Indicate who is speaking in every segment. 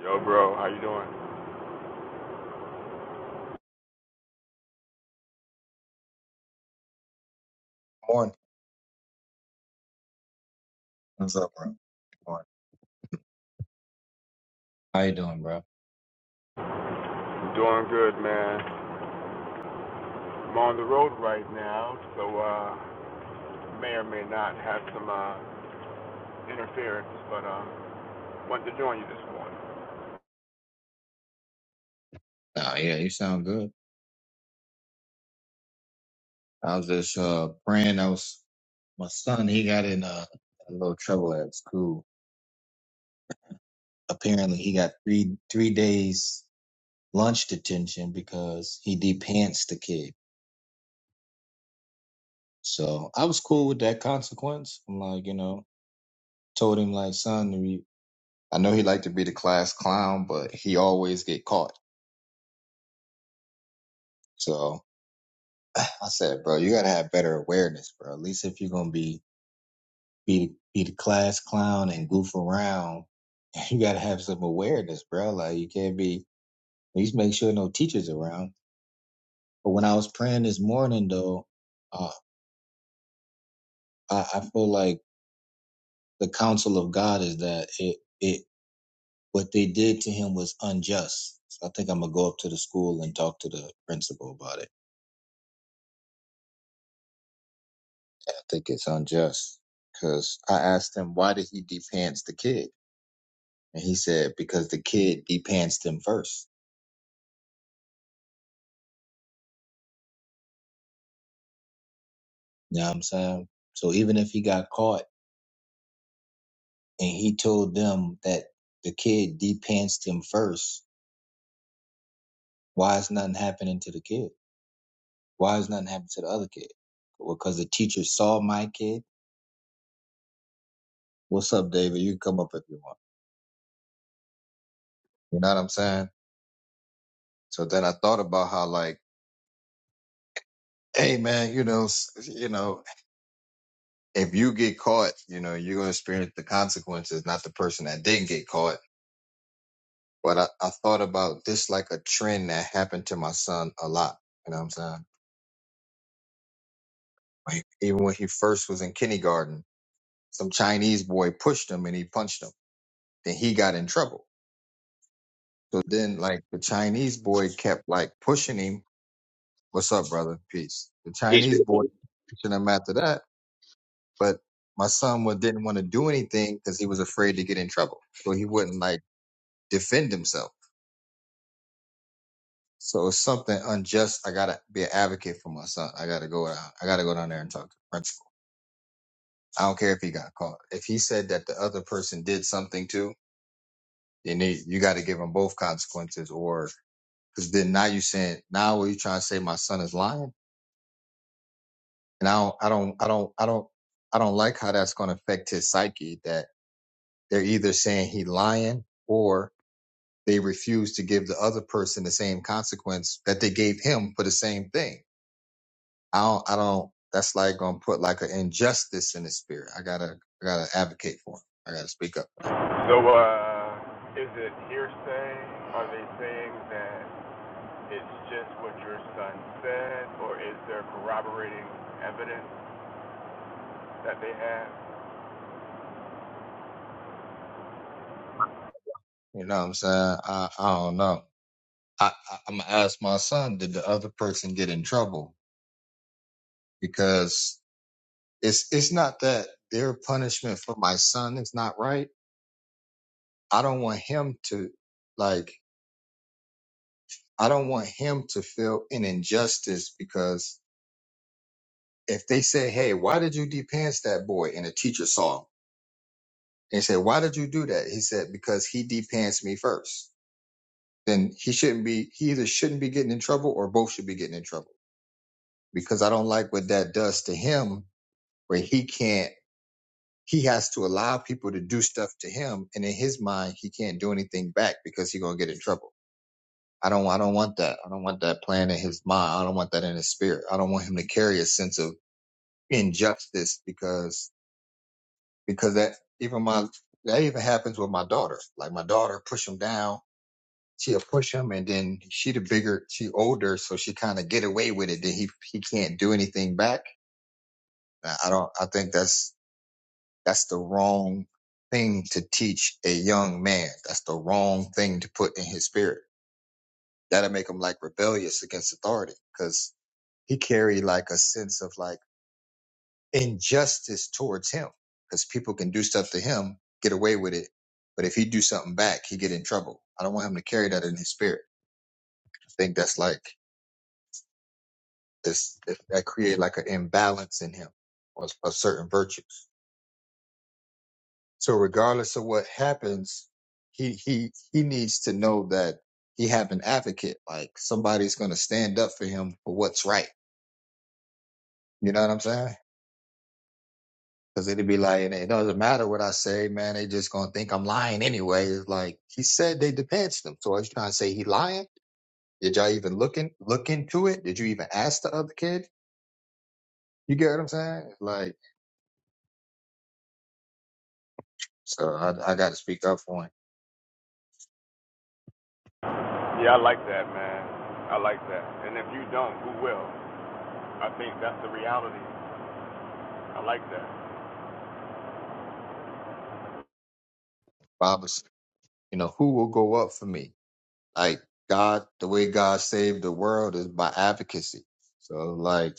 Speaker 1: Yo, bro, how you doing?
Speaker 2: Morning. What's up, bro? Morning. How you doing, bro?
Speaker 1: I'm doing good, man. I'm on the road right now, so uh, may or may not have some uh, interference, but um, wanted to join you this morning.
Speaker 2: Nah, yeah, you sound good. I was just uh praying. I was my son. He got in uh, a little trouble at school. Apparently, he got three three days lunch detention because he depants the kid. So I was cool with that consequence. I'm like, you know, told him like, son, you- I know he liked to be the class clown, but he always get caught. So I said, bro, you gotta have better awareness, bro. At least if you're gonna be be be the class clown and goof around. You gotta have some awareness, bro. Like you can't be. At least make sure no teachers around. But when I was praying this morning, though, uh, I, I feel like the counsel of God is that it it what they did to him was unjust. So I think I'm gonna go up to the school and talk to the principal about it. I think it's unjust because I asked him why did he depants the kid, and he said because the kid depants him first. You know what I'm saying? So even if he got caught and he told them that the kid pantsed him first, why is nothing happening to the kid? Why is nothing happening to the other kid? Because the teacher saw my kid. What's up, David? You can come up if you want. You know what I'm saying? So then I thought about how like, hey man, you know, s- you know, if you get caught, you know, you're gonna experience the consequences, not the person that didn't get caught. But I, I thought about this like a trend that happened to my son a lot. You know what I'm saying? Like, even when he first was in kindergarten, some Chinese boy pushed him and he punched him. Then he got in trouble. So then, like, the Chinese boy kept like pushing him. What's up, brother? Peace. The
Speaker 3: Peace
Speaker 2: Chinese
Speaker 3: be
Speaker 2: boy
Speaker 3: upon you.
Speaker 2: pushing him after that, but my son wa- didn't want to do anything because he was afraid to get in trouble. So he wouldn't like defend himself. So it's something unjust. I gotta be an advocate for my son. I gotta go down. I gotta go down there and talk to the principal. I don't care if he got caught. If he said that the other person did something too And they, you got to give them both consequences, or because then now you saying now are you trying to say my son is lying? And I don't, I don't, I don't, I don't, I don't like how that's going to affect his psyche. That they're either saying he lying or they refuse to give the other person the same consequence that they gave him for the same thing. I don't, I don't. That's like gonna put like an injustice in his spirit. I gotta, I gotta advocate for him. I gotta speak up.
Speaker 1: So, uh, is it hearsay? Are they saying that it's just what your son said, or is there corroborating evidence that they have?
Speaker 2: You know what I'm saying? I, I don't know. I, I, I'm gonna ask my son, did the other person get in trouble? Because it's it's not that their punishment for my son is not right. I don't want him to like I don't want him to feel an injustice because if they say, Hey, why did you depants that boy? And the teacher saw him and said, Why did you do that? He said, Because he depants me first." Then he shouldn't be he either shouldn't be getting in trouble or both should be getting in trouble. Because I don't like what that does to him where he can't he has to allow people to do stuff to him and in his mind he can't do anything back because he's gonna get in trouble i don't i don't want that i don't want that plan in his mind i don't want that in his spirit i don't want him to carry a sense of injustice because because that even my that even happens with my daughter like my daughter push him down she'll push him and then she the bigger she older so she kind of get away with it then he he can't do anything back i I don't i think that's That's the wrong thing to teach a young man. That's the wrong thing to put in his spirit. That'll make him like rebellious against authority because he carry like a sense of like injustice towards him because people can do stuff to him, get away with it. But if he do something back, he get in trouble. I don't want him to carry that in his spirit. I think that's like this, that create like an imbalance in him or a certain virtues. So regardless of what happens, he he he needs to know that he have an advocate. Like somebody's gonna stand up for him for what's right. You know what I'm saying? Because it'd be like, it doesn't matter what I say, man. They just gonna think I'm lying anyway. It's like he said they defense him. So I was trying to say he lying. Did y'all even looking look into it? Did you even ask the other kid? You get what I'm saying? Like, so I, I got to speak up for him.
Speaker 1: Yeah, I like that, man. I like that. And if you don't, who will? I think that's the reality. I like that.
Speaker 2: Bob was, you know, who will go up for me? Like God, the way God saved the world is by advocacy. So like,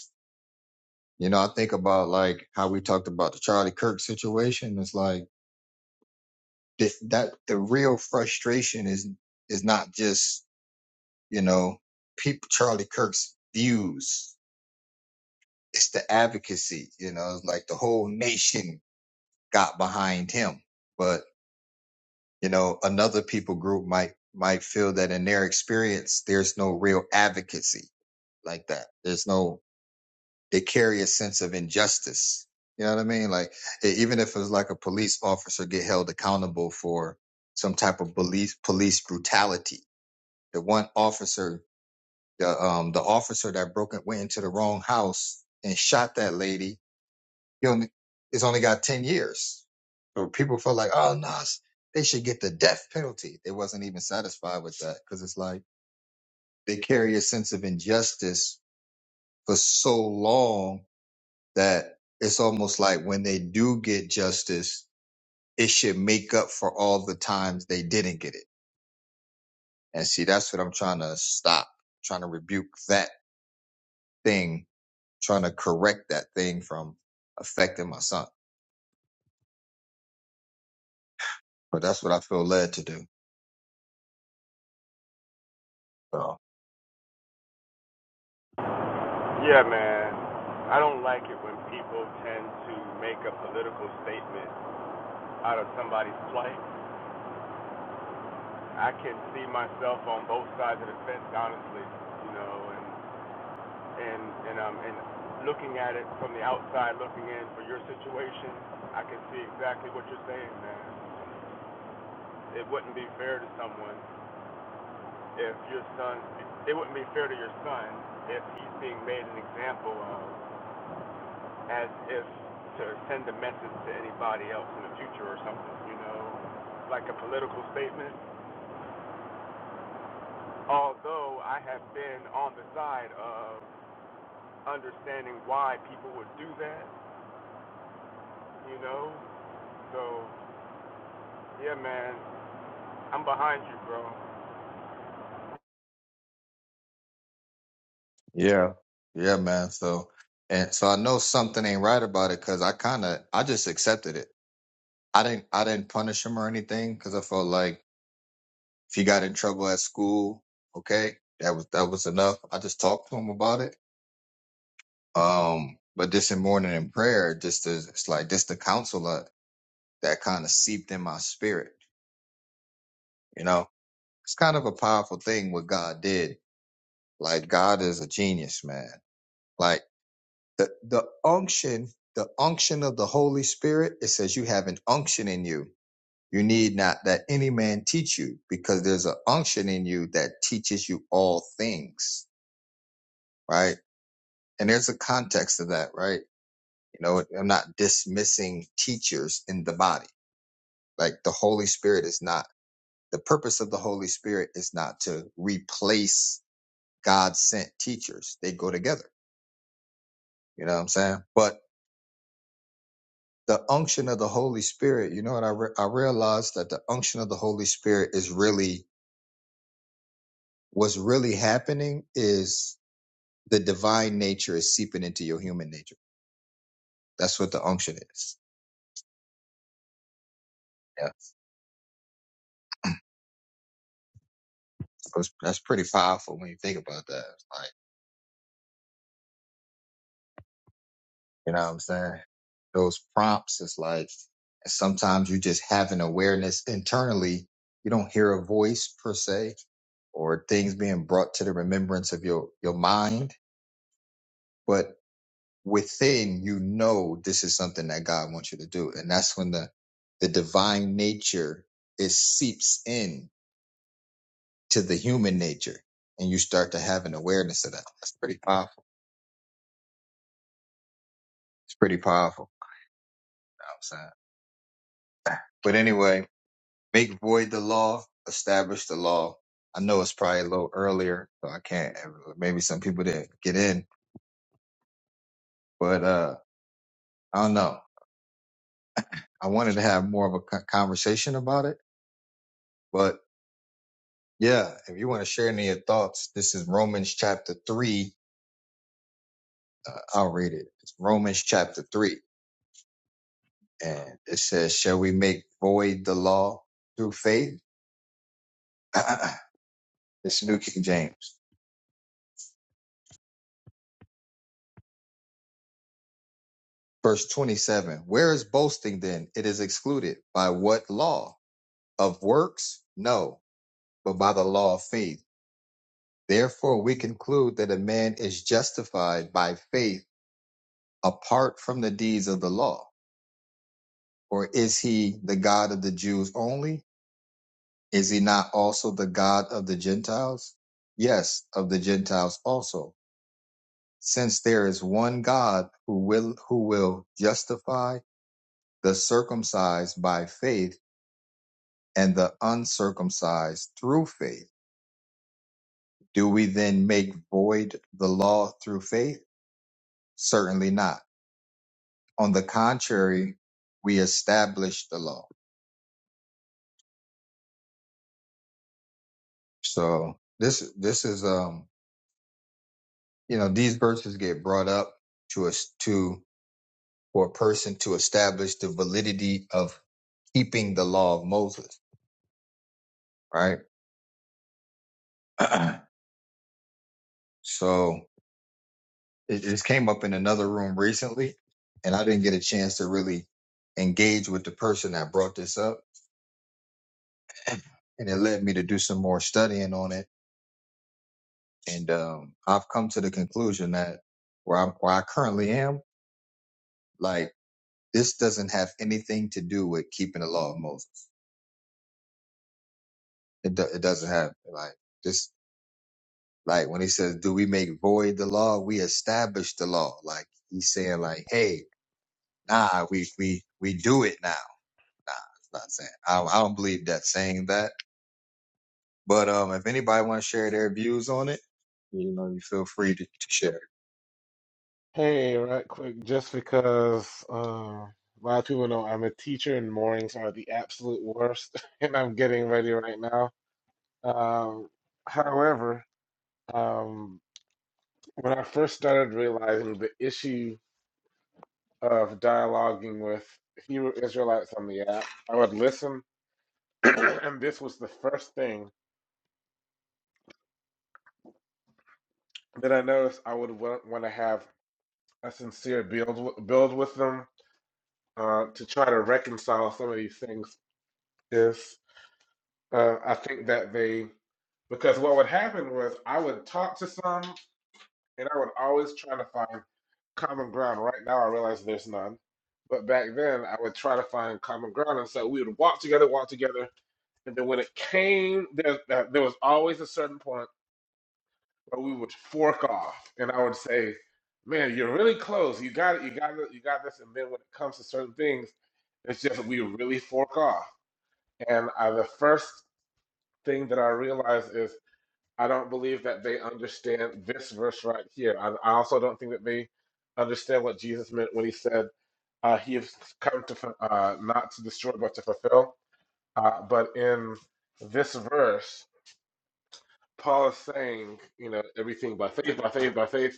Speaker 2: you know, I think about like how we talked about the Charlie Kirk situation. It's like th- that the real frustration is is not just, you know, people Charlie Kirk's views. It's the advocacy, you know, it's like the whole nation got behind him. But you know another people group might might feel that in their experience there's no real advocacy like that there's no it carry a sense of injustice. You know what I mean? Like e- even if it's like a police officer get held accountable for some type of police police brutality, the one officer, the um the officer that broke it went into the wrong house and shot that lady, he only it's only got ten years. So people feel like, oh no, s- they should get the death penalty. They wasn't even satisfied with that because it's like they carry a sense of injustice for so long that it's almost like when they do get justice, it should make up for all the times they didn't get it. And see, that's what I'm trying to stop, trying to rebuke that thing, trying to correct that thing from affecting my son. But that's what I feel led to do. So
Speaker 1: Yeah, man. I don't like it when people tend to make a political statement out of somebody's plight. I can see myself on both sides of the fence, honestly, you know, and and and um and looking at it from the outside, looking in for your situation, I can see exactly what you're saying, man. It wouldn't be fair to someone if your son. It wouldn't be fair to your son if he's being made an example of as if to send a message to anybody else in the future or something, you know, like a political statement. Although I have been on the side of understanding why people would do that, you know. So, yeah, man, I'm behind you, bro.
Speaker 2: yeah, yeah, man. So and so I know something ain't right about it because I kind of I just accepted it. I didn't I didn't punish him or anything because I felt like If he got in trouble at school, okay, that was that was enough. I just talked to him about it. Um, but this in morning in prayer, just to, it's like just the counsel uh, that kind of seeped in my spirit. You know, it's kind of a powerful thing what God did. Like God is a genius, man. Like the the unction, the unction of the Holy Spirit. It says you have an unction in you. You need not that any man teach you, because there's an unction in you that teaches you all things right? And there's a context to that, right? You know, I'm not dismissing teachers in the body. Like the Holy Spirit is not, the purpose of the Holy Spirit is not to replace God sent teachers. They go together. You know what I'm saying? But the unction of the Holy Spirit, you know what I, re- I realized that the unction of the Holy Spirit is really, what's really happening is the divine nature is seeping into your human nature. That's what the unction is. Yeah. That's that's pretty powerful when you think about that. Like. You know what I'm saying? Those prompts is like sometimes you just have an awareness internally. You don't hear a voice per se or things being brought to the remembrance of your, your mind, but within you know this is something that God wants you to do. And that's when the, the divine nature it seeps in to the human nature and you start to have an awareness of that. That's pretty powerful. It's pretty powerful. You know what I'm saying? but anyway. Make void the law, establish the law. I know it's probably a little earlier, so I can't. Maybe some people didn't get in, but uh, I don't know. I wanted to have more of a co- conversation about it, but yeah, if you want to share any of your thoughts, this is Romans chapter three. Uh, I'll read it. It's Romans chapter three, and it says, "Shall we make void the law through faith?" It's New King James. Verse 27, where is boasting then? It is excluded. By what law? Of works? No, but by the law of faith. Therefore, we conclude that a man is justified by faith apart from the deeds of the law. Or is he the God of the Jews only? Is he not also the God of the Gentiles? Yes, of the Gentiles also. Since there is one God who will, who will justify the circumcised by faith and the uncircumcised through faith, do we then make void the law through faith? Certainly not. On the contrary, we establish the law. So this this is um you know these verses get brought up to us to for a person to establish the validity of keeping the law of Moses, right? so it just came up in another room recently, and I didn't get a chance to really engage with the person that brought this up, and it led me to do some more studying on it And um, I've come to the conclusion that where I where I currently am, like this doesn't have anything to do with keeping the law of Moses. It do, it doesn't have like this like when he says, "Do we make void the law? We establish the law." Like he's saying, like, "Hey, nah, we we we do it now." Nah, it's not saying. I, I don't believe that saying that. But um, if anybody want to share their views on it, you know, you feel free to, to share.
Speaker 4: Hey, right quick, just because uh, a lot of people know I'm a teacher and mornings are the absolute worst, and I'm getting ready right now. Um, however, um, when I first started realizing the issue of dialoguing with Hebrew Israelites on the app, I would listen, and this was the first thing that I noticed I would want to have a sincere build build with them uh, to try to reconcile some of these things. Is Uh, I think that they, because what would happen was I would talk to some, and I would always try to find common ground. Right now, I realize there's none, but back then I would try to find common ground, and so we would walk together, walk together, and then when it came, there uh, there was always a certain point where we would fork off, and I would say, "Man, you're really close. You got it. You got it. You got this." And then when it comes to certain things, it's just we really fork off. And I, the first thing that I realized is. I don't believe that they understand this verse right here. I, I also don't think that they understand what Jesus meant when he said uh, he has come to fu- uh, not to destroy but to fulfill. Uh, but in this verse, Paul is saying, you know, everything by faith, by faith, by faith.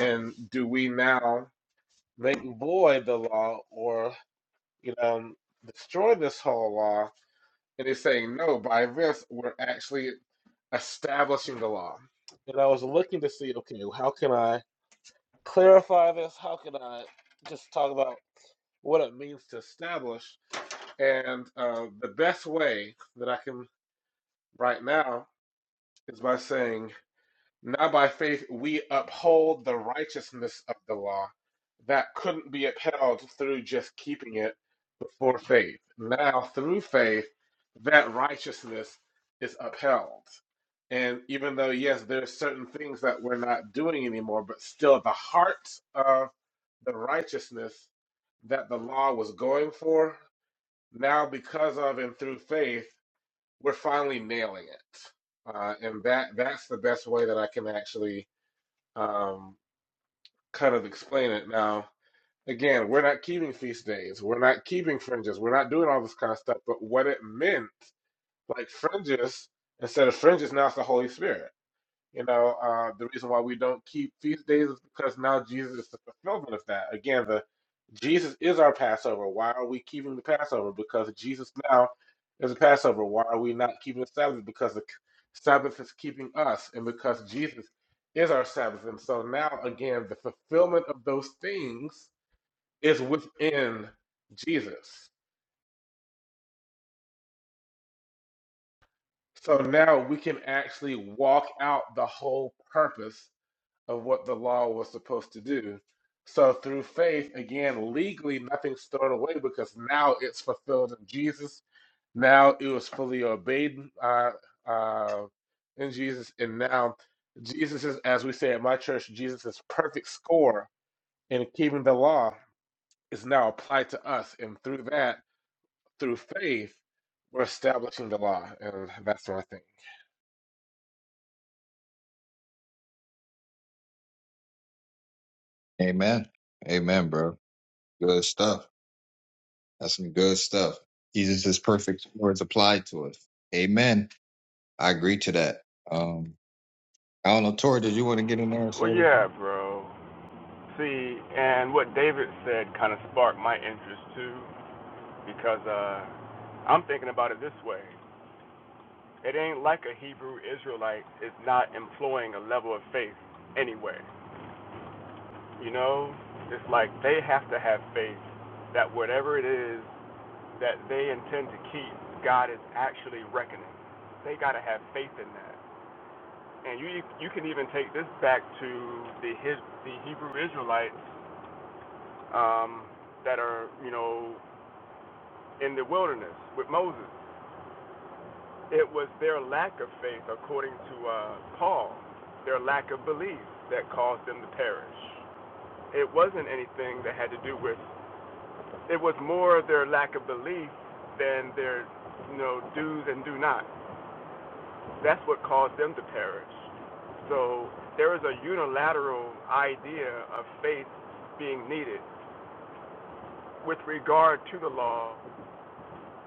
Speaker 4: And do we now make void the law or, you know, destroy this whole law? And he's saying, no, by this, we're actually establishing the law. And I was looking to see, okay, how can I clarify this? How can I just talk about what it means to establish? And uh, the best way that I can right now is by saying now by faith we uphold the righteousness of the law that couldn't be upheld through just keeping it before faith. Now through faith, that righteousness is upheld. And even though, yes, there are certain things that we're not doing anymore, but still the heart of the righteousness that the law was going for, now because of and through faith, we're finally nailing it. Uh, and that that's the best way that I can actually um, kind of explain it. Now, again, we're not keeping feast days, we're not keeping fringes, we're not doing all this kind of stuff, but what it meant, like fringes, instead of fringes, now it's the Holy Spirit. You know, uh, the reason why we don't keep feast days is because now Jesus is the fulfillment of that. Again, the Jesus is our Passover. Why are we keeping the Passover? Because Jesus now is a Passover. Why are we not keeping the Sabbath? Because the Sabbath is keeping us, and because Jesus is our Sabbath. And so now, again, the fulfillment of those things is within Jesus. So now we can actually walk out the whole purpose of what the law was supposed to do. So through faith, again, legally nothing's thrown away because now it's fulfilled in Jesus. Now it was fully obeyed uh, uh, in Jesus, and now Jesus is, as we say at my church, Jesus' perfect score in keeping the law is now applied to us, and through that, through faith, we're establishing the law, and that's what I think.
Speaker 2: Amen. Amen, bro. Good stuff. That's some good stuff. Jesus' perfect words applied to us. Amen. I agree to that. Um, I don't know, Tori, did you want to get in there and say
Speaker 1: Well,
Speaker 2: anything?
Speaker 1: yeah, bro. See, and what David said kind of sparked my interest too, because uh, I'm thinking about it this way. It ain't like a Hebrew Israelite is not employing a level of faith anywhere. You know, it's like they have to have faith that whatever it is that they intend to keep, God is actually reckoning. They got to have faith in that. And you you can even take this back to the his, the Hebrew Israelites um, that are you know in the wilderness with Moses. It was their lack of faith, according to uh, Paul, their lack of belief that caused them to perish. It wasn't anything that had to do with. It was more their lack of belief than their, you know, do's and do not. That's what caused them to perish. So there is a unilateral idea of faith being needed with regard to the law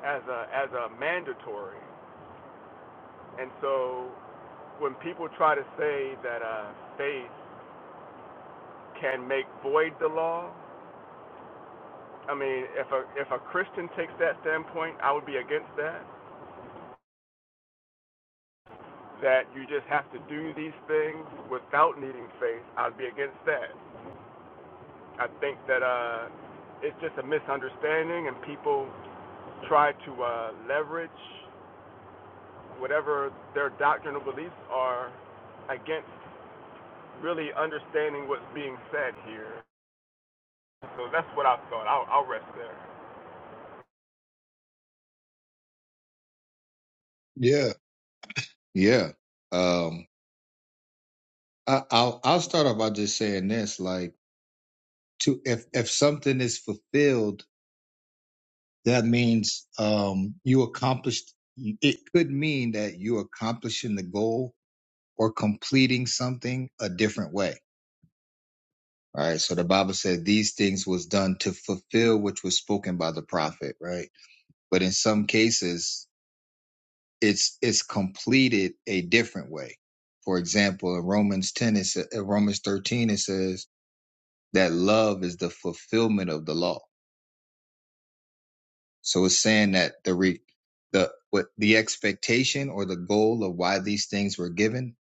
Speaker 1: as a as a mandatory. And so when people try to say that uh, faith can make void the law. I mean, if a if a Christian takes that standpoint, I would be against that. That you just have to do these things without needing faith, I'd be against that. I think that uh, it's just a misunderstanding, and people try to uh, leverage whatever their doctrinal beliefs are against really understanding what's being said here. So that's what I thought. I'll, I'll rest there.
Speaker 2: Yeah, yeah. Um, I, I'll I'll start off by just saying this: like, to if if something is fulfilled, that means um you accomplished. It could mean that you're accomplishing the goal or completing something a different way. All right. So the Bible said these things was done to fulfill which was spoken by the prophet. Right but in some cases it's it's completed a different way for example in romans 10 it sa- in romans 13 it says that love is the fulfillment of the law so it's saying that the re, the what the expectation or the goal of why these things were given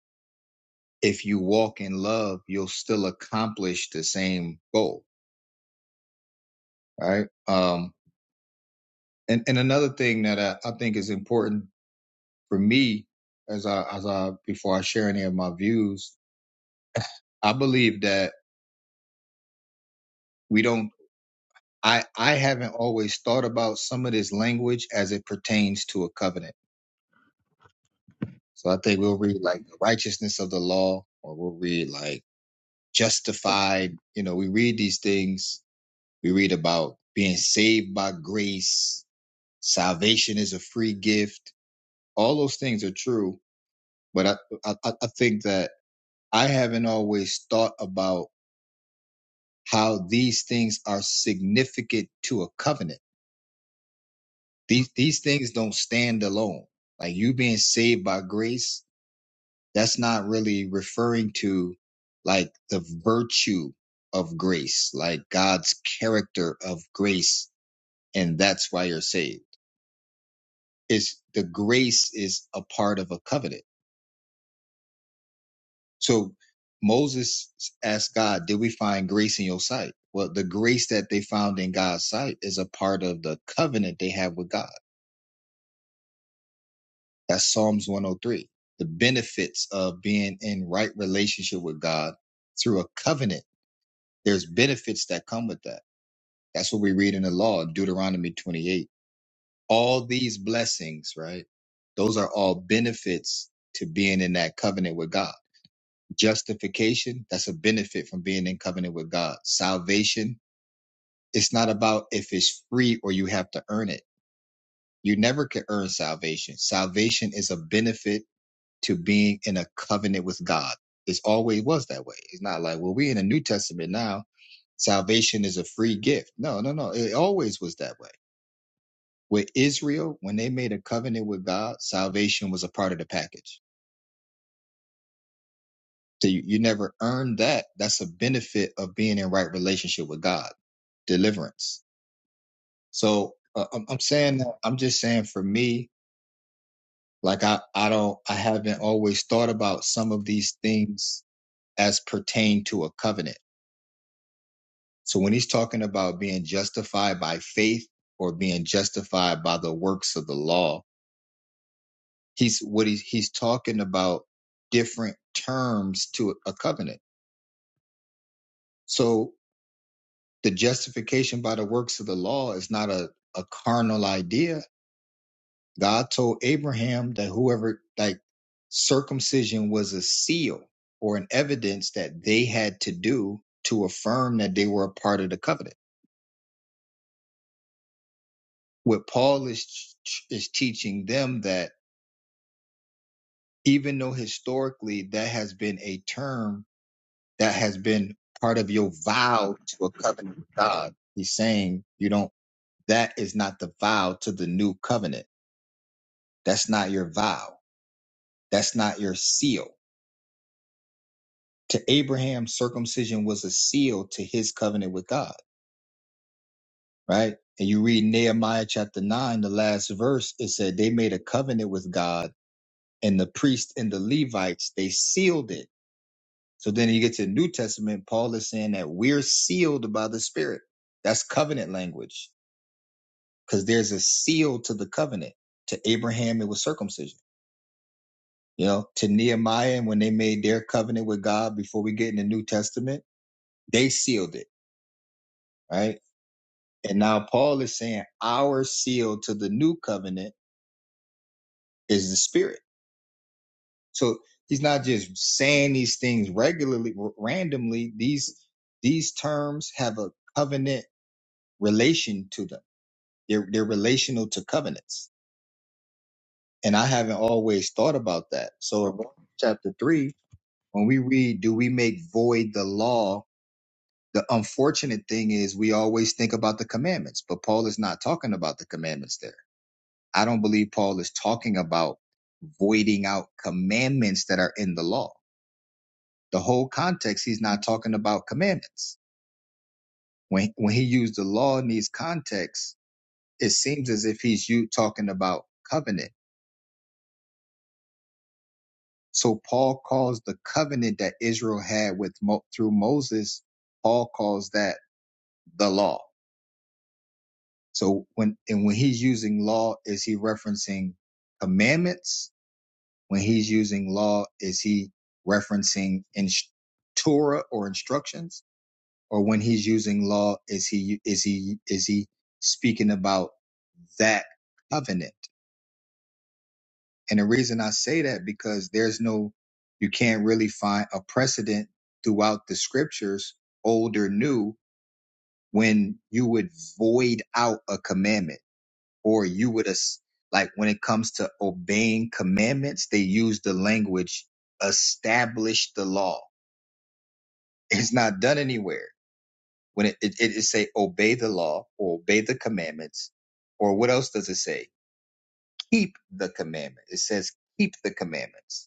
Speaker 2: if you walk in love you'll still accomplish the same goal right um and and another thing that i, I think is important for me as i as i before i share any of my views I believe that we don't I I haven't always thought about some of this language as it pertains to a covenant. So I think we'll read like the righteousness of the law or we'll read like justified, you know, we read these things. We read about being saved by grace, salvation is a free gift. All those things are true, but I I, I I think that I haven't always thought about how these things are significant to a covenant These these things don't stand alone. Like you being saved by grace, that's not really referring to like the virtue of grace, like God's character of grace, and that's why you're saved. It's the grace is a part of a covenant. So Moses asked God, Did we find grace in your sight? Well, the grace that they found in God's sight is a part of the covenant they have with God. That's Psalms 103. The benefits of being in right relationship with God through a covenant. There's benefits that come with that. That's what we read in the law, Deuteronomy 28. All these blessings, right? Those are all benefits to being in that covenant with God. Justification, that's a benefit from being in covenant with God. Salvation, it's not about if it's free or you have to earn it. You never can earn salvation. Salvation is a benefit to being in a covenant with God. It's always was that way. It's not like, well, we're in the New Testament now. Salvation is a free gift. No, no, no. It always was that way. With Israel, when they made a covenant with God, salvation was a part of the package. So you, you never earned that. That's a benefit of being in right relationship with God, deliverance. So uh, I'm, I'm saying that, I'm just saying for me, like I, I don't, I haven't always thought about some of these things as pertain to a covenant So when he's talking about being justified by faith or being justified by the works of the law, he's what he's he's talking about different terms to a covenant. So the justification by the works of the law is not a, a carnal idea. God told Abraham that whoever like circumcision was a seal or an evidence that they had to do to affirm that they were a part of the covenant. What Paul is is teaching them that even though historically that has been a term that has been part of your vow to a covenant with God. He's saying you don't, that is not the vow to the new covenant. That's not your vow. That's not your seal. To Abraham, circumcision was a seal to his covenant with God, right? And you read Nehemiah chapter nine, the last verse, it said they made a covenant with God and the priest and the Levites, they sealed it So then you get to the New Testament, Paul is saying that we're sealed by the Spirit. That's covenant language because there's a seal to the covenant. To Abraham, it was circumcision. You know, to Nehemiah, and when they made their covenant with God before we get in the New Testament, they sealed it, right? And now Paul is saying our seal to the new covenant is the Spirit. So he's not just saying these things regularly, r- randomly. These these terms have a covenant relation to them They're they're relational to covenants. And I haven't always thought about that. So in Romans chapter three, when we read, do we make void the law? The unfortunate thing is we always think about the commandments, but Paul is not talking about the commandments there. I don't believe Paul is talking about voiding out commandments that are in the law. The whole context, he's not talking about commandments. When when he used the law in these contexts, it seems as if he's you talking about covenant So Paul calls the covenant that Israel had with Mo- through Moses, Paul calls that the law. So when and when he's using law, is he referencing commandments? When he's using law, is he referencing in Torah or instructions? Or when he's using law, is he is he is he speaking about that covenant? And the reason I say that because there's no, you can't really find a precedent throughout the scriptures, old or new, when you would void out a commandment or you would, as- like when it comes to obeying commandments, they use the language establish the law. It's not done anywhere. When it, it, it it say obey the law or obey the commandments, or what else does it say? Keep the commandment. It says keep the commandments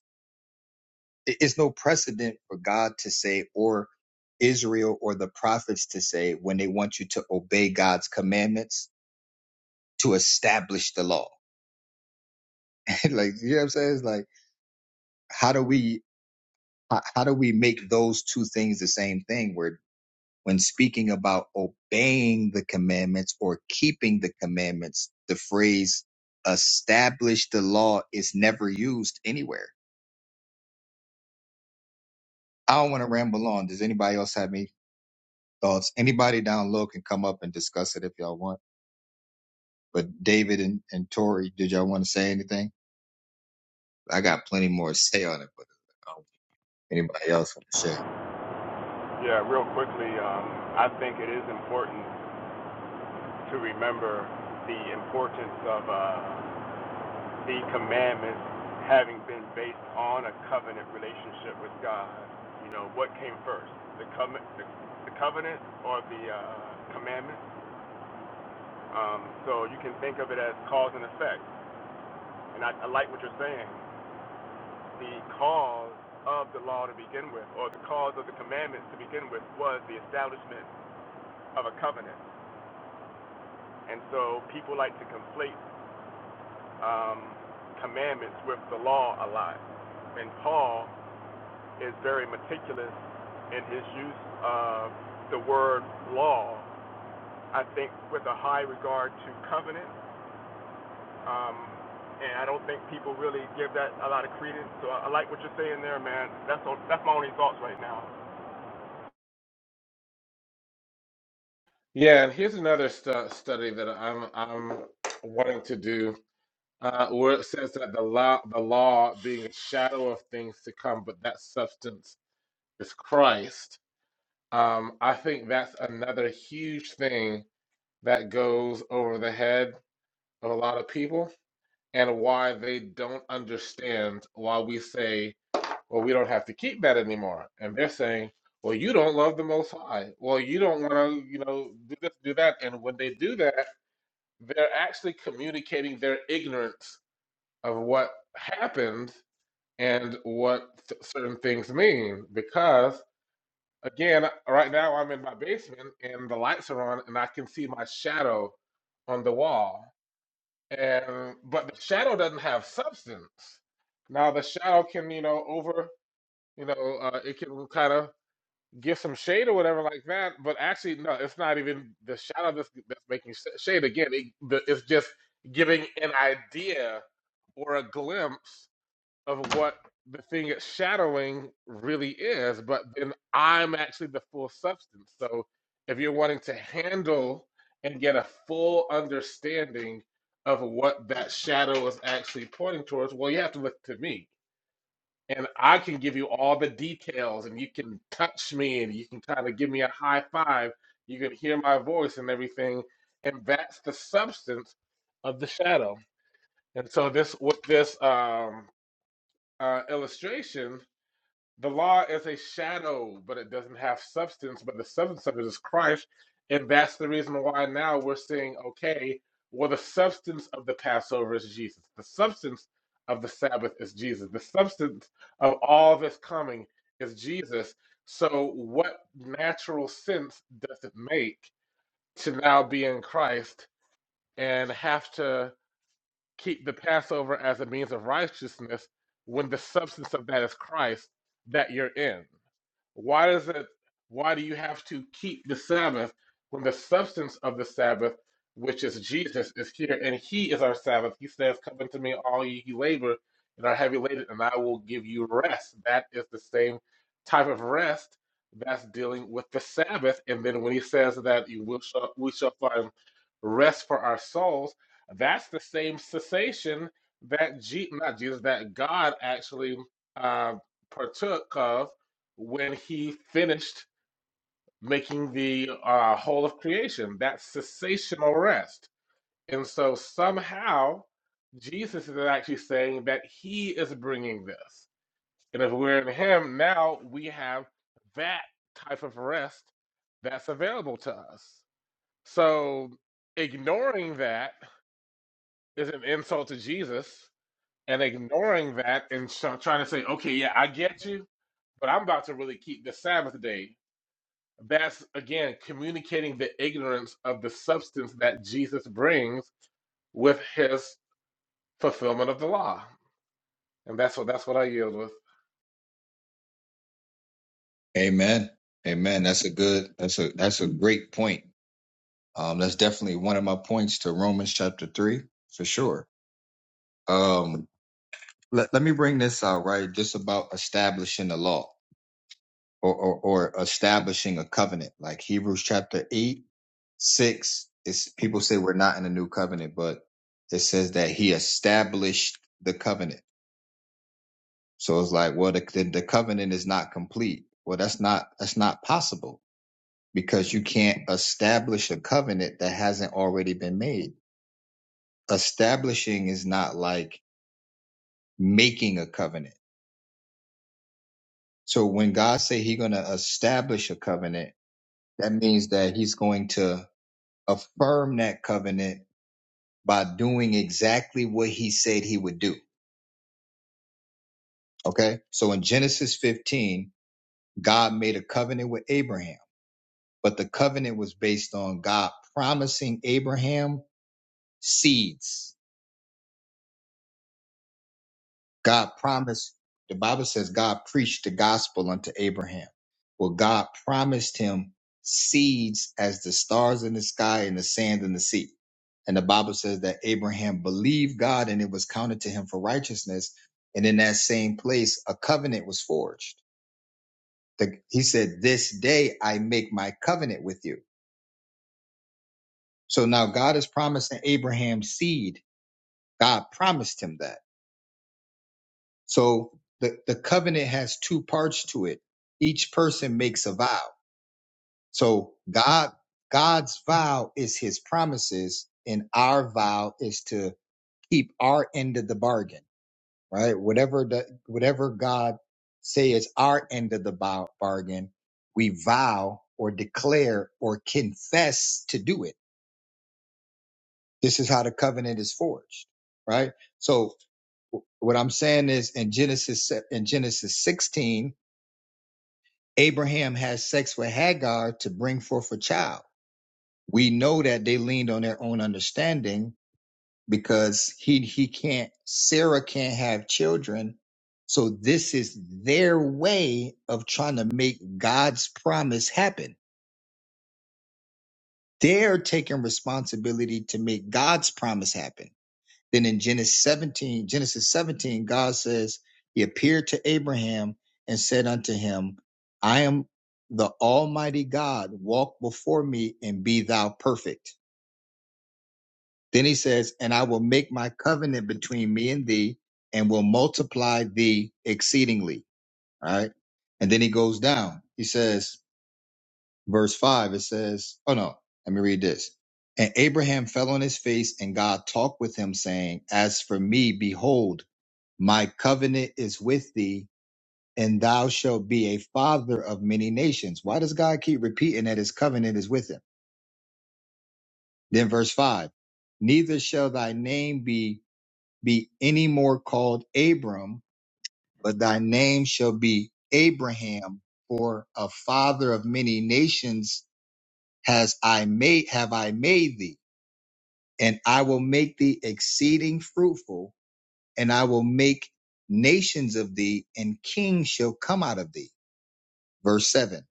Speaker 2: It's no precedent for God to say, or Israel or the prophets to say, when they want you to obey God's commandments to establish the law. like, you know what I'm saying? It's like, how do we, how, how do we make those two things the same thing? Where when speaking about obeying the commandments or keeping the commandments, the phrase establish the law is never used anywhere. I don't want to ramble on. Does anybody else have anything? thoughts. Anybody down low can come up and discuss it if y'all want. But David and, and Tori, did y'all want to say anything? I got plenty more to say on it, but um, anybody else want to share?
Speaker 1: Yeah, real quickly, um, I think it is important to remember the importance of uh, the commandments having been based on a covenant relationship with God. You know, what came first, the, com- the, the covenant or the uh, commandments? Um, so you can think of it as cause and effect. And I, I like what you're saying. The cause of the law to begin with, or the cause of the commandments to begin with, was the establishment of a covenant. And so people like to conflate um, commandments with the law a lot. And Paul is very meticulous in his use of the word law, I think, with a high regard to covenant. Um, and I don't think people really give that a lot of credence. So I, I like what you're saying there, man. That's all, that's my only thoughts right now.
Speaker 4: Yeah, and here's another stu- study that I'm I'm wanting to do uh, where it says that the law, the law being a shadow of things to come, but that substance is Christ. Um, I think that's another huge thing that goes over the head of a lot of people and why they don't understand why we say, well, we don't have to keep that anymore. And they're saying, well, you don't love the Most High. Well, you don't want to, you know, do this, do that. And when they do that, they're actually communicating their ignorance of what happened and what th- certain things mean because again right now i'm in my basement and the lights are on and i can see my shadow on the wall and but the shadow doesn't have substance now the shadow can you know over you know uh, it can kind of give some shade or whatever like that but actually no it's not even the shadow that's, that's making sh- shade again it, the, it's just giving an idea or a glimpse of what the thing it's shadowing really is, but then I'm actually the full substance. So if you're wanting to handle and get a full understanding of what that shadow is actually pointing towards, well, you have to look to me. And I can give you all the details, and you can touch me, and you can kind of give me a high five. You can hear my voice and everything. And that's the substance of the shadow. And so, this with this um, uh, illustration, the law is a shadow, but it doesn't have substance. But the substance of it is Christ. And that's the reason why now we're saying, okay, well, the substance of the Passover is Jesus. The substance of the Sabbath is Jesus. The substance of all this coming is Jesus. So, what natural sense does it make to now be in Christ and have to keep the Passover as a means of righteousness when the substance of that is Christ that you're in? Why does it? Why do you have to keep the Sabbath when the substance of the Sabbath, which is Jesus, is here, and He is our Sabbath? He says, "Come unto me, all ye who labor and are heavy laden, and I will give you rest." That is the same type of rest that's dealing with the Sabbath. And then when He says that you will shall, we shall find rest for our souls, that's the same cessation that G, not Jesus, that God actually uh, partook of when he finished making the uh, whole of creation, that cessational rest. And so somehow Jesus is actually saying that he is bringing this. And if we're in him, now we have that type of rest that's available to us. So ignoring that is an insult to Jesus. And ignoring that and sh- trying to say, okay, yeah, I get you, but I'm about to really keep the Sabbath day that's again communicating the ignorance of the substance that Jesus brings with his fulfillment of the law. And that's what that's what I yield with.
Speaker 2: Amen. Amen. That's a good. That's a that's a great point. Um, that's definitely one of my points to Romans chapter three for sure. Um, let let me bring this out right, just about establishing the law. or, or, or establishing a covenant. Like Hebrews chapter 8, 6, it's, people say we're not in a new covenant, but it says that he established the covenant. So it's like, well, the, the, the covenant is not complete. Well, that's not, that's not possible because you can't establish a covenant that hasn't already been made. Establishing is not like making a covenant. So when God say he's going to establish a covenant, that means that he's going to affirm that covenant by doing exactly what he said he would do. Okay. So in Genesis 15, God made a covenant with Abraham, but the covenant was based on God promising Abraham seeds. God promised, the Bible says God preached the gospel unto Abraham. Well, God promised him seeds as the stars in the sky and the sand in the sea. And the Bible says that Abraham believed God and it was counted to him for righteousness. And in that same place, a covenant was forged. The- he said, This day I make my covenant with you. So now God is promising Abraham seed. God promised him that. So the, the covenant has two parts to it. Each person makes a vow. So God, God's vow is his promises and our vow is to keep our end of the bargain, right? Whatever the, whatever God say is our end of the bow, bargain, we vow or declare or confess to do it. This is how the covenant is forged, right? So what I'm saying is in Genesis, se- in Genesis 16, Abraham had sex with Hagar to bring forth a child. We know that they leaned on their own understanding because he he can't Sarah can't have children. So this is their way of trying to make God's promise happen. They're taking responsibility to make God's promise happen Then in Genesis 17, Genesis 17, God says, He appeared to Abraham and said unto him, I am the Almighty God, walk before me and be thou perfect. Then he says, And I will make my covenant between me and thee and will multiply thee exceedingly. All right. And then he goes down. He says, verse five, it says, Oh no, let me read this. And Abraham fell on his face, and God talked with him, saying, As for me, behold, My covenant is with thee, and thou shalt be a father of many nations. Why does God keep repeating that his covenant is with him? Then verse five, neither shall thy name be, be any more called Abram, but thy name shall be Abraham, for a father of many nations has I made, have I made thee, and I will make thee exceeding fruitful, and I will make nations of thee, and kings shall come out of thee verse 7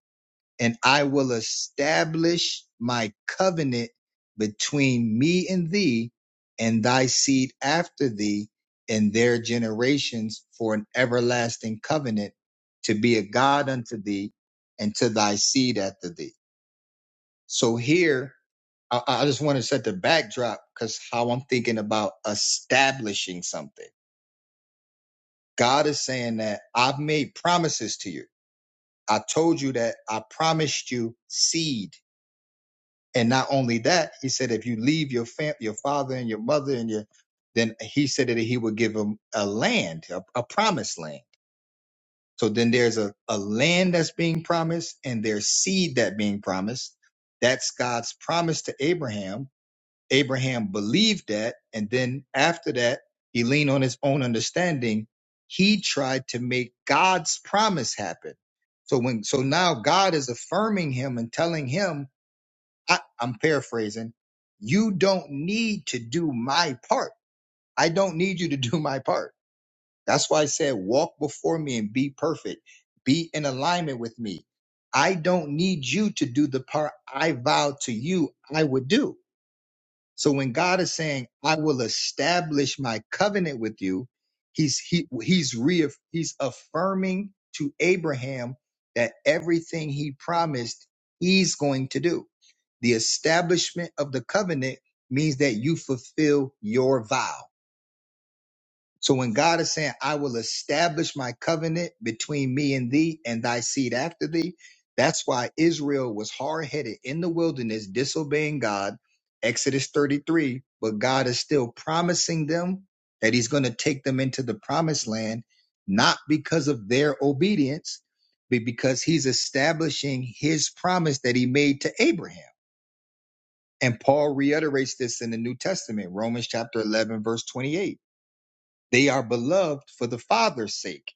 Speaker 2: and i will establish my covenant between me and thee and thy seed after thee and their generations for an everlasting covenant to be a god unto thee and to thy seed after thee so here i, I just want to set the backdrop because how i'm thinking about establishing something god is saying that i've made promises to you i told you that i promised you seed And not only that, he said, if you leave your fam- your father and your mother and your, then he said that he would give them a land, a, a promised land. So then there's a, a land that's being promised and there's seed that being promised. That's God's promise to Abraham. Abraham believed that. And then after that, he leaned on his own understanding. He tried to make God's promise happen. So when, so now God is affirming him and telling him I, I'm paraphrasing. You don't need to do my part. I don't need you to do my part. That's why I said, walk before me and be perfect. Be in alignment with me. I don't need you to do the part I vowed to you I would do. So when God is saying, "I will establish my covenant with you," he's he, he's re he's affirming to Abraham that everything he promised he's going to do. The establishment of the covenant means that you fulfill your vow. So when God is saying, I will establish my covenant between me and thee and thy seed after thee, that's why Israel was hard headed in the wilderness, disobeying God, Exodus 33. But God is still promising them that he's going to take them into the promised land, not because of their obedience, but because he's establishing his promise that he made to Abraham. And Paul reiterates this in the New Testament, Romans chapter 11, verse 28 they are beloved for the Father's sake.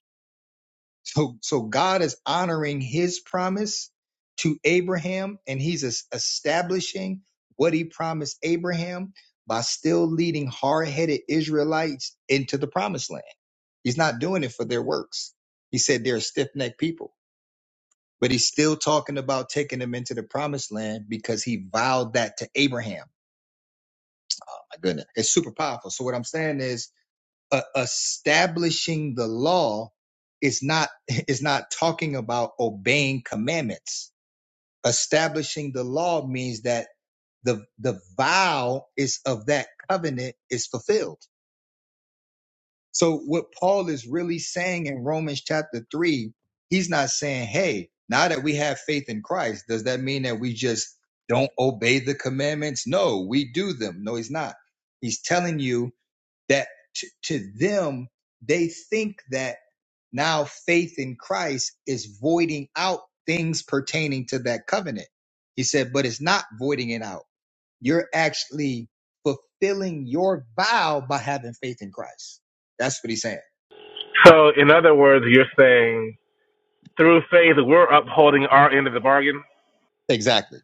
Speaker 2: So, so God is honoring his promise to Abraham and he's es- establishing what he promised Abraham by still leading hard headed Israelites into the promised land. He's not doing it for their works. He said they're stiff necked people, but he's still talking about taking them into the promised land because he vowed that to Abraham. My goodness, it's super powerful. So, what I'm saying is, uh, establishing the law is not is not talking about obeying commandments. Establishing the law means that the the vow is of that covenant is fulfilled. So what Paul is really saying in Romans chapter three, he's not saying, "Hey, now that we have faith in Christ, does that mean that we just don't obey the commandments?" No, we do them. No, he's not. He's telling you that t- to them they think that now faith in Christ is voiding out things pertaining to that covenant. He said, but it's not voiding it out. You're actually fulfilling your vow by having faith in Christ. That's what he's saying.
Speaker 4: So, in other words, you're saying through faith we're upholding our end of the bargain.
Speaker 2: Exactly.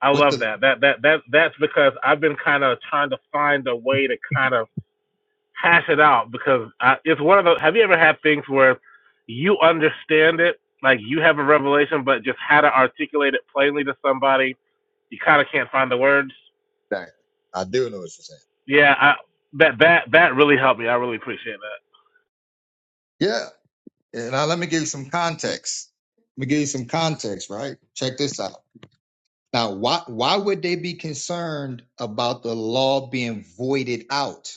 Speaker 4: I
Speaker 2: With
Speaker 4: love
Speaker 2: the
Speaker 4: that. That that that that's because I've been kind of trying to find a way to kind of hash it out because I, it's one of those. Have you ever had things where you understand it, like you have a revelation, but just how to articulate it plainly to somebody you kind of can't find the words.
Speaker 2: exactly. I do know what you're saying.
Speaker 4: Yeah, I, that that that really helped me. I really appreciate that.
Speaker 2: Yeah. And Now let me give you some context. Let me give you some context, right? Check this out. Now, why why would they be concerned about the law being voided out?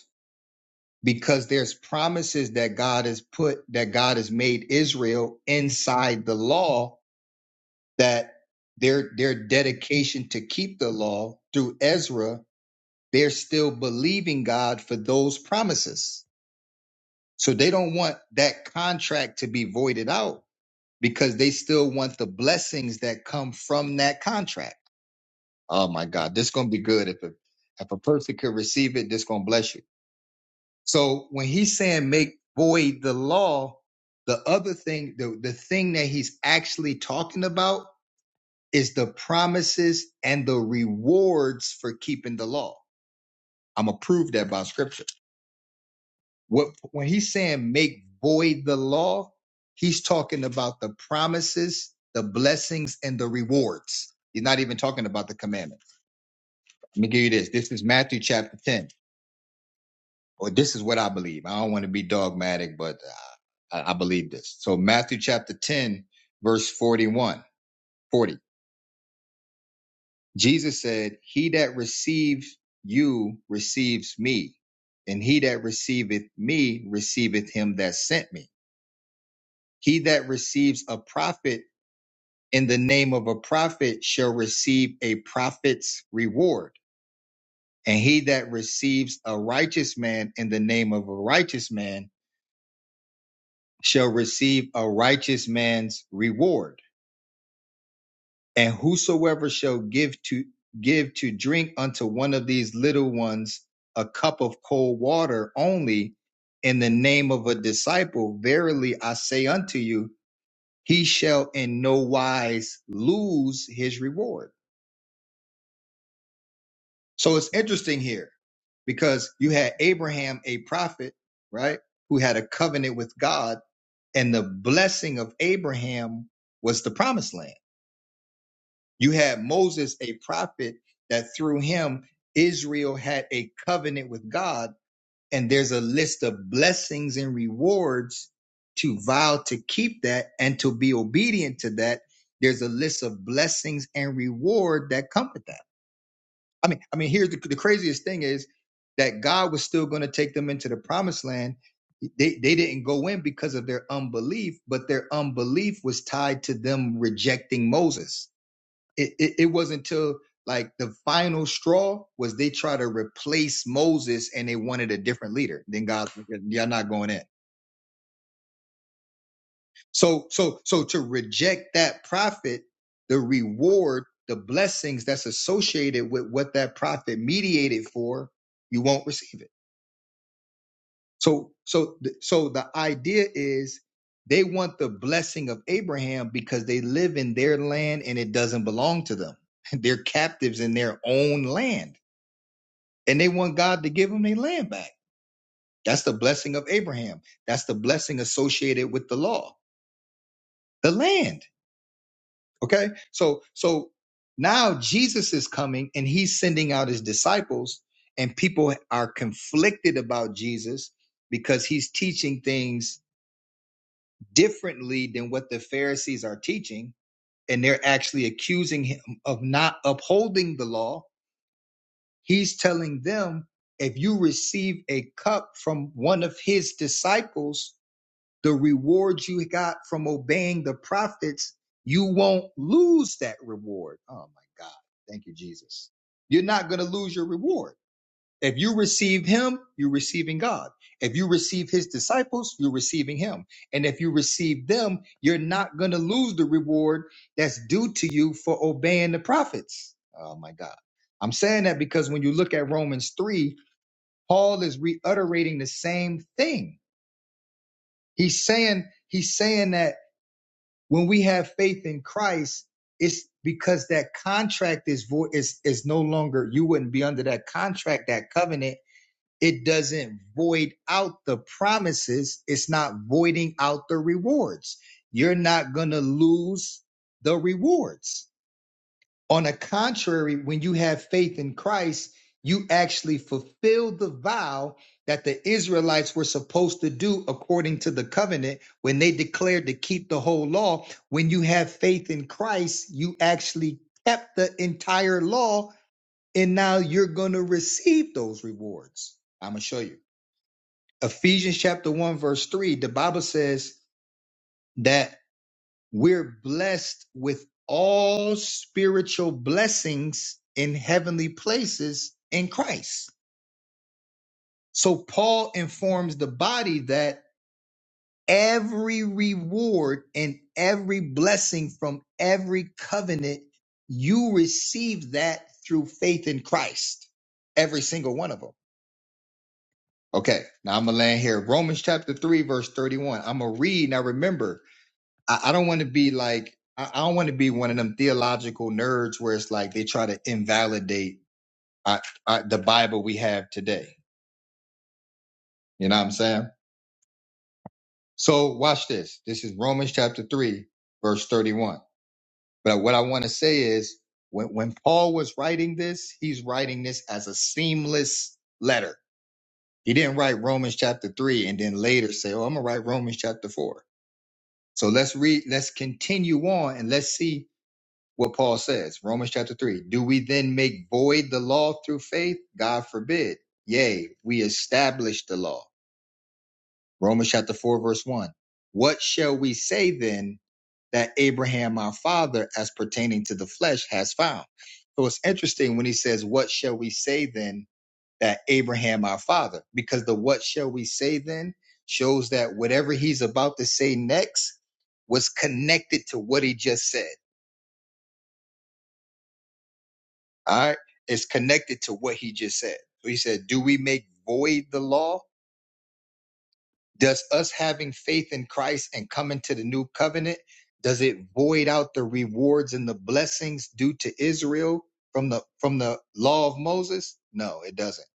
Speaker 2: because there's promises that God has put that God has made Israel inside the law that their their dedication to keep the law through Ezra they're still believing God for those promises so they don't want that contract to be voided out because they still want the blessings that come from that contract oh my god this is going to be good if a, if a person could receive it this is going to bless you So when he's saying make void the law, the other thing, the, the thing that he's actually talking about is the promises and the rewards for keeping the law. I'm gonna prove that by scripture. What when he's saying make void the law, he's talking about the promises, the blessings, and the rewards. He's not even talking about the commandments. Let me give you this. This is Matthew chapter 10. Or this is what I believe. I don't want to be dogmatic, but I believe this. So Matthew chapter 10, verse 41, 40. Jesus said, He that receives you receives me, and he that receiveth me receiveth him that sent me. He that receives a prophet in the name of a prophet shall receive a prophet's reward. And he that receives a righteous man in the name of a righteous man shall receive a righteous man's reward And whosoever shall give to give to drink unto one of these little ones a cup of cold water only in the name of a disciple, verily I say unto you, he shall in no wise lose his reward. So it's interesting here because you had Abraham, a prophet, right, who had a covenant with God, and the blessing of Abraham was the promised land You had Moses, a prophet, that through him, Israel had a covenant with God. And there's a list of blessings and rewards to vow to keep that and to be obedient to that. There's a list of blessings and reward that come with that. I mean, I mean, here's the, the craziest thing is that God was still going to take them into the promised land. They, they didn't go in because of their unbelief, but their unbelief was tied to them rejecting Moses it, it, it wasn't until like the final straw was they try to replace Moses and they wanted a different leader. Then God, y'all not going in. So so so to reject that prophet, the reward, the blessings that's associated with what that prophet mediated for, you won't receive it. So so so the idea is they want the blessing of Abraham because they live in their land and it doesn't belong to them. They're captives in their own land and they want God to give them their land back. That's the blessing of Abraham. That's the blessing associated with the law, the land. Okay. So, so now Jesus is coming and he's sending out his disciples and people are conflicted about Jesus because he's teaching things differently than what the Pharisees are teaching. And they're actually accusing him of not upholding the law He's telling them if you receive a cup from one of his disciples, the reward you got from obeying the prophets, you won't lose that reward. Oh my God. Thank you, Jesus. You're not going to lose your reward. If you receive him, you're receiving God. If you receive his disciples, you're receiving him. And if you receive them, you're not going to lose the reward that's due to you for obeying the prophets. Oh my God. I'm saying that because when you look at Romans 3, Paul is reiterating the same thing. He's saying, he's saying that when we have faith in Christ, it's because that contract is void is is no longer you wouldn't be under that contract, that covenant it doesn't void out the promises. It's not voiding out the rewards. You're not going to lose the rewards. On the contrary, when you have faith in Christ, you actually fulfill the vow that the Israelites were supposed to do according to the covenant when they declared to keep the whole law. When you have faith in Christ, you actually kept the entire law, and now you're going to receive those rewards. I'm going to show you. Ephesians chapter 1, verse 3, the Bible says that we're blessed with all spiritual blessings in heavenly places in Christ. So Paul informs the body that every reward and every blessing from every covenant, you receive that through faith in Christ. Every single one of them. Okay, now I'm gonna land here. Romans chapter 3, verse 31. I'm gonna read. Now remember, I, I don't want to be like I, I don't want to be one of them theological nerds where it's like they try to invalidate uh uh the Bible we have today. You know what I'm saying? So watch this. This is Romans chapter three, verse thirty-one. But what I want to say is when when Paul was writing this, he's writing this as a seamless letter. He didn't write Romans chapter three and then later say, "Oh, I'm gonna write Romans chapter 4. So let's read. Let's continue on and let's see what Paul says, Romans chapter 3. Do we then make void the law through faith? God forbid. Yea, we establish the law. Romans chapter 4, verse 1. What shall we say then that Abraham our father, as pertaining to the flesh, has found? So it's interesting when he says, What shall we say then that Abraham our father? Because the what shall we say then shows that whatever he's about to say next was connected to what he just said. All right. It's connected to what he just said. So he said, Do we make void the law? Does us having faith in Christ and coming to the new covenant, does it void out the rewards and the blessings due to Israel from the from the law of Moses? No, it doesn't.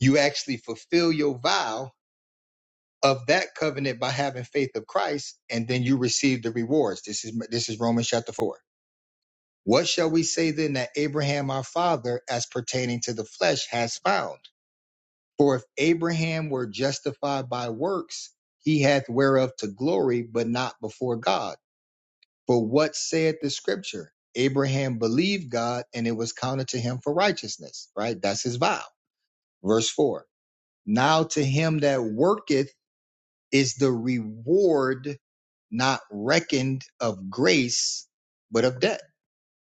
Speaker 2: You actually fulfill your vow of that covenant by having faith of Christ, and then you receive the rewards. This is this is Romans chapter four. What shall we say then that Abraham our father, as pertaining to the flesh, has found? For if Abraham were justified by works, he hath whereof to glory, but not before God. For what saith the scripture? Abraham believed God, and it was counted to him for righteousness, right? That's his vow. Verse 4. Now to him that worketh is the reward not reckoned of grace, but of debt.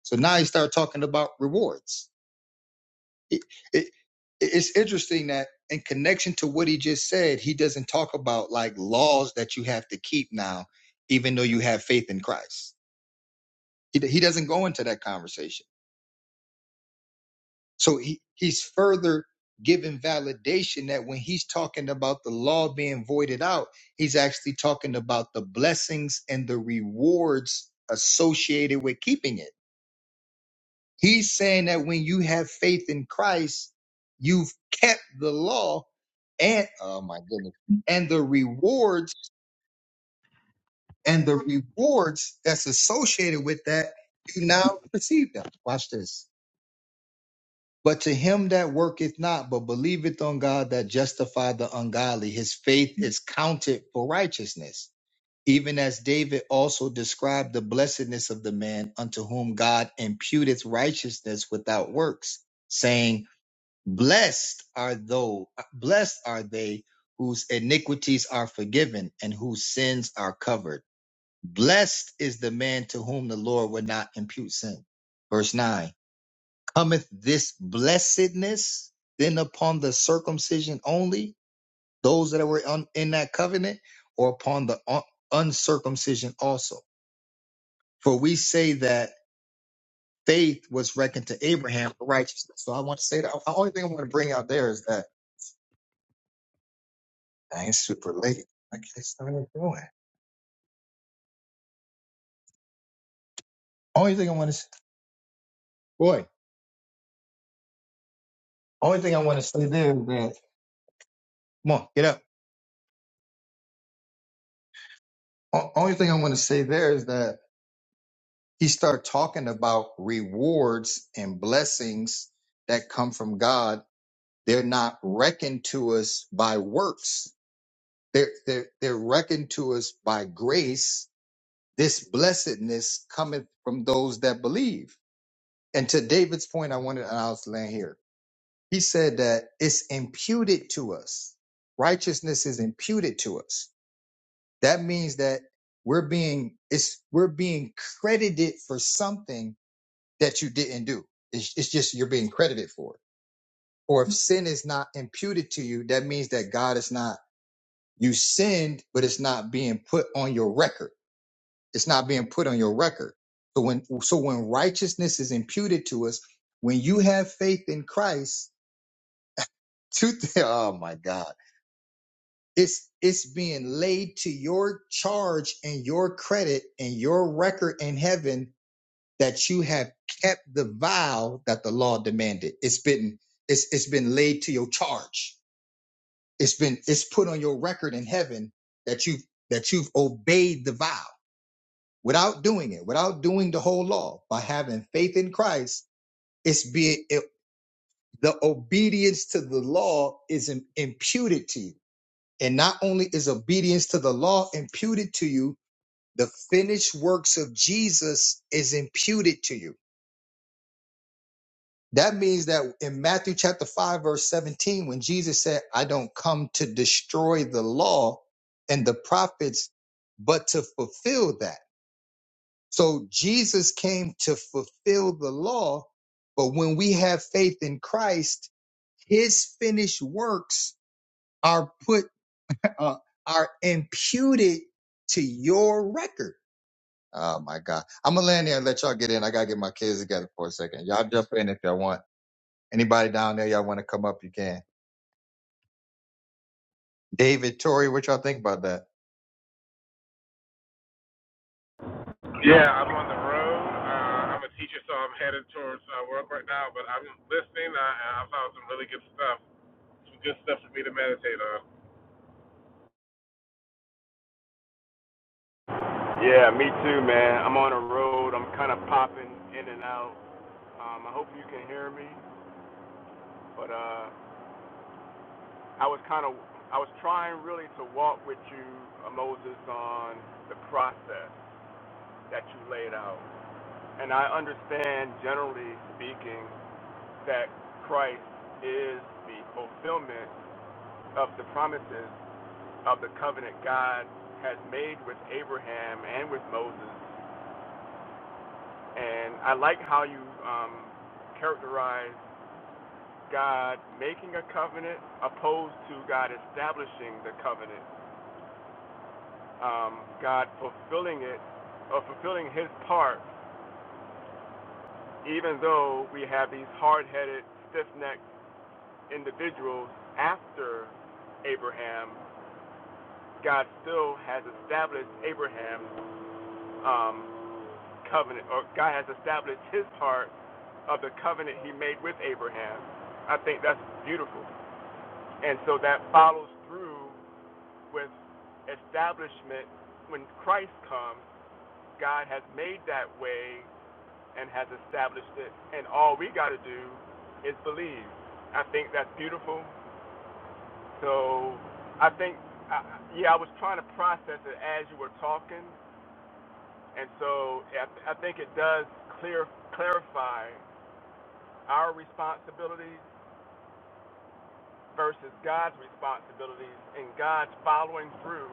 Speaker 2: So now you start talking about rewards it, it it's interesting that in connection to what he just said, he doesn't talk about like laws that you have to keep now, even though you have faith in Christ. He, he doesn't go into that conversation. So he, he's further given validation that when he's talking about the law being voided out, he's actually talking about the blessings and the rewards associated with keeping it. He's saying that when you have faith in Christ, you've kept the law and oh my goodness, and the rewards and the rewards that's associated with that, you now receive them. Watch this. But to him that worketh not, but believeth on God that justify the ungodly, his faith is counted for righteousness. Even as David also described the blessedness of the man unto whom God imputeth righteousness without works, saying, Blessed are those, blessed are they whose iniquities are forgiven and whose sins are covered. Blessed is the man to whom the Lord will not impute sin. Verse 9 Cometh this blessedness then upon the circumcision only, those that were on, in that covenant, or upon the un- uncircumcision also? For we say that faith was reckoned to Abraham for righteousness. So I want to say that the only thing I want to bring out there is that I ain't super late. I can't start doing. Only thing I want to boy, only thing I want to say there is that, come on, get up. O- only thing I want to say there is that he started talking about rewards and blessings that come from God. They're not reckoned to us by works. They're, they're, they're reckoned to us by grace. This blessedness cometh from those that believe. And to David's point, I wanted, and I'll land here He said that it's imputed to us. Righteousness is imputed to us. That means that we're being it's we're being credited for something that you didn't do. It's, it's just you're being credited for it. Or if sin is not imputed to you, that means that God is not you sinned, but it's not being put on your record. It's not being put on your record. So when so when righteousness is imputed to us, when you have faith in Christ, two thi- Oh my God It's it's being laid to your charge and your credit and your record in heaven that you have kept the vow that the law demanded. It's been it's it's been laid to your charge. It's been it's put on your record in heaven that you that you've obeyed the vow without doing it, without doing the whole law, by having faith in Christ. It's being it, the obedience to the law is im- imputed to you And not only is obedience to the law imputed to you, the finished works of Jesus is imputed to you. That means that in Matthew chapter 5, verse 17, when Jesus said, I don't come to destroy the law and the prophets, but to fulfill that. So Jesus came to fulfill the law. But when we have faith in Christ, his finished works are put uh, are imputed to your record. Oh my God. I'm gonna land there and let y'all get in. I gotta get my kids together for a second. Y'all jump in if y'all want. Anybody down there, y'all want to come up, you can. David, Tori, what y'all think about that?
Speaker 4: Yeah, I'm on the road. Uh, I'm a teacher, so I'm headed towards uh, work right now. But I'm listening. Uh, and I found some really good stuff. Some good stuff for me to meditate on.
Speaker 1: Yeah, me too, man. I'm on the road. I'm kind of popping in and out. Um, I hope you can hear me. But uh, I was kind of I was trying really to walk with you, uh, Moses, on the process that you laid out. And I understand, generally speaking, that Christ is the fulfillment of the promises of the covenant God has made with Abraham and with Moses. And I like how you um, characterize God making a covenant opposed to God establishing the covenant. um, God fulfilling it or fulfilling His part, even though we have these hard-headed, stiff-necked individuals after Abraham, God still has established Abraham's um, covenant, or God has established His part of the covenant He made with Abraham. I think that's beautiful, and so that follows through with establishment when Christ comes. God has made that way and has established it. And all we got to do is believe. I think that's beautiful. So I think, I, yeah, I was trying to process it as you were talking. And so I, th- I think it does clear clarify our responsibilities versus God's responsibilities and God's following through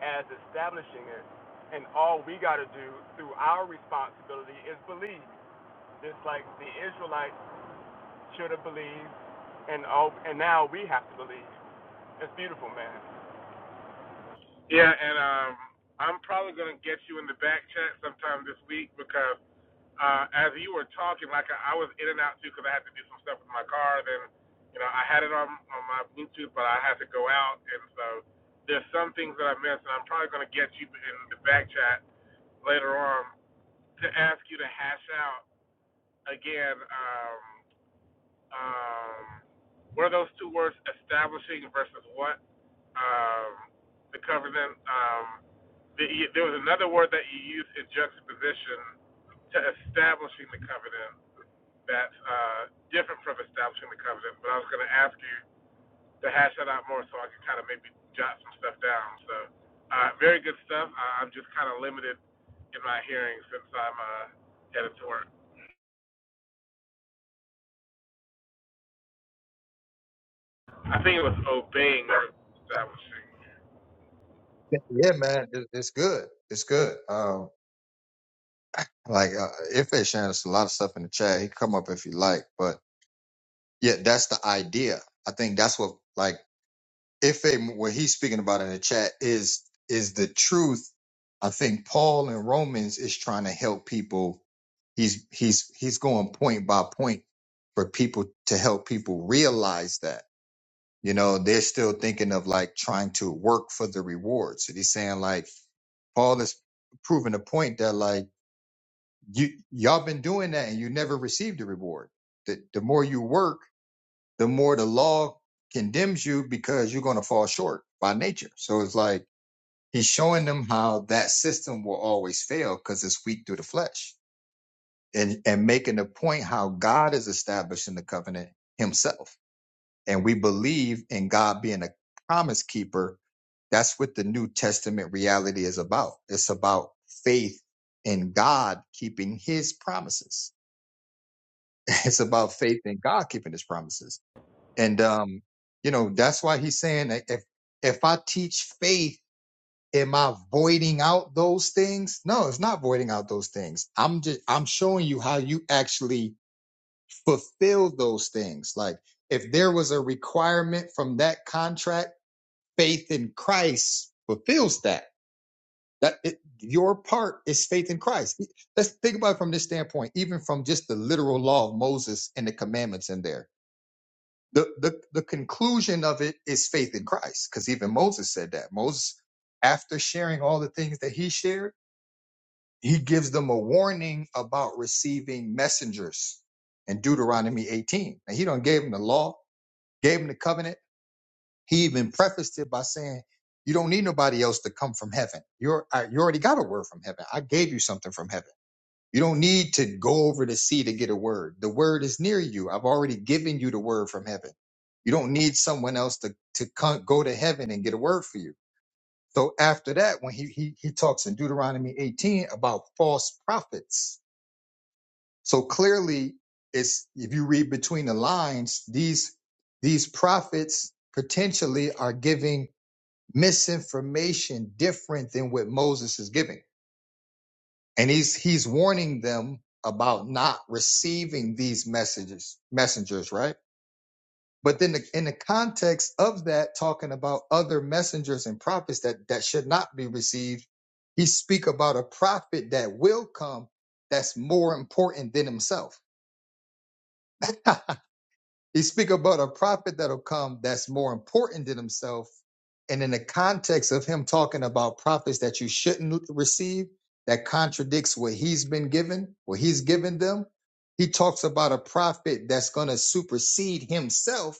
Speaker 1: as establishing it. And all we got to do through our responsibility is believe. Just like the Israelites should have believed, and oh, and now we have to believe. It's beautiful, man.
Speaker 4: Yeah, and um, I'm probably gonna get you in the back chat sometime this week because uh, as you were talking, like I, I was in and out too because I had to do some stuff with my car. Then, you know, I had it on on my Bluetooth, but I had to go out, and so there's some things that I missed, and I'm probably going to get you in the back chat later on to ask you to hash out again. Um, um, what are those two words, establishing versus what? Um, the covenant. Um, the, there was another word that you used in juxtaposition to establishing the covenant that's uh, different from establishing the covenant. But I was going to ask you to hash that out more so I could kind of maybe jot some stuff down. So, uh, very good stuff. I, I'm just kind of limited in my hearing since I'm uh, headed to work. I think it was obeying or establishing.
Speaker 2: Yeah, man, it- it's good. It's good. Um, like uh, if it's Shannon, it's a lot of stuff in the chat. He can come up if you like, but yeah, that's the idea. I think that's what like. If they, what he's speaking about in the chat is is the truth. I think Paul in Romans is trying to help people. He's he's he's going point by point for people to help people realize that. You know, they're still thinking of like trying to work for the reward. So he's saying like Paul is proving a point that like you y'all been doing that and you never received a reward. That the more you work the more the law condemns you because you're going to fall short by nature. So it's like he's showing them how that system will always fail because it's weak through the flesh and, and making the point how God is establishing the covenant himself. And we believe in God being a promise keeper. That's what the New Testament reality is about. It's about faith in God keeping his promises. It's about faith in God keeping his promises And um, you know, that's why he's saying that if if I teach faith, am I voiding out those things? No, it's not voiding out those things. I'm just I'm showing you how you actually fulfill those things. Like if there was a requirement from that contract, faith in Christ fulfills that. That it, your part is faith in Christ. Let's think about it from this standpoint, even from just the literal law of Moses and the commandments in there the the, the conclusion of it is faith in Christ, because even Moses said that. Moses, after sharing all the things that he shared, he gives them a warning about receiving messengers in Deuteronomy 18. And he don't gave them the law, gave them the covenant. He even prefaced it by saying, "You don't need nobody else to come from heaven. You're I, you already got a word from heaven. I gave you something from heaven." You don't need to go over the sea to get a word. The word is near you. I've already given you the word from heaven. You don't need someone else to, to come, go to heaven and get a word for you. So after that, when he, he, he talks in Deuteronomy 18 about false prophets. So clearly it's, if you read between the lines, these, these prophets potentially are giving misinformation different than what Moses is giving. and he's he's warning them about not receiving these messages messengers right but then the, in the context of that talking about other messengers and prophets that that should not be received he speak about a prophet that will come that's more important than himself He speak about a prophet that'll come that's more important than himself. And in the context of him talking about prophets that you shouldn't receive, that contradicts what he's been given, what he's given them. He talks about a prophet that's going to supersede himself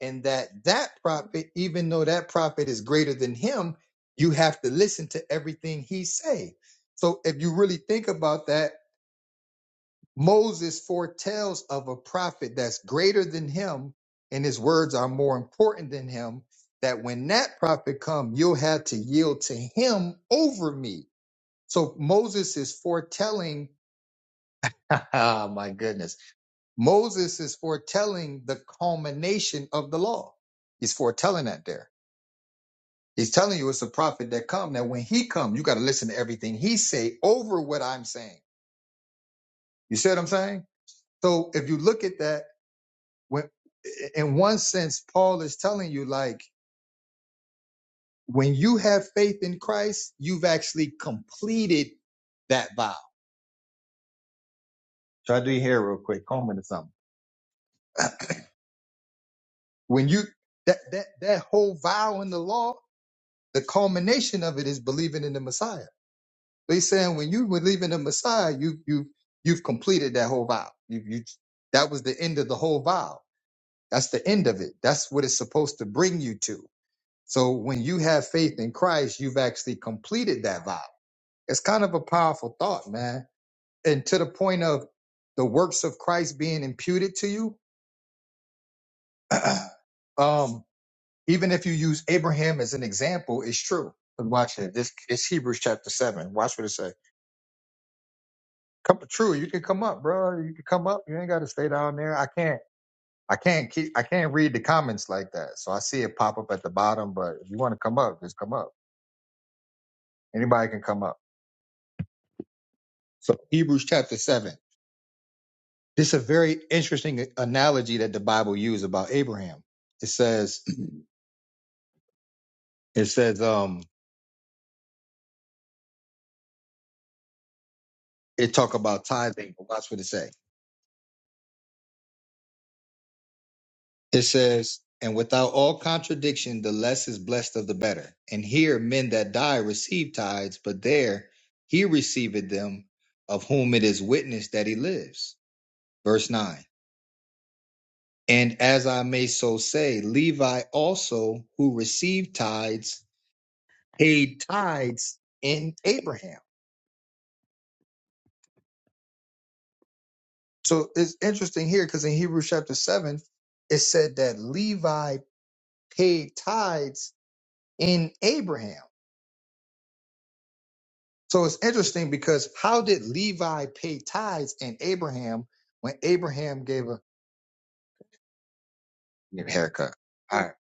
Speaker 2: and that that prophet, even though that prophet is greater than him, you have to listen to everything he say. So if you really think about that, Moses foretells of a prophet that's greater than him, and his words are more important than him. That when that prophet come, you'll have to yield to him over me. So Moses is foretelling. Ah, my goodness. Moses is foretelling the culmination of the law. He's foretelling that there. He's telling you it's a prophet that come. That when he come, you got to listen to everything he say over what I'm saying. You see what I'm saying? So if you look at that, when, in one sense, Paul is telling you, like, when you have faith in Christ, you've actually completed that vow. Try to do your hair real quick, comb it or something. When you that that that whole vow in the law, the culmination of it is believing in the Messiah. So He's saying when you believe in the Messiah, you you you've completed that whole vow. You you that was the end of the whole vow. That's the end of it. That's what it's supposed to bring you to. So when you have faith in Christ, you've actually completed that vow. It's kind of a powerful thought, man. And to the point of the works of Christ being imputed to you, um, even if you use Abraham as an example, it's true. But watch it. This it's Hebrews chapter seven. Watch what it say. Come true. You can come up, bro. You can come up. You ain't got to stay down there. I can't. I can't keep. I can't read the comments like that. So I see it pop up at the bottom. But if you want to come up, just come up. Anybody can come up. So Hebrews chapter seven. This is a very interesting analogy that the Bible used about Abraham. It says, it says, um, it talk about tithing, but watch what it say. It says, and without all contradiction, the less is blessed of the better. And here men that die receive tithes, but there he receiveth them of whom it is witnessed that he lives. Verse nine. And as I may so say, Levi also, who received tithes, paid tithes in Abraham So it's interesting here because in Hebrews chapter 7, it said that Levi paid tithes in Abraham. So it's interesting because how did Levi pay tithes in Abraham when Abraham gave a give haircut? All right.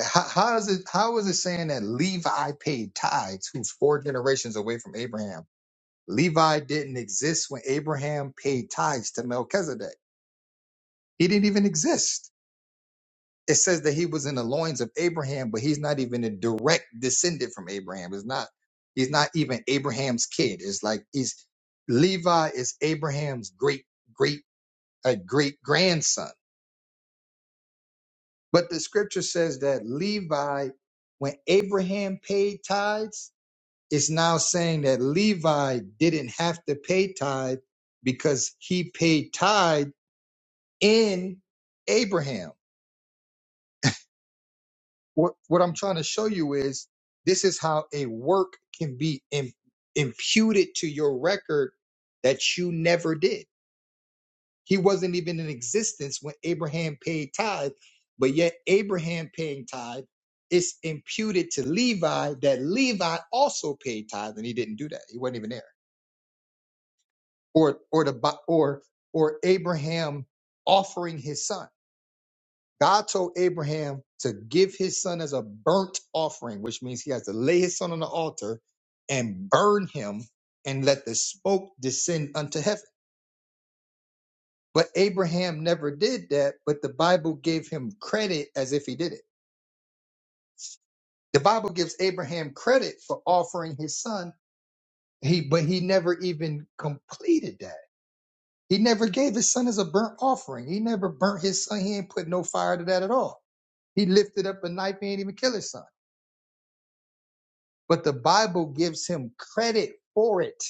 Speaker 2: How, how is it how is it saying that Levi paid tithes who's four generations away from Abraham? Levi didn't exist when Abraham paid tithes to Melchizedek. He didn't even exist. it says that he was in the loins of Abraham, but he's not even a direct descendant from Abraham. It's not he's not even Abraham's kid. It's like he's Levi is Abraham's great great a great grandson. But the scripture says that Levi, when Abraham paid tithes, it's now saying that Levi didn't have to pay tithe because he paid tithe in Abraham. what what I'm trying to show you is this is how a work can be im- imputed to your record that you never did. He wasn't even in existence when Abraham paid tithe, but yet Abraham paying tithe is imputed to Levi that Levi also paid tithe and he didn't do that. He wasn't even there. Or or the Bi- or or Abraham offering his son. God told Abraham to give his son as a burnt offering, which means he has to lay his son on the altar and burn him and let the smoke descend unto heaven. But Abraham never did that, but the Bible gave him credit as if he did it. The Bible gives Abraham credit for offering his son, he but he never even completed that. He never gave his son as a burnt offering. He never burnt his son. He ain't put no fire to that at all. He lifted up a knife. He ain't even kill his son. but the Bible gives him credit for it.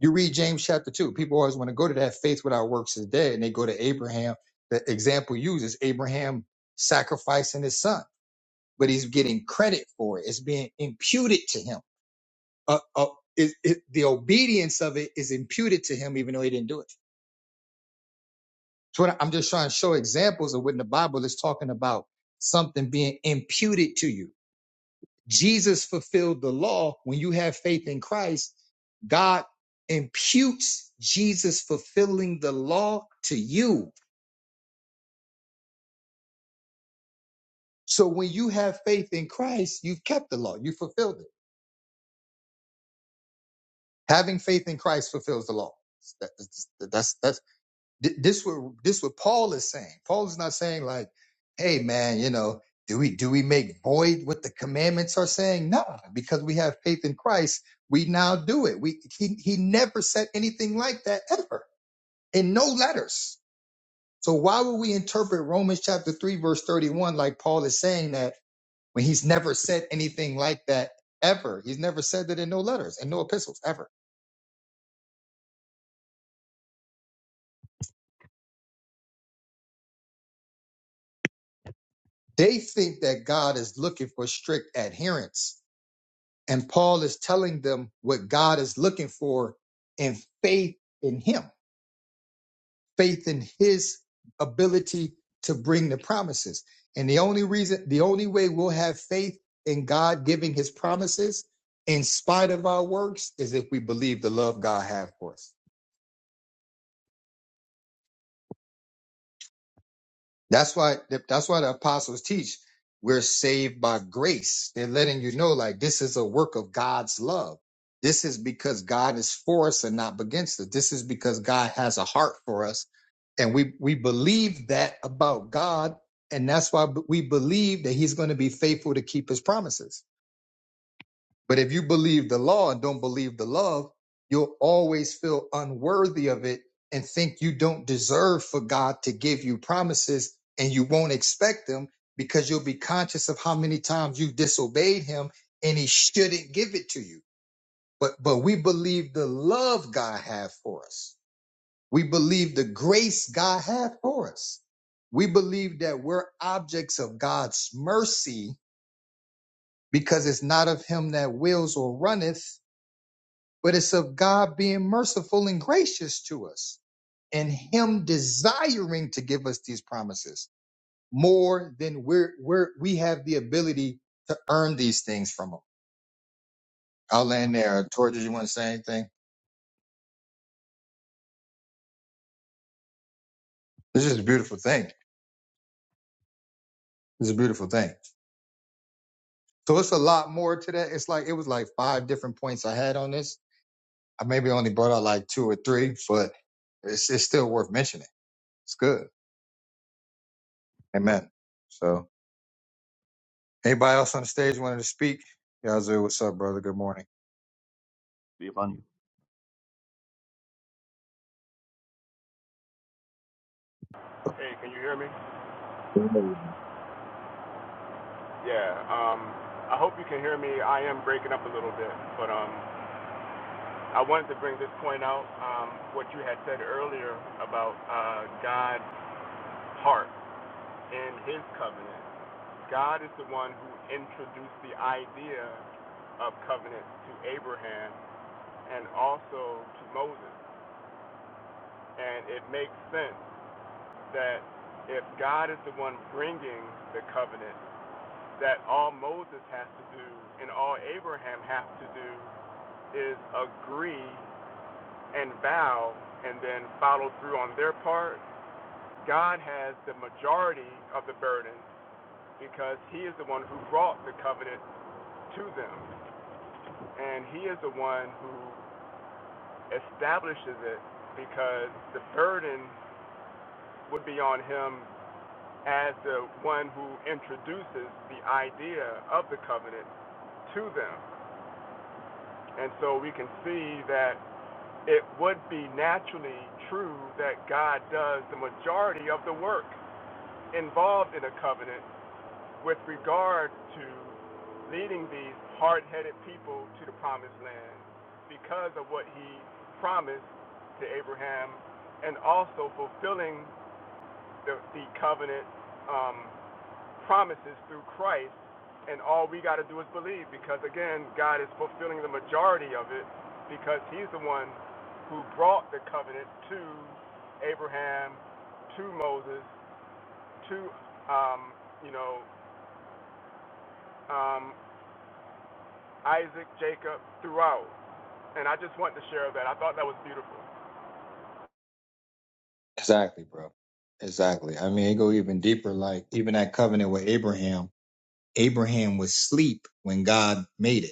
Speaker 2: You read James chapter 2. People always want to go to that faith without works is dead, and they go to Abraham. The example used is Abraham sacrificing his son, but he's getting credit for it. It's being imputed to him. Uh, uh, it, it, the obedience of it is imputed to him, even though he didn't do it. So what I- I'm just trying to show examples of when the Bible is talking about something being imputed to you. Jesus fulfilled the law. When you have faith in Christ, God imputes Jesus fulfilling the law to you. So when you have faith in Christ, you've kept the law. You fulfilled it. Having faith in Christ fulfills the law. That's that's, that's this what this what Paul is saying. Paul is not saying like, "Hey man, you know, do we do we make void what the commandments are saying?" No, because we have faith in Christ, we now do it. We he he never said anything like that ever in no letters. So why would we interpret Romans chapter 3 verse 31 like Paul is saying that when he's never said anything like that ever? He's never said that in no letters and no epistles ever. They think that God is looking for strict adherence and Paul is telling them what God is looking for in faith in him. faith in his ability to bring the promises. And the only reason, the only way we'll have faith in God giving his promises in spite of our works is if we believe the love God has for us. That's why that's why the apostles teach we're saved by grace. They're letting you know like this is a work of God's love. This is because God is for us and not against us. This is because God has a heart for us and we we believe that about God and that's why we believe that he's going to be faithful to keep his promises. But if you believe the law and don't believe the love, you'll always feel unworthy of it and think you don't deserve for God to give you promises and you won't expect them because you'll be conscious of how many times you disobeyed him and he shouldn't give it to you. But but we believe the love God had for us. We believe the grace God had for us. We believe that we're objects of God's mercy because it's not of him that wills or runneth, but it's of God being merciful and gracious to us and him desiring to give us these promises more than we're, we're we have the ability to earn these things from him. I'll land there. Tori, did you want to say anything? This is a beautiful thing. This is a beautiful thing. So it's a lot more to that. It's like it was like five different points I had on this. I maybe only brought out like two or three, but it's, it's still worth mentioning. It's good. Amen. So Anybody else on the stage wanted to speak? Yazoo, what's up, brother? Good morning.
Speaker 3: Be upon you.
Speaker 1: Hey, can you hear me? Yeah. Um, I hope you can hear me. I am breaking up a little bit, but um, I wanted to bring this point out. Um, what you had said earlier about uh, God's heart and His covenant. God is the one who introduced the idea of covenant to Abraham and also to Moses, and it makes sense that if God is the one bringing the covenant, that all Moses has to do and all Abraham has to do is agree and vow and then follow through on their part. God has the majority of the burden because he is the one who brought the covenant to them. And he is the one who establishes it because the burden would be on him as the one who introduces the idea of the covenant to them. And so we can see that it would be naturally true that God does the majority of the work involved in a covenant with regard to leading these hard headed people to the promised land because of what he promised to Abraham and also fulfilling the, the covenant. Um, promises through Christ, and all we got to do is believe because, again, God is fulfilling the majority of it because He's the one who brought the covenant to Abraham, to Moses, to, um, you know, um, Isaac, Jacob, throughout. And I just wanted to share that. I thought that was beautiful.
Speaker 2: Exactly, bro. Exactly. I mean, it go even deeper. Like even that covenant with Abraham. Abraham was asleep when God made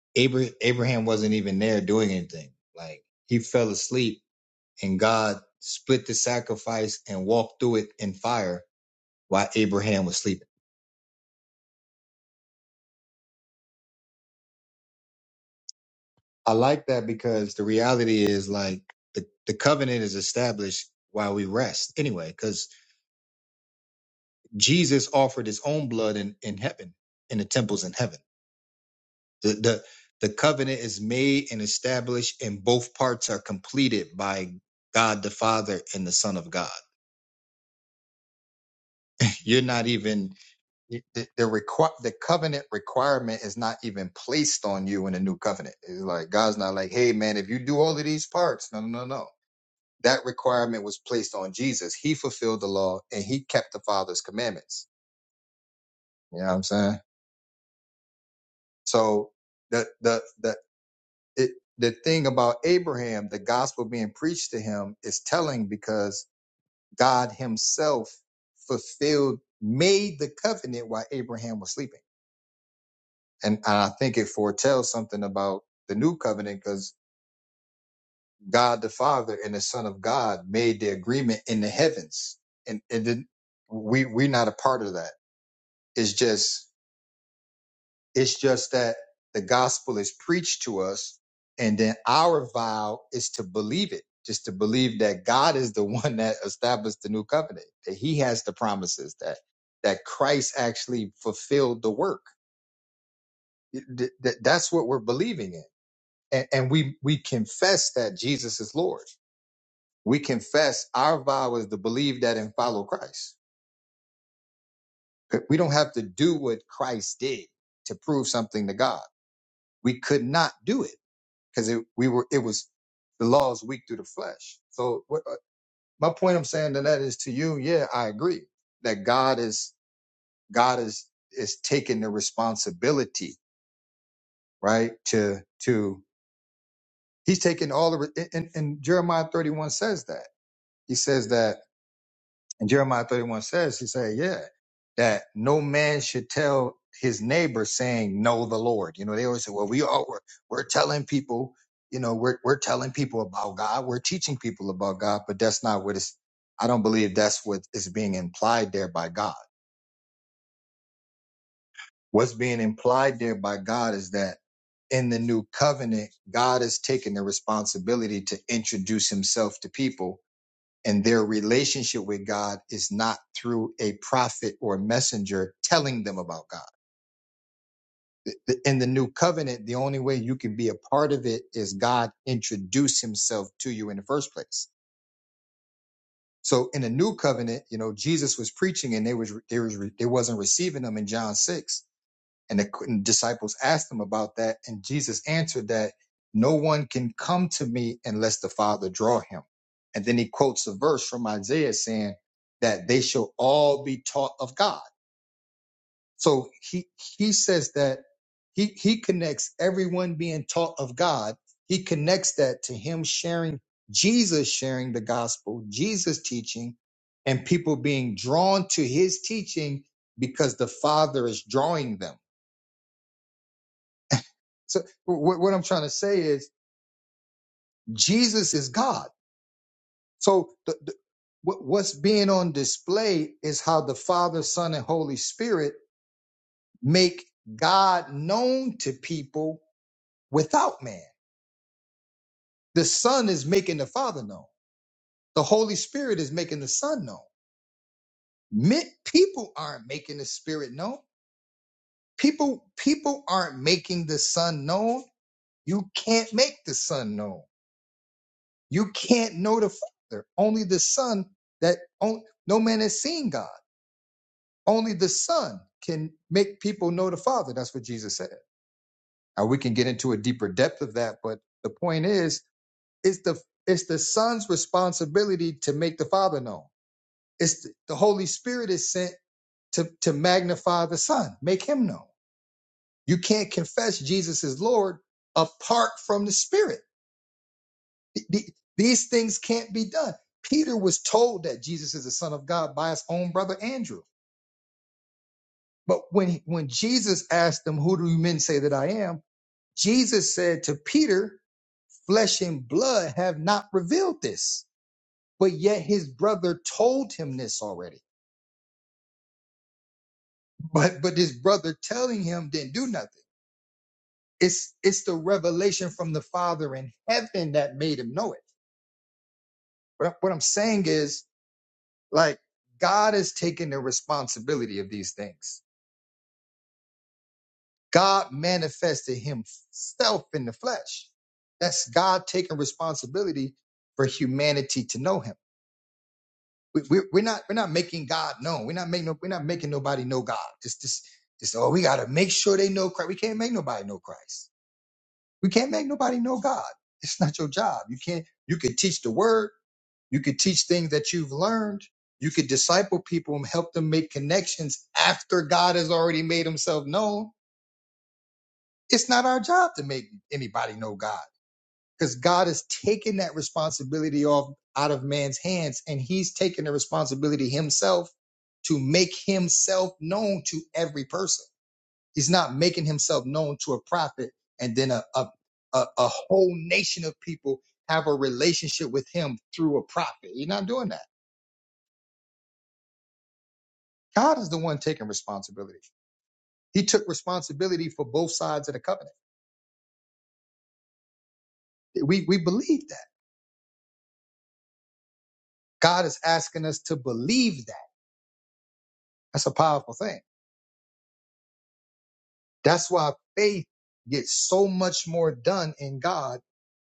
Speaker 2: it. Abra- Abraham wasn't even there doing anything. Like he fell asleep, and God split the sacrifice and walked through it in fire while Abraham was sleeping. I like that because the reality is like the, the covenant is established while we rest anyway. Jesus offered his own blood in, in heaven, in the temples in heaven. The, the the covenant is made and established, and both parts are completed by God the Father and the Son of God. You're not even the the, requ- the covenant requirement is not even placed on you in the new covenant. It's like God's not like, hey man, if you do all of these parts, no, no, no, no. That requirement was placed on Jesus. He fulfilled the law and he kept the Father's commandments. You know what I'm saying? So the the the it, the thing about Abraham, the gospel being preached to him is telling because God himself fulfilled, made the covenant while Abraham was sleeping. And, and I think it foretells something about the new covenant because God the Father and the Son of God made the agreement in the heavens. And, and then we, we're not a part of that. It's just It's just that the gospel is preached to us, and then our vow is to believe it, just to believe that God is the one that established the new covenant, that He has the promises, that that Christ actually fulfilled the work. Th- th- That's what we're believing in, and, and we we confess that Jesus is Lord. We confess our vow is to believe that and follow Christ. We don't have to do what Christ did to prove something to God. We could not do it because it we were it was the law is weak through the flesh. So what, uh, my point I'm saying to that is to you, yeah, I agree that God is God is is taking the responsibility, right? To to he's taking all the re- and, and and Jeremiah 31 says that he says that And Jeremiah 31 says, he said, yeah, that no man should tell his neighbor saying, know the Lord. You know, they always say, well, we all, we're, we're telling people, you know, we're, we're telling people about God. We're teaching people about God, but that's not what it's, I don't believe that's what is being implied there by God. What's being implied there by God is that in the new covenant, God is taking the responsibility to introduce himself to people and their relationship with God is not through a prophet or messenger telling them about God. In the new covenant, the only way you can be a part of it is God introduce himself to you in the first place. So in the new covenant, you know, Jesus was preaching and they was they was they wasn't receiving them in John 6 And the disciples asked him about that, and Jesus answered that no one can come to me unless the Father draw him. And then he quotes a verse from Isaiah saying that they shall all be taught of God. So he he says that he he connects everyone being taught of God. He connects that to him sharing Jesus sharing the gospel, Jesus teaching, and people being drawn to his teaching because the Father is drawing them So what, what I'm trying to say is Jesus is God. So the, the, what, what's being on display is how the Father, Son, and Holy Spirit make God known to people without man. The Son is making the Father known. The Holy Spirit is making the Son known. Me- people aren't making the Spirit known. People people aren't making the Son known. You can't make the Son known. You can't know the Father. Only the Son that on, no man has seen God. Only the Son can make people know the Father. That's what Jesus said. Now we can get into a deeper depth of that, but the point is, it's the it's the Son's responsibility to make the Father known. It's the, the Holy Spirit is sent to to magnify the Son, make him known. You can't confess Jesus is Lord apart from the Spirit. Th- th- These things can't be done. Peter was told that Jesus is the Son of God by his own brother Andrew. But when, when Jesus asked them, Who do you men say that I am? Jesus said to Peter, Flesh and blood have not revealed this. But yet his brother told him this already. But but his brother telling him didn't do nothing. It's it's the revelation from the Father in heaven that made him know it. But what I'm saying is, like, God is taking the responsibility of these things God manifested himself in the flesh. That's God taking responsibility for humanity to know him. We, we, we're not we're not making God known. We're not making no, we're not making nobody know God. Just this just oh we gotta make sure they know Christ. We can't make nobody know Christ. We can't make nobody know God. It's not your job. You can't you can teach the word, you could teach things that you've learned, you could disciple people and help them make connections after God has already made himself known it's not our job to make anybody know God because God has taken that responsibility off out of man's hands and he's taken the responsibility himself to make himself known to every person. He's not making himself known to a prophet and then a, a, a, a whole nation of people have a relationship with him through a prophet. He's not doing that. God is the one taking responsibility. He took responsibility for both sides of the covenant. We, we believe that. God is asking us to believe that That's a powerful thing. That's why faith gets so much more done in God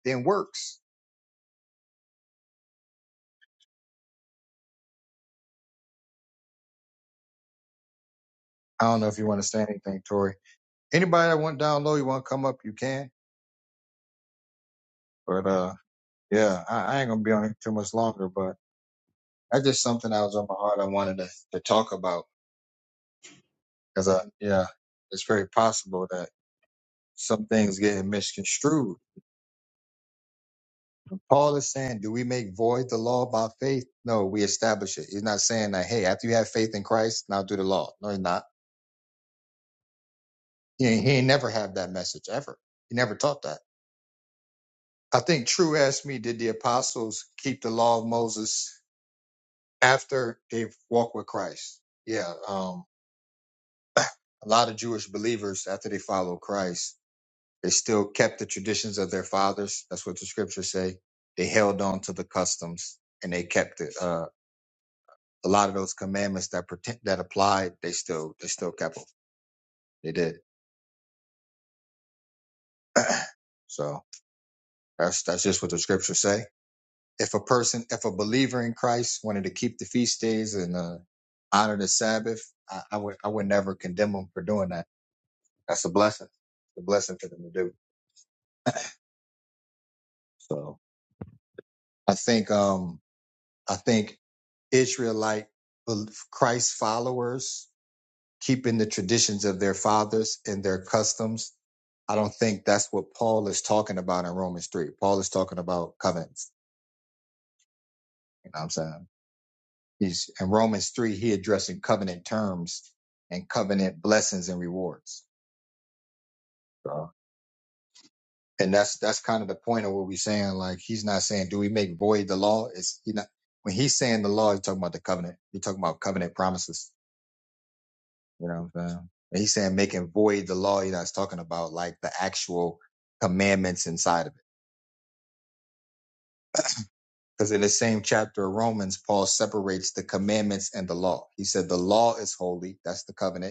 Speaker 2: than works. I don't know if you understand anything, Tori. Anybody that went down low, you want to come up, you can. But uh, yeah, I, I ain't gonna be on here too much longer. But that's just something that was on my heart. I wanted to, to talk about because I yeah, it's very possible that some things get misconstrued. Paul is saying, do we make void the law by faith? No, we establish it. He's not saying that, hey, after you have faith in Christ, now do the law. No, he's not. He ain't, he ain't never had that message ever. He never taught that. I think True asked me, did the apostles keep the law of Moses after they walked with Christ? Yeah, um, a lot of Jewish believers after they followed Christ, they still kept the traditions of their fathers. That's what the scriptures say. They held on to the customs and they kept it. Uh, a lot of those commandments that pretend, that applied, they still they still kept them. They did. so that's that's just what the scriptures say. if a person, if a believer in Christ wanted to keep the feast days and uh, honor the Sabbath, I, I would I would never condemn them for doing that. That's a blessing. It's a blessing for them to do. So I think um I think Israelite Christ followers keeping the traditions of their fathers and their customs. I don't think that's what Paul is talking about in Romans three. Paul is talking about covenants. You know what I'm saying? He's, in Romans 3, he addressing covenant terms and covenant blessings and rewards. So, and that's, that's kind of the point of what we're saying. Like, he's not saying, do we make void the law? It's, he not, when he's saying the law, he's talking about the covenant. He's talking about covenant promises. You know what I'm saying? And he's saying making void the law. He's not talking about like the actual commandments inside of it. Because in the same chapter of Romans, Paul separates the commandments and the law. He said the law is holy. That's the covenant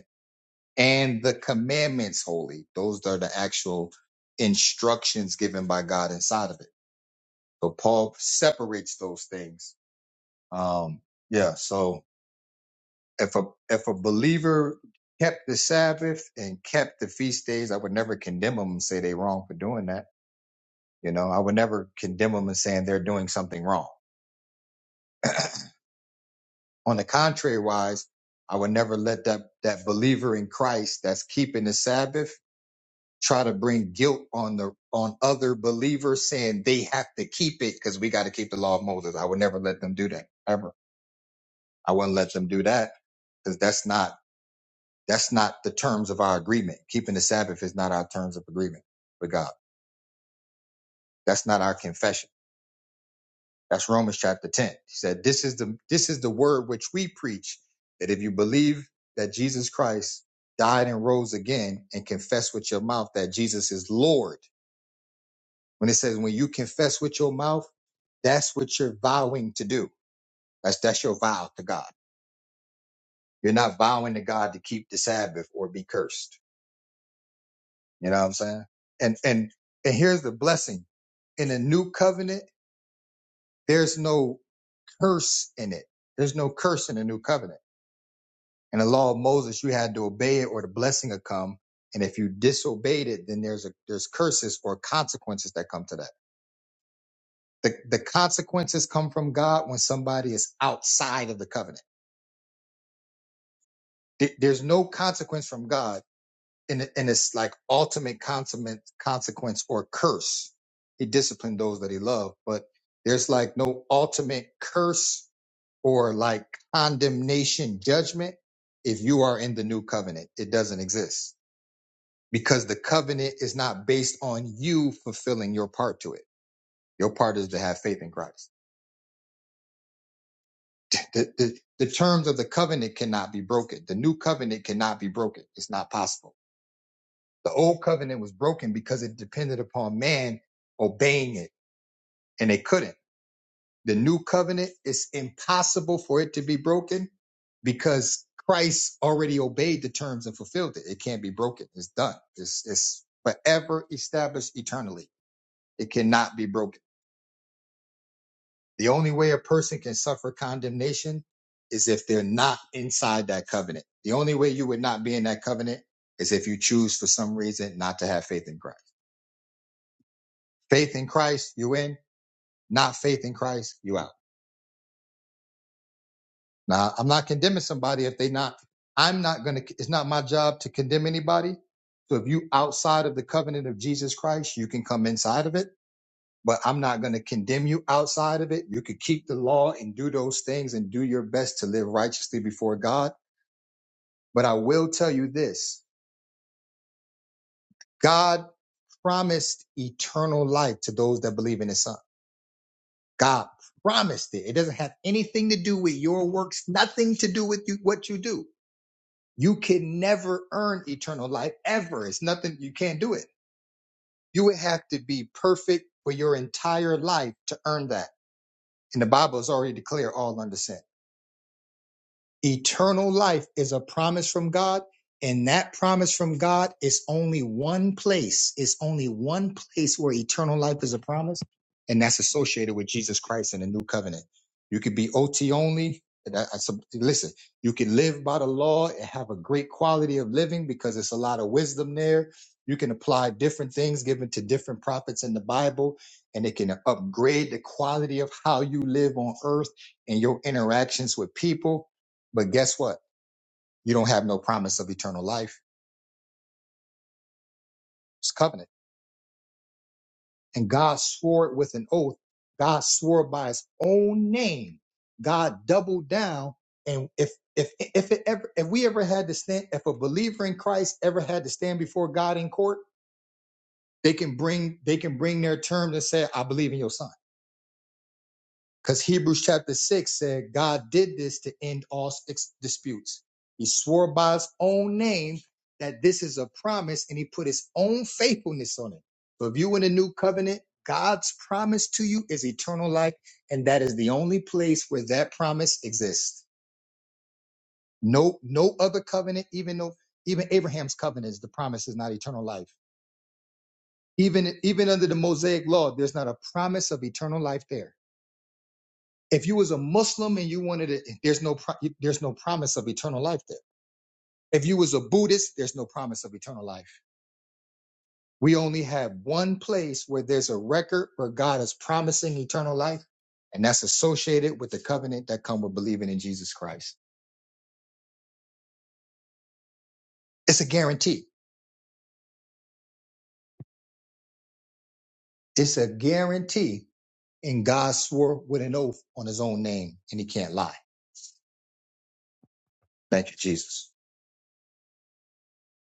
Speaker 2: and the commandments holy. Those are the actual instructions given by God inside of it. So Paul separates those things. Um, yeah. So if a if a believer kept the Sabbath and kept the feast days, I would never condemn them and say they're wrong for doing that. You know, I would never condemn them and saying they're doing something wrong. On the contrary, wise, I would never let that that believer in Christ that's keeping the Sabbath try to bring guilt on the on other believers saying they have to keep it because we got to keep the law of Moses. I would never let them do that ever. I wouldn't let them do that because that's not that's not the terms of our agreement. Keeping the Sabbath is not our terms of agreement with God. That's not our confession. That's Romans chapter 10. He said, This is the this is the word which we preach, that if you believe that Jesus Christ died and rose again and confess with your mouth that Jesus is Lord When it says when you confess with your mouth, that's what you're vowing to do. That's that's your vow to God. You're not vowing to God to keep the Sabbath or be cursed. You know what I'm saying? And and and here's the blessing. In a new covenant, there's no curse in it. There's no curse in the new covenant. In the law of Moses, you had to obey it or the blessing would come. And if you disobeyed it, then there's a there's curses or consequences that come to that. The the consequences come from God when somebody is outside of the covenant Th- There's no consequence from God, and, it- and it's like ultimate consummate consequence or curse. He disciplined those that he loved, but there's like no ultimate curse or like condemnation judgment if you are in the new covenant. It doesn't exist because the covenant is not based on you fulfilling your part to it. Your part is to have faith in Christ. the, the the terms of the covenant cannot be broken. The new covenant cannot be broken. It's not possible. The old covenant was broken because it depended upon man obeying it, and they couldn't. The new covenant is impossible for it to be broken because Christ already obeyed the terms and fulfilled it. It can't be broken. It's done. It's, it's forever established eternally. It cannot be broken. The only way a person can suffer condemnation is if they're not inside that covenant. The only way you would not be in that covenant is if you choose for some reason not to have faith in Christ. Faith in Christ, you in. not faith in Christ, you out. Now, I'm not condemning somebody if they not, I'm not going to, it's not my job to condemn anybody. So if you outside of the covenant of Jesus Christ, you can come inside of it, but I'm not going to condemn you outside of it. You could keep the law and do those things and do your best to live righteously before God. But I will tell you this, God promised eternal life to those that believe in his son. God promised it. It doesn't have anything to do with your works, nothing to do with you, what you do. You can never earn eternal life ever. It's nothing, you can't do it. You would have to be perfect for your entire life to earn that. And the Bible has already declared all under sin. Eternal life is a promise from God, and that promise from God is only one place. It's only one place where eternal life is a promise, and that's associated with Jesus Christ in the new covenant. You could be OT only. that- that's a- Listen, you can live by the law and have a great quality of living because it's a lot of wisdom there. You can apply different things given to different prophets in the Bible, and it can upgrade the quality of how you live on earth and your interactions with people but guess what? You don't have no promise of eternal life. It's covenant. And God swore it with an oath. God swore by his own name. God doubled down. And if if if it ever if we ever had to stand, if a believer in Christ ever had to stand before God in court, they can bring they can bring their terms and say, I believe in your son. Because Hebrews chapter 6 said God did this to end all ex- disputes. He swore by his own name that this is a promise and he put his own faithfulness on it. So if you in the new covenant, God's promise to you is eternal life, and that is the only place where that promise exists. No, no other covenant, even though even Abraham's covenant, the promise is not eternal life. Even even under the Mosaic law, there's not a promise of eternal life there. If you was a Muslim and you wanted it, there's no pro, there's no promise of eternal life there. If you was a Buddhist, there's no promise of eternal life. We only have one place where there's a record where God is promising eternal life, and that's associated with the covenant that come with believing in Jesus Christ. It's a guarantee. It's a guarantee, and God swore with an oath on His own name, and He can't lie. Thank you, Jesus.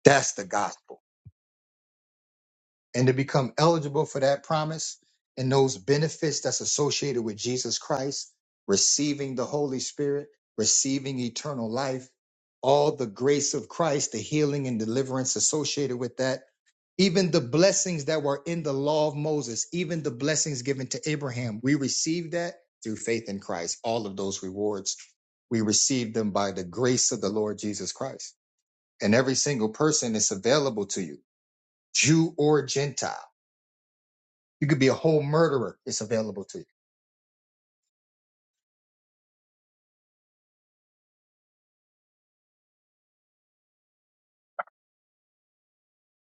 Speaker 2: That's the gospel. and to become eligible for that promise and those benefits that's associated with Jesus Christ, receiving the Holy Spirit, receiving eternal life, all the grace of Christ, the healing and deliverance associated with that, even the blessings that were in the law of Moses, even the blessings given to Abraham, we receive that through faith in Christ. All of those rewards, we receive them by the grace of the Lord Jesus Christ. And every single person is available to you, Jew or Gentile you could be a whole murderer. It's available to you.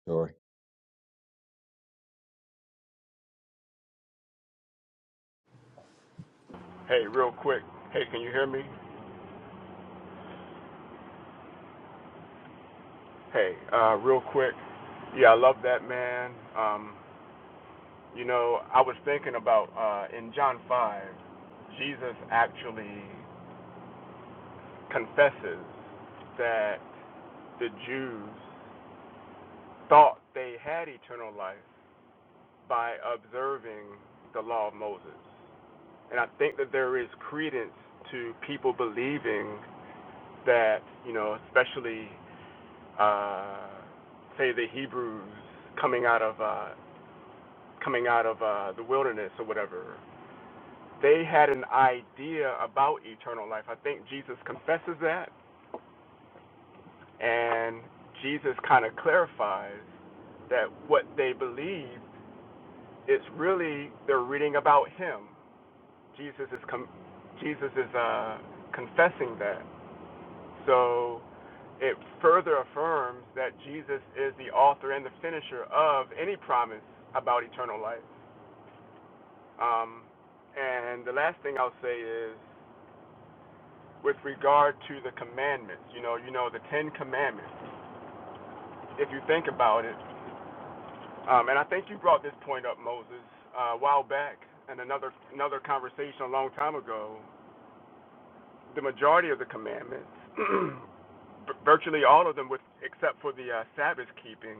Speaker 2: Sorry.
Speaker 1: Hey, real quick. Hey, can you hear me? Hey, uh, real quick. Yeah, I love that, man. Um, You know, I was thinking about uh, in John 5, Jesus actually confesses that the Jews thought they had eternal life by observing the law of Moses. And I think that there is credence to people believing that, you know, especially, uh, say, the Hebrews coming out of, uh, coming out of uh, the wilderness or whatever, they had an idea about eternal life. I think Jesus confesses that, and Jesus kind of clarifies that what they believe is really they're reading about Him. Jesus is com- Jesus is uh, confessing that, so it further affirms that Jesus is the author and the finisher of any promise about eternal life. Um, and the last thing I'll say is with regard to the commandments. You know, you know the Ten Commandments. If you think about it, um, and I think you brought this point up, Moses, uh, a while back, in another another conversation a long time ago. The majority of the commandments, virtually all of them, with except for the uh, Sabbath keeping,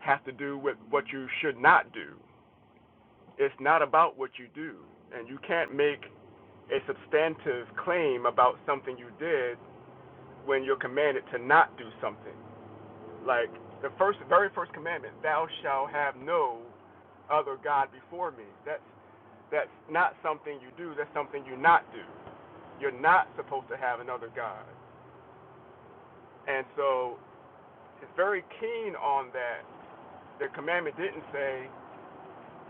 Speaker 1: have to do with what you should not do. It's not about what you do, and you can't make a substantive claim about something you did when you're commanded to not do something. Like the first, very first commandment: Thou shalt have no other God before me. That's that's not something you do. That's something you not do. You're not supposed to have another God. And so it's very keen on that. The commandment didn't say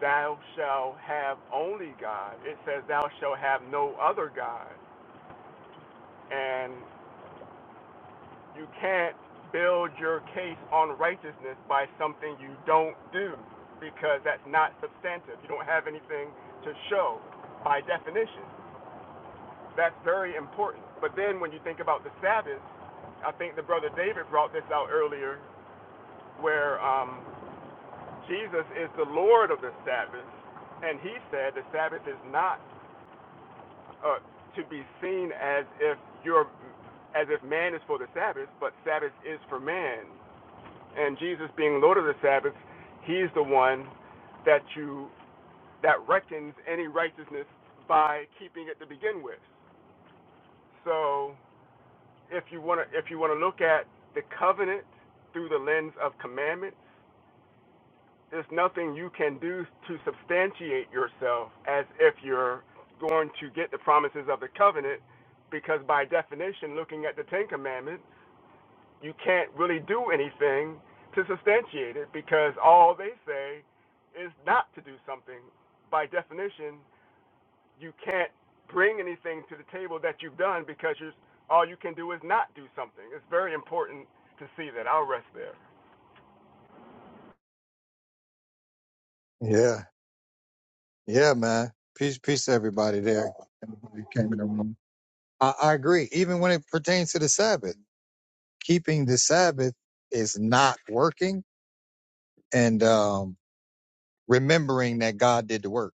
Speaker 1: thou shalt have only God. It says thou shalt have no other God. And. You can't build your case on righteousness by something you don't do because that's not substantive. You don't have anything to show by definition. That's very important. But then when you think about the Sabbath, I think the brother David brought this out earlier, where um, Jesus is the Lord of the Sabbath, and he said the Sabbath is not uh, to be seen as if you're as if man is for the Sabbath, but Sabbath is for man. and Jesus being Lord of the Sabbath, he's the one that you that reckons any righteousness by keeping it to begin with. So if you wanna if you wanna look at the covenant through the lens of commandments, there's nothing you can do to substantiate yourself as if you're going to get the promises of the covenant because by definition looking at the Ten Commandments you can't really do anything to substantiate it because all they say is not to do something. By definition, you can't bring anything to the table that you've done because you're, all you can do is not do something. It's very important to see that. I'll rest there.
Speaker 2: Yeah, yeah, man. Peace, peace to everybody there. Everybody came in the room. I, I agree. Even when it pertains to the Sabbath, keeping the Sabbath is not working, and um, remembering that God did the work.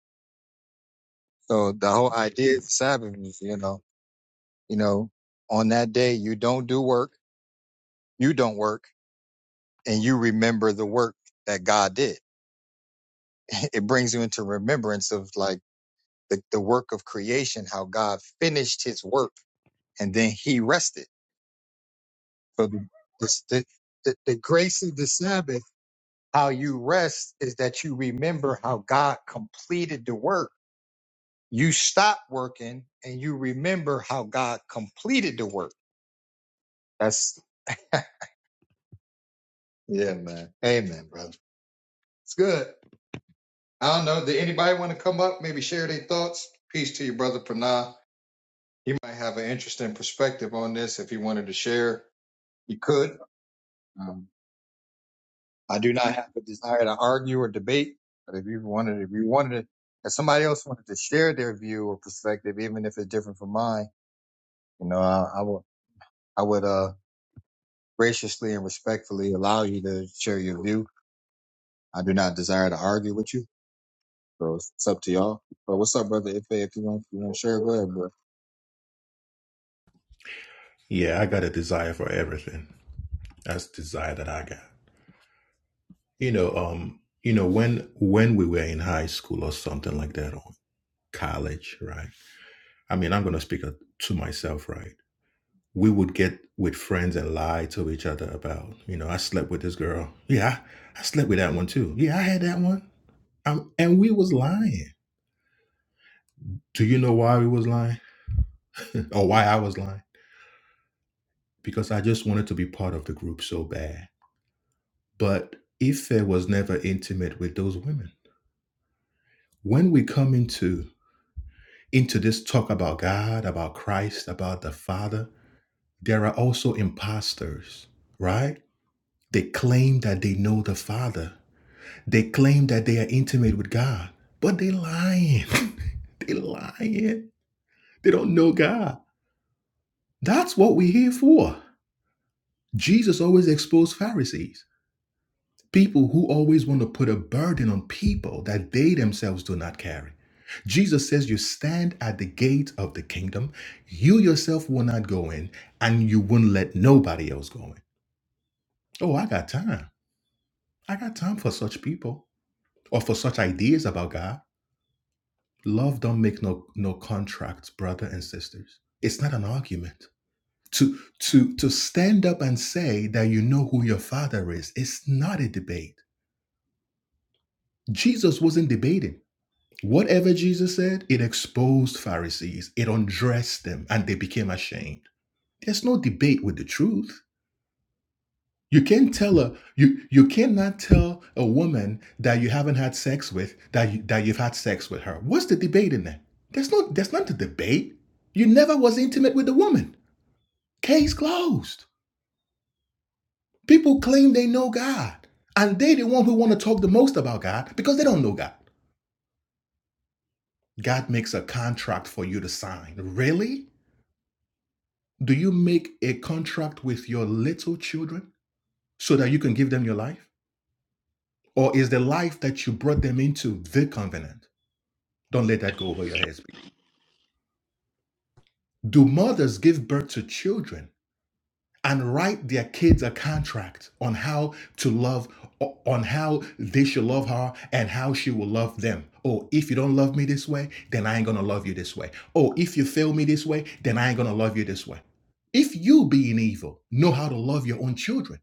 Speaker 2: So the whole idea of the Sabbath is, you know, you know, on that day you don't do work, you don't work, and you remember the work that God did. It brings you into remembrance of like. the, the work of creation, how God finished his work and then he rested. So the, the, the, the grace of the Sabbath, how you rest is that you remember how God completed the work. You stop working and you remember how God completed the work. That's, yeah, man. Amen, brother. It's good. I don't know. Did anybody want to come up, maybe share their thoughts? Peace to you, brother Pranah. You might have an interesting perspective on this if you wanted to share. You could. Um, I do not have a desire to argue or debate, but if you wanted, if you wanted to, if somebody else wanted to share their view or perspective, even if it's different from mine, you know, I, I would, I would, uh, graciously and respectfully allow you to share your view. I do not desire to argue with you, so it's, it's up to y'all. But what's up, brother? If if you want, you want to share, go ahead, bro.
Speaker 5: Yeah, I got a desire for everything. That's the desire that I got. You know, um, you know, when when we were in high school or something like that, or college, right? I mean, I'm gonna speak uh, to myself, right? We would get with friends and lie to each other about, you know, I slept with this girl. Yeah, I, I slept with that one too. Yeah, I had that one. Um, and we was lying. Do you know why we was lying, or why I was lying? Because I just wanted to be part of the group so bad. But Ife was never intimate with those women When we come into into this talk about God, about Christ, about the Father, there are also imposters, right? They claim that they know the Father. They claim that they are intimate with God, but they lying. they lying. They don't know God. That's what we're here for. Jesus always exposed Pharisees. People who always want to put a burden on people that they themselves do not carry. Jesus says, You stand at the gate of the kingdom, you yourself will not go in, and you won't let nobody else go in. Oh, I got time. I got time for such people or for such ideas about God. Love don't make no no contracts, brother and sisters. It's not an argument. To to to stand up and say that you know who your father is, it's not a debate. Jesus wasn't debating. Whatever Jesus said, it exposed Pharisees, it undressed them, and they became ashamed. There's no debate with the truth. You can't tell a you you cannot tell a woman that you haven't had sex with that you, that you've had sex with her. What's the debate in that? There's no there's not a debate. You never was intimate with the woman. Case closed. People claim they know God, and they the one who want to talk the most about God because they don't know God. God makes a contract for you to sign. Really? Do you make a contract with your little children so that you can give them your life? Or is the life that you brought them into the covenant? Don't let that go over your heads. Do mothers give birth to children and write their kids a contract on how to love, on how they should love her and how she will love them? Oh, if you don't love me this way, then I ain't gonna love you this way. Oh, if you fail me this way, then I ain't gonna love you this way. If you, being evil, know how to love your own children,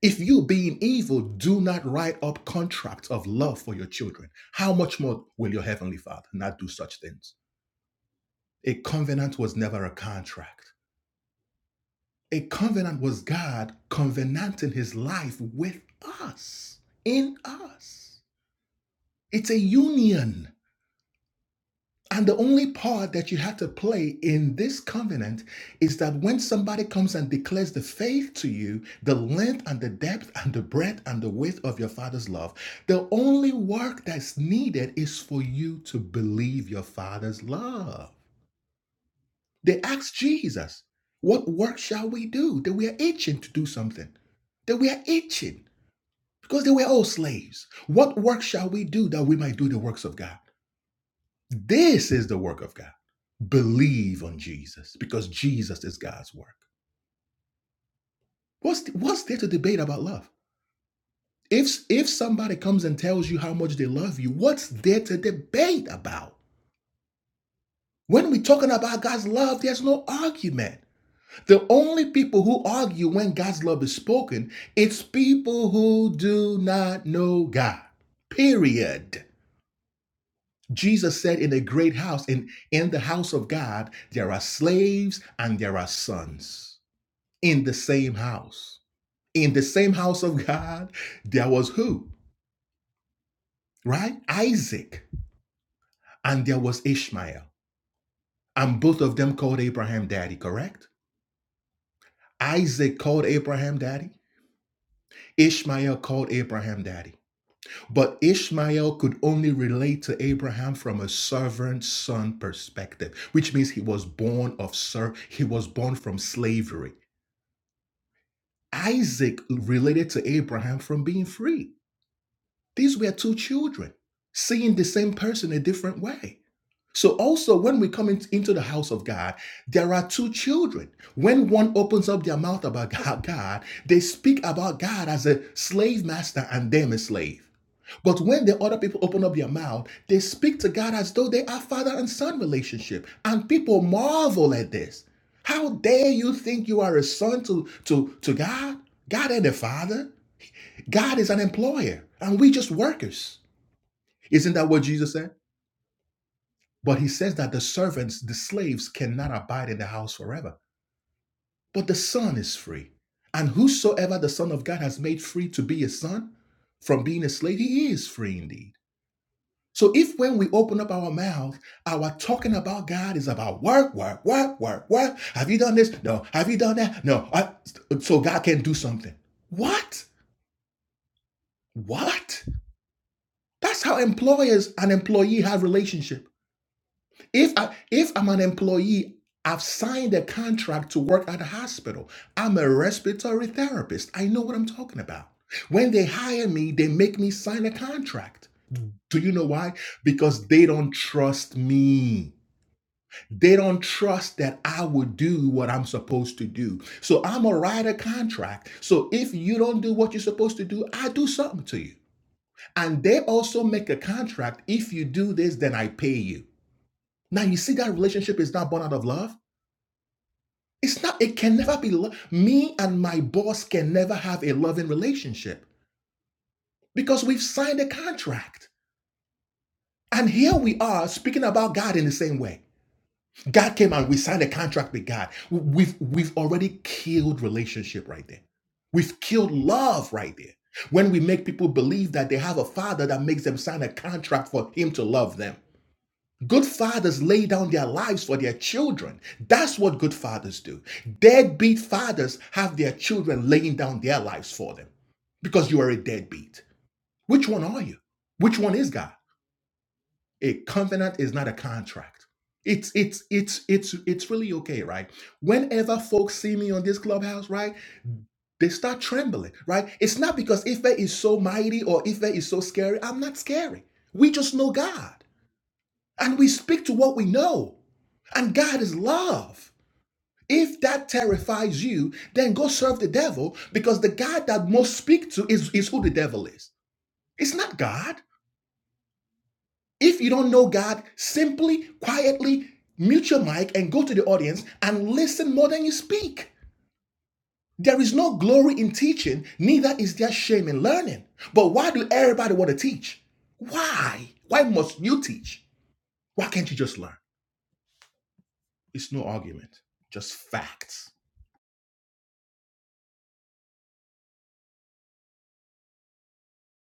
Speaker 5: If you, being evil, do not write up contracts of love for your children, how much more will your heavenly Father not do such things? A covenant was never a contract. A covenant was God covenanting his life with us, in us. It's a union. And the only part that you have to play in this covenant is that when somebody comes and declares the faith to you, the length and the depth and the breadth and the width of your father's love, the only work that's needed is for you to believe your father's love. They asked Jesus, What work shall we do? They were itching to do something. They were itching because they were all slaves. What work shall we do that we might do the works of God? This is the work of God. Believe on Jesus because Jesus is God's work. What's, what's there to debate about love? If, if somebody comes and tells you how much they love you, what's there to debate about? When we're talking about God's love, there's no argument. The only people who argue when God's love is spoken, it's people who do not know God. Period. Jesus said in a great house, in, in the house of God, there are slaves and there are sons. in the same house. In the same house of God, there was who? Right? Isaac. And there was Ishmael. And both of them called Abraham daddy, correct? Isaac called Abraham daddy. Ishmael called Abraham daddy. But Ishmael could only relate to Abraham from a servant son perspective, which means he was born of ser- he was born from slavery. Isaac related to Abraham from being free. These were two children seeing the same person a different way. So, also, when we come in- into the house of God, there are two children. When one opens up their mouth about God, they speak about God as a slave master and them a slave. But when the other people open up their mouth, they speak to God as though they are father and son relationship. And people marvel at this. How dare you think you are a son to, to, to God? God ain't a father. God is an employer, and we just workers. Isn't that what Jesus said? But he says that the servants, the slaves, cannot abide in the house forever. But the Son is free. And whosoever the Son of God has made free to be a son from being a slave, he is free indeed. So if when we open up our mouth, our talking about God is about work, work, work, work, work. Have you done this? No. Have you done that? No. I, so God can do something. What? What? That's how employers and employee have relationship. If I if I'm an employee, I've signed a contract to work at a hospital. I'm a respiratory therapist. I know what I'm talking about. When they hire me, they make me sign a contract. Do you know why? Because they don't trust me. They don't trust that I would do what I'm supposed to do. So I'm a writer contract. So if you don't do what you're supposed to do, I do something to you. And they also make a contract. If you do this, then I pay you. Now you see that relationship is not born out of love. It's not, it can never be, lo- me and my boss can never have a loving relationship because we've signed a contract. And here we are speaking about God in the same way. God came and we signed a contract with God. We've, we've already killed relationship right there. We've killed love right there. When we make people believe that they have a father that makes them sign a contract for him to love them. Good fathers lay down their lives for their children. That's what good fathers do. Deadbeat fathers have their children laying down their lives for them because you are a deadbeat. Which one are you? Which one is God? A covenant is not a contract. It's it's it's it's it's really okay, right? Whenever folks see me on this clubhouse, right, they start trembling, right? It's not because Ife is so mighty or Ife is so scary. I'm not scary. We just know God and we speak to what we know. And God is love. If that terrifies you, then go serve the devil because the God that most speak to is, is who the devil is. It's not God. If you don't know God, simply, quietly mute your mic and go to the audience and listen more than you speak. There is no glory in teaching, neither is there shame in learning. But why do everybody want to teach? Why? Why must you teach? Why can't you just learn? It's no argument, just facts.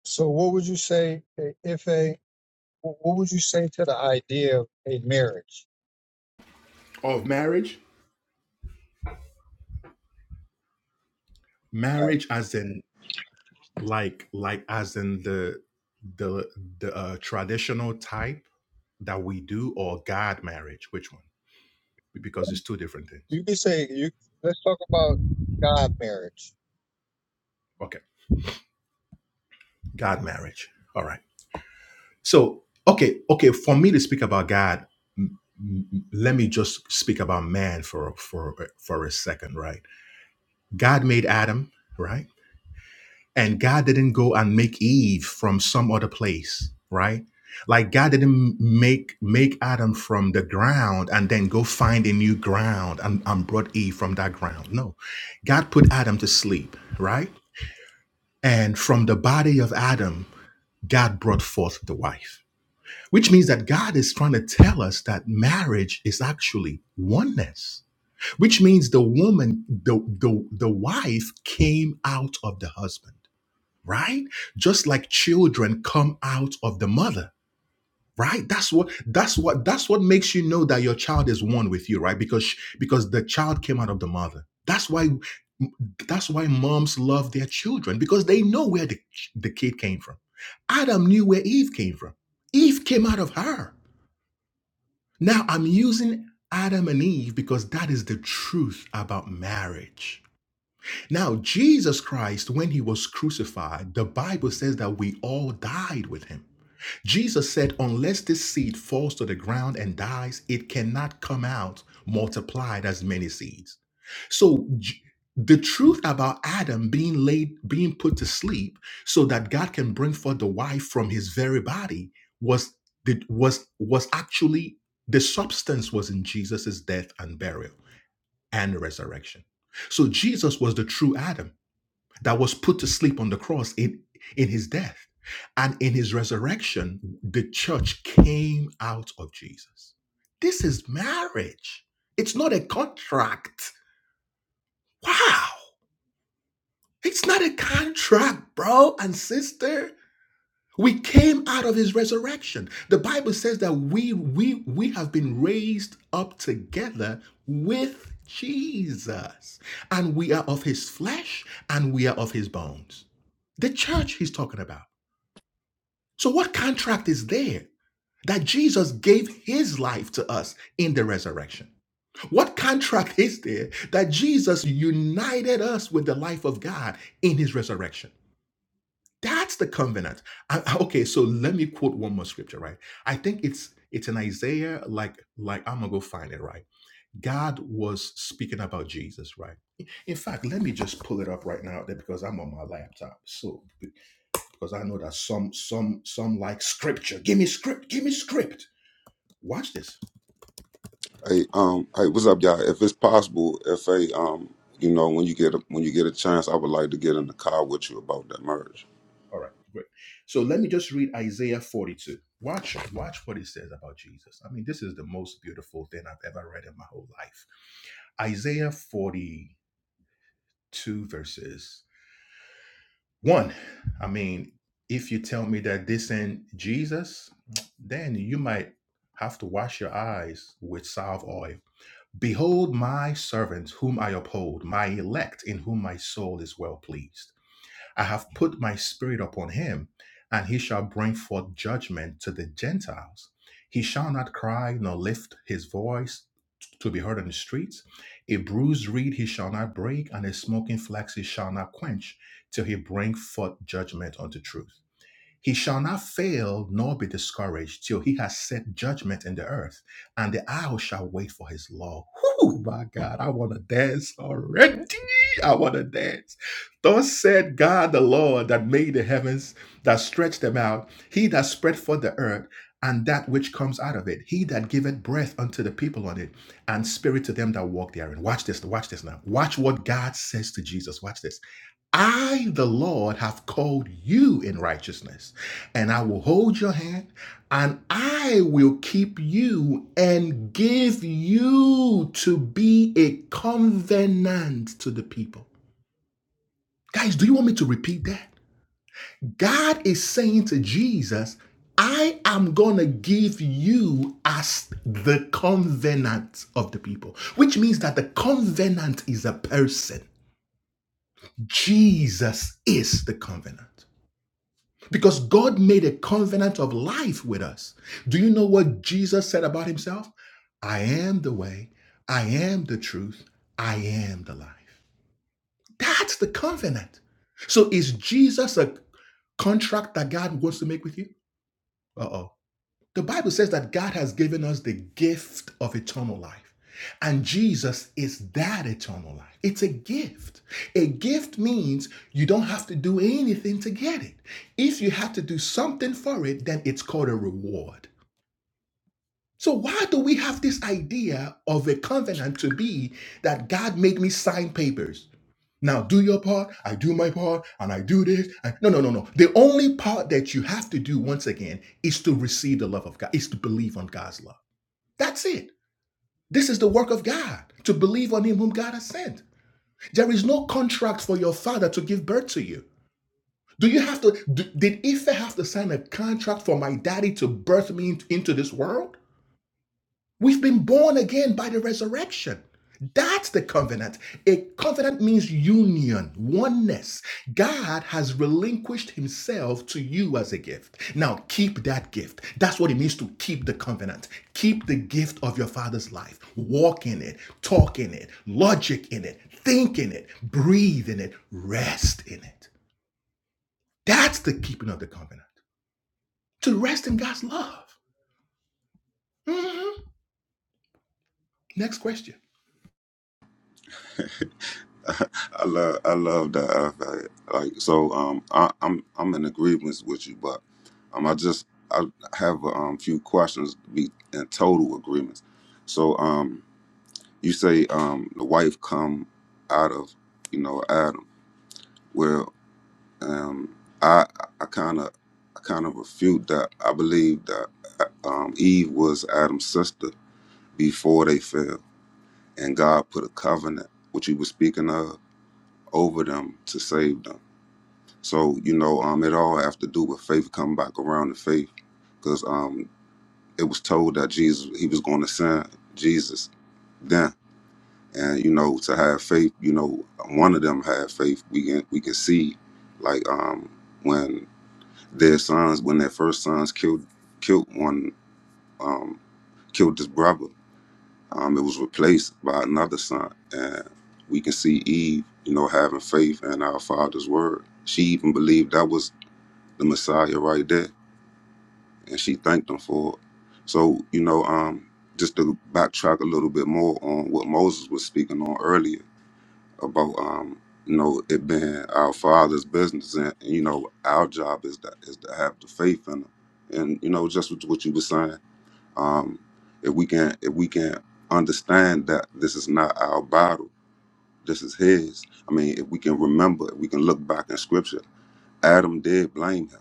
Speaker 2: So, what would you say eh, if a what would you say to the idea of a marriage?
Speaker 5: Of marriage?
Speaker 2: Right.
Speaker 5: Marriage as in like like as in the the the uh, traditional type that we do or god marriage which one because it's two different things
Speaker 2: You could say you. Let's talk about God marriage.
Speaker 5: okay god marriage all right so okay okay for me to speak about god m- m- let me just speak about man for for for a second right god made adam right And God didn't go and make Eve from some other place, right? Like God didn't make make Adam from the ground and then go find a new ground and, and brought Eve from that ground. No. God put Adam to sleep, right? And from the body of Adam, God brought forth the wife. Which means that God is trying to tell us that marriage is actually oneness. Which means the woman, the, the, the wife came out of the husband right? Just like children come out of the mother, right? That's what that's what that's what makes you know that your child is one with you, right? Because because the child came out of the mother. That's why that's why moms love their children because they know where the, the kid came from. Adam knew where Eve came from. Eve came out of her. Now I'm using Adam and Eve because that is the truth about marriage now, Jesus Christ, when he was crucified, the Bible says that we all died with him. Jesus said, Unless this seed falls to the ground and dies, it cannot come out multiplied as many seeds. So, J- the truth about Adam being laid, being put to sleep, so that God can bring forth the wife from his very body, was the, was was actually the substance was in Jesus' death and burial and resurrection. So Jesus was the true Adam that was put to sleep on the cross in, in his death. And in his resurrection, the church came out of Jesus. This is marriage. It's not a contract. Wow. It's not a contract, bro and sister. We came out of his resurrection. The Bible says that we we we have been raised up together with Jesus. And we are of his flesh and we are of his bones. The church he's talking about. So, what contract is there that Jesus gave his life to us in the resurrection? What contract is there that Jesus united us with the life of God in his resurrection? That's the covenant. I- I- okay, so let me quote one more scripture, right? I think it's it's in Isaiah, like like I'm gonna go find it, right? God was speaking about Jesus, right? In fact, let me just pull it up right now there because I'm on my laptop. So because I know that some some some like scripture. Give me script, give me script. Watch this.
Speaker 6: Hey, um, hey, what's up, y'all? If it's possible, if a um, you know, when you get a when you get a chance, I would like to get in the car with you about that merge.
Speaker 5: All right, great. So let me just read Isaiah 42. Watch, watch what it says about Jesus. I mean, this is the most beautiful thing I've ever read in my whole life. Isaiah 42 verses 1. I mean, if you tell me that this ain't Jesus, then you might have to wash your eyes with salve oil Behold my servant whom I uphold, my elect in whom my soul is well pleased. I have put my spirit upon him, and he shall bring forth judgment to the Gentiles. He shall not cry nor lift his voice to be heard on the streets. A bruised reed he shall not break, and a smoking flax he shall not quench, till he bring forth judgment unto truth. He shall not fail nor be discouraged till he has set judgment in the earth, and the owl shall wait for his law. Whew, my God, I want to dance already. I want to dance. Thus said God the Lord that made the heavens, that stretched them out, he that spread forth the earth, and that which comes out of it, he that giveth breath unto the people on it, and spirit to them that walk therein. Watch this, watch this now. Watch what God says to Jesus. Watch this. I, the Lord, have called you in righteousness, and I will hold your hand, and I will keep you and give you to be a covenant to the people. Guys, do you want me to repeat that? God is saying to Jesus, I am going to give you as the covenant of the people, which means that the covenant is a person. Jesus is the covenant. Because God made a covenant of life with us. Do you know what Jesus said about himself? I am the way, I am the truth, I am the life. That's the covenant. So is Jesus a contract that God wants to make with you? Uh oh. The Bible says that God has given us the gift of eternal life. And Jesus is that eternal life. It's a gift. A gift means you don't have to do anything to get it. If you have to do something for it, then it's called a reward. So, why do we have this idea of a covenant to be that God made me sign papers? Now do your part, I do my part, and I do this. and- no, no, no, no. The only part that you have to do once again is to receive the love of God, is to believe on God's love. That's it. This is the work of God, to believe on Him whom God has sent. There is no contract for your father to give birth to you. Do you have to, d- did Ife have to sign a contract for my daddy to birth me into this world? We've been born again by the resurrection. That's the covenant. A covenant means union, oneness. God has relinquished himself to you as a gift. Now keep that gift. That's what it means to keep the covenant. Keep the gift of your father's life. Walk in it, talk in it, logic in it, think in it, breathe in it, rest in it. That's the keeping of the covenant. To rest in God's love. Mhm. Next question.
Speaker 6: I love, I love that. uh, that- Like, so, um, I, I'm I'm in agreement with you, but um, I just I have a um, few questions to be in total agreement. So, um, you say um, the wife come out of you know Adam. Well, Um, I I kind of I kind of refute that. I believe that uh, um, Eve was Adam's sister before they fell, and God put a covenant, which He was speaking of, over them to save them. So you know, um, it all have to do with faith coming back around to faith, because um, it was told that Jesus He was going to send Jesus then. And you know, to have faith, you know, one of them had faith. We can we can see, like um, when. Their sons, when their first sons killed killed one, um, killed his brother, um, it was replaced by another son. And we can see Eve, you know, having faith in our Father's word. She even believed that was the Messiah right there, and she thanked him for it. So, you know, um, just to backtrack a little bit more on what Moses was speaking on earlier about um you know it being our father's business and you know our job is that is to have the faith in him and you know just what, what you were saying um if we can if we can understand that this is not our battle this is his i mean if we can remember if we can look back in scripture adam did blame him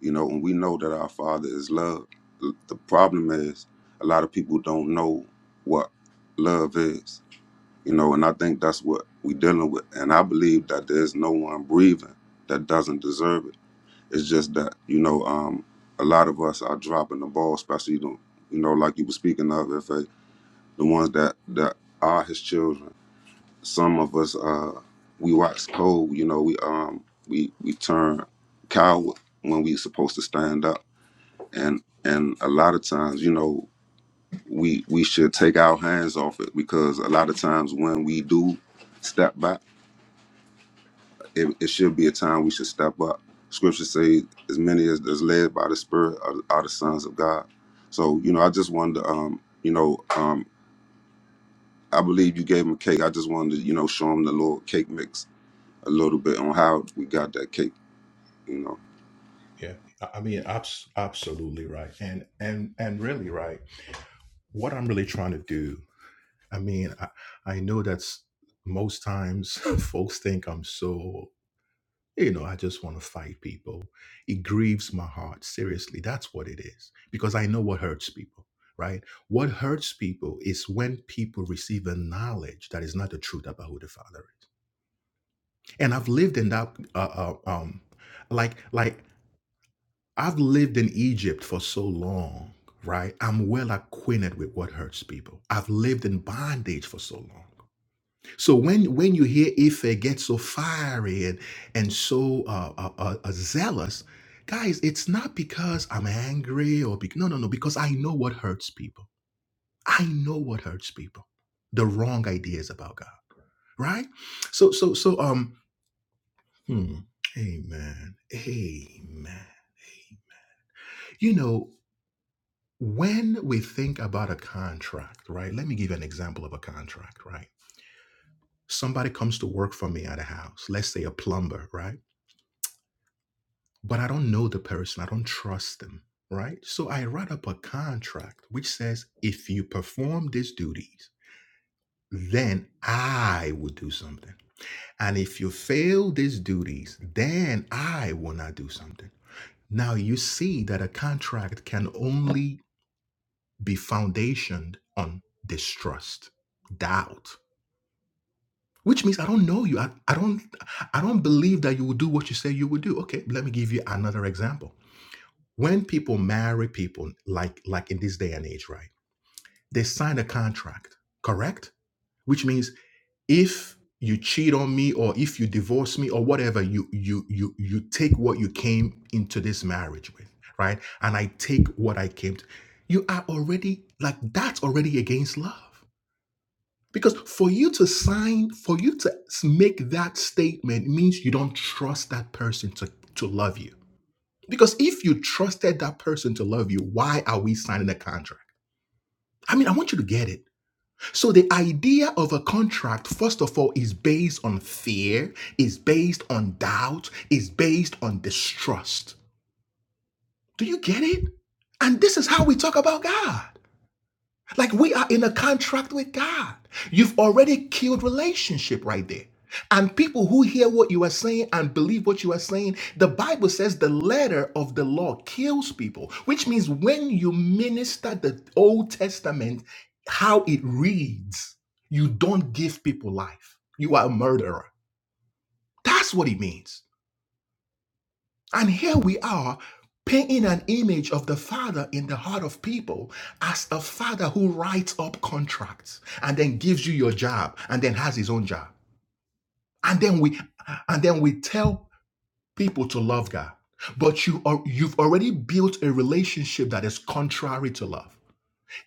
Speaker 6: you know and we know that our father is love the the problem is a lot of people don't know what love is you know and i think that's what we're dealing with and i believe that there's no one breathing that doesn't deserve it it's just that you know um a lot of us are dropping the ball especially the, you know like you were speaking of if uh, the ones that that are his children some of us uh we wax cold you know we um we we turn coward when we supposed to stand up and and a lot of times you know we we should take our hands off it because a lot of times when we do step back it, it should be a time we should step up. Scripture says, as many as is led by the Spirit are, are the sons of God. So, you know, I just wanted to, um, you know, um, I believe you gave him a cake. I just wanted to, you know, show him the little cake mix a little bit on how we got that cake, you know.
Speaker 5: Yeah. I mean, abs- absolutely right. And, and, and really right. What I'm really trying to do, I mean, I, I know that's most times folks think I'm so, you know, I just want to fight people. It grieves my heart. Seriously, that's what it is. Because I know what hurts people, right? What hurts people is when people receive a knowledge that is not the truth about who the Father is. And I've lived in that, uh, uh, um, like, like I've lived in Egypt for so long, right? I'm well acquainted with what hurts people. I've lived in bondage for so long. So when when you hear Ife get so fiery and and so uh, uh, uh, uh, zealous, guys, it's not because I'm angry or be- no no no because I know what hurts people. I know what hurts people. The wrong ideas about God, right? So so so um, hmm, amen, amen. You know. when we think about a contract, right? Let me give you an example of a contract, right? Somebody comes to work for me at a house, let's say a plumber, right? But I don't know the person, I don't trust them, right? So I write up a contract which says if you perform these duties, then I will do something. And if you fail these duties, then I will not do something. Now you see that a contract can only be foundationed on distrust, doubt, which means I don't know you. I, I don't I don't believe that you will do what you say you will do. Okay, let me give you another example. When people marry people like like in this day and age, right? They sign a contract, correct? Which means if you cheat on me or if you divorce me or whatever, you you you you take what you came into this marriage with, right? And I take what I came to. You are already like that's already against love Because for you to sign, for you to make that statement means you don't trust that person to, to love you. Because if you trusted that person to love you, why are we signing a contract? I mean, I want you to get it. So, the idea of a contract, first of all, is based on fear, is based on doubt, is based on distrust. Do you get it? And this is how we talk about God. Like we are in a contract with God. You've already killed relationship right there. And people who hear what you are saying and believe what you are saying, the Bible says the letter of the law kills people, which means when you minister the Old Testament, how it reads, you don't give people life. You are a murderer. That's what it means. And here we are painting an image of the father in the heart of people as a father who writes up contracts and then gives you your job and then has his own job. And then we and then we tell people to love God. But you are you've already built a relationship that is contrary to love.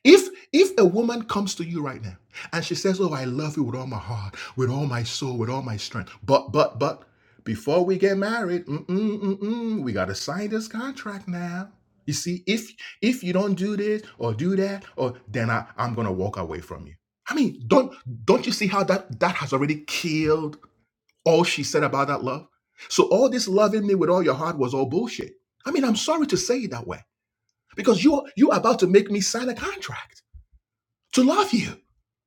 Speaker 5: If if a woman comes to you right now and she says, "Oh, I love you with all my heart, with all my soul, with all my strength," but but but before we get married, mm-mm, mm-mm, we gotta sign this contract now. You see, if if you don't do this or do that, or then I, I'm gonna walk away from you. I mean, don't don't you see how that that has already killed all she said about that love? So all this loving me with all your heart was all bullshit. I mean, I'm sorry to say it that way because you are- you are about to make me sign a contract to love you.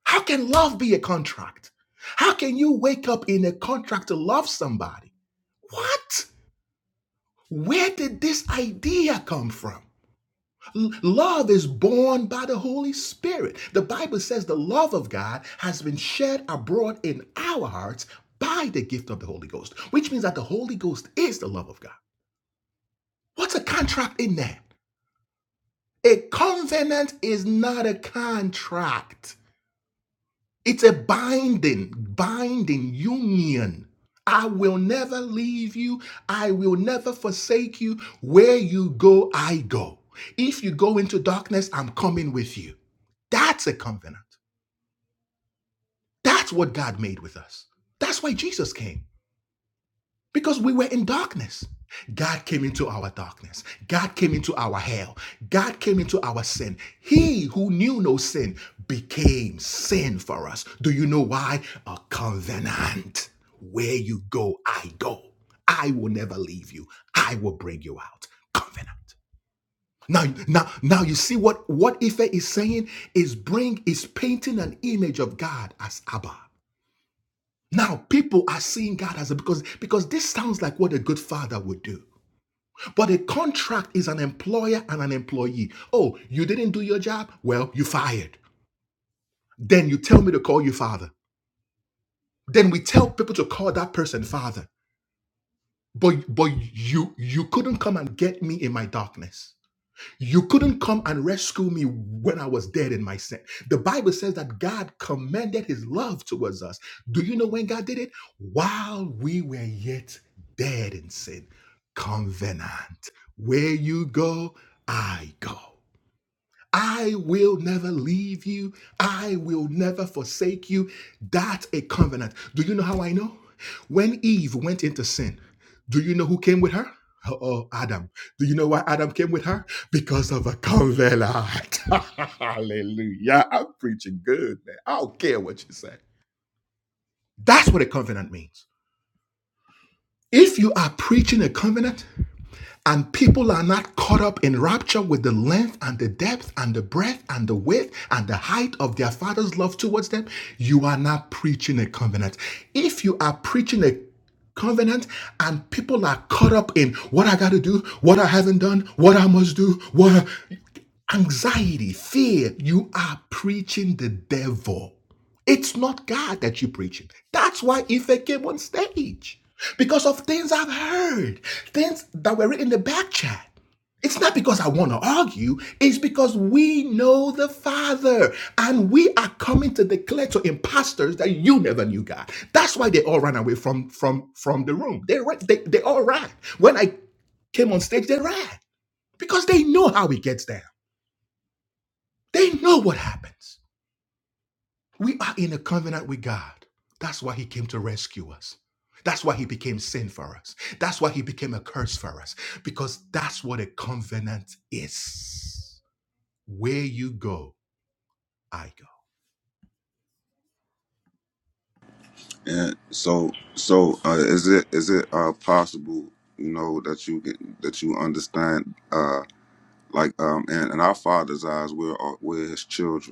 Speaker 5: How can love be a contract? How can you wake up in a contract to love somebody? What? Where did this idea come from? Love is born by the Holy Spirit. The Bible says the love of God has been shed abroad in our hearts by the gift of the Holy Ghost, which means that the Holy Ghost is the love of God. What's a contract in there? A covenant is not a contract. It's a binding, binding union. I will never leave you. I will never forsake you. Where you go, I go. If you go into darkness, I'm coming with you. That's a covenant. That's what God made with us. That's why Jesus came because we were in darkness. God came into our darkness. God came into our hell. God came into our sin. He who knew no sin became sin for us. Do you know why? A covenant. Where you go, I go. I will never leave you. I will bring you out. Covenant. Now, now, now you see what, what Ife is saying is bring is painting an image of God as Abba. Now people are seeing God as a because because this sounds like what a good father would do. But a contract is an employer and an employee. Oh, you didn't do your job? Well, you fired. Then you tell me to call you father. Then we tell people to call that person father. But but you you couldn't come and get me in my darkness. You couldn't come and rescue me when I was dead in my sin. The Bible says that God commended his love towards us. Do you know when God did it? While we were yet dead in sin. Covenant. Where you go, I go. I will never leave you. I will never forsake you. That's a covenant. Do you know how I know? When Eve went into sin, do you know who came with her? Oh, Adam. Do you know why Adam came with her? Because of a covenant. Hallelujah. I'm preaching good, man. I don't care what you say. That's what a covenant means. If you are preaching a covenant, And people are not caught up in rapture with the length and the depth and the breadth and the width and the height of their father's love towards them. You are not preaching a covenant. If you are preaching a covenant and people are caught up in what I got to do, what I haven't done, what I must do, what I- anxiety, fear, you are preaching the devil. It's not God that you're preaching. That's why Ife came on stage. Because of things I've heard, things that were written in the back chat. It's not because I want to argue, it's because we know the Father and we are coming to declare to imposters that you never knew God. That's why they all ran away from from from the room. They ran, they, they all ran. When I came on stage, they ran because they know how it gets down. They know what happens. We are in a covenant with God. That's why He came to rescue us. That's why He became sin for us. That's why He became a curse for us, because that's what a covenant is. Where you go, I go.
Speaker 6: And so, so uh, is it is it uh, possible, you know, that you can, that you understand, uh, like, um, and in in our Father's eyes, we're all- we're His children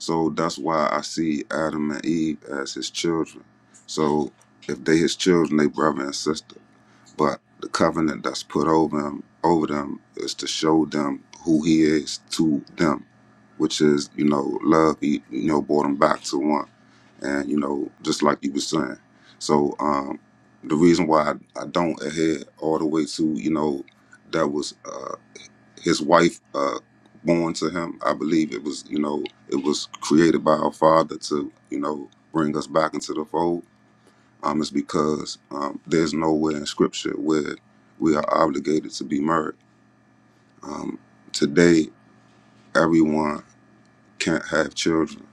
Speaker 6: So that's why I see Adam and Eve as his children. So if they his children, they brother and sister. But the covenant that's put over them, over them is to show them who he is to them, which is, you know, love, you you know, brought them back to one. And, you know, just like you were saying. So um, the reason why I, I don't adhere all the way to, you know, that was uh, his wife uh, born to him. I believe it was, you know, it was created by our Father to, you know, bring us back into the fold. Um, it's because um, there's nowhere in Scripture where we are obligated to be married. Um, today, everyone can't have children,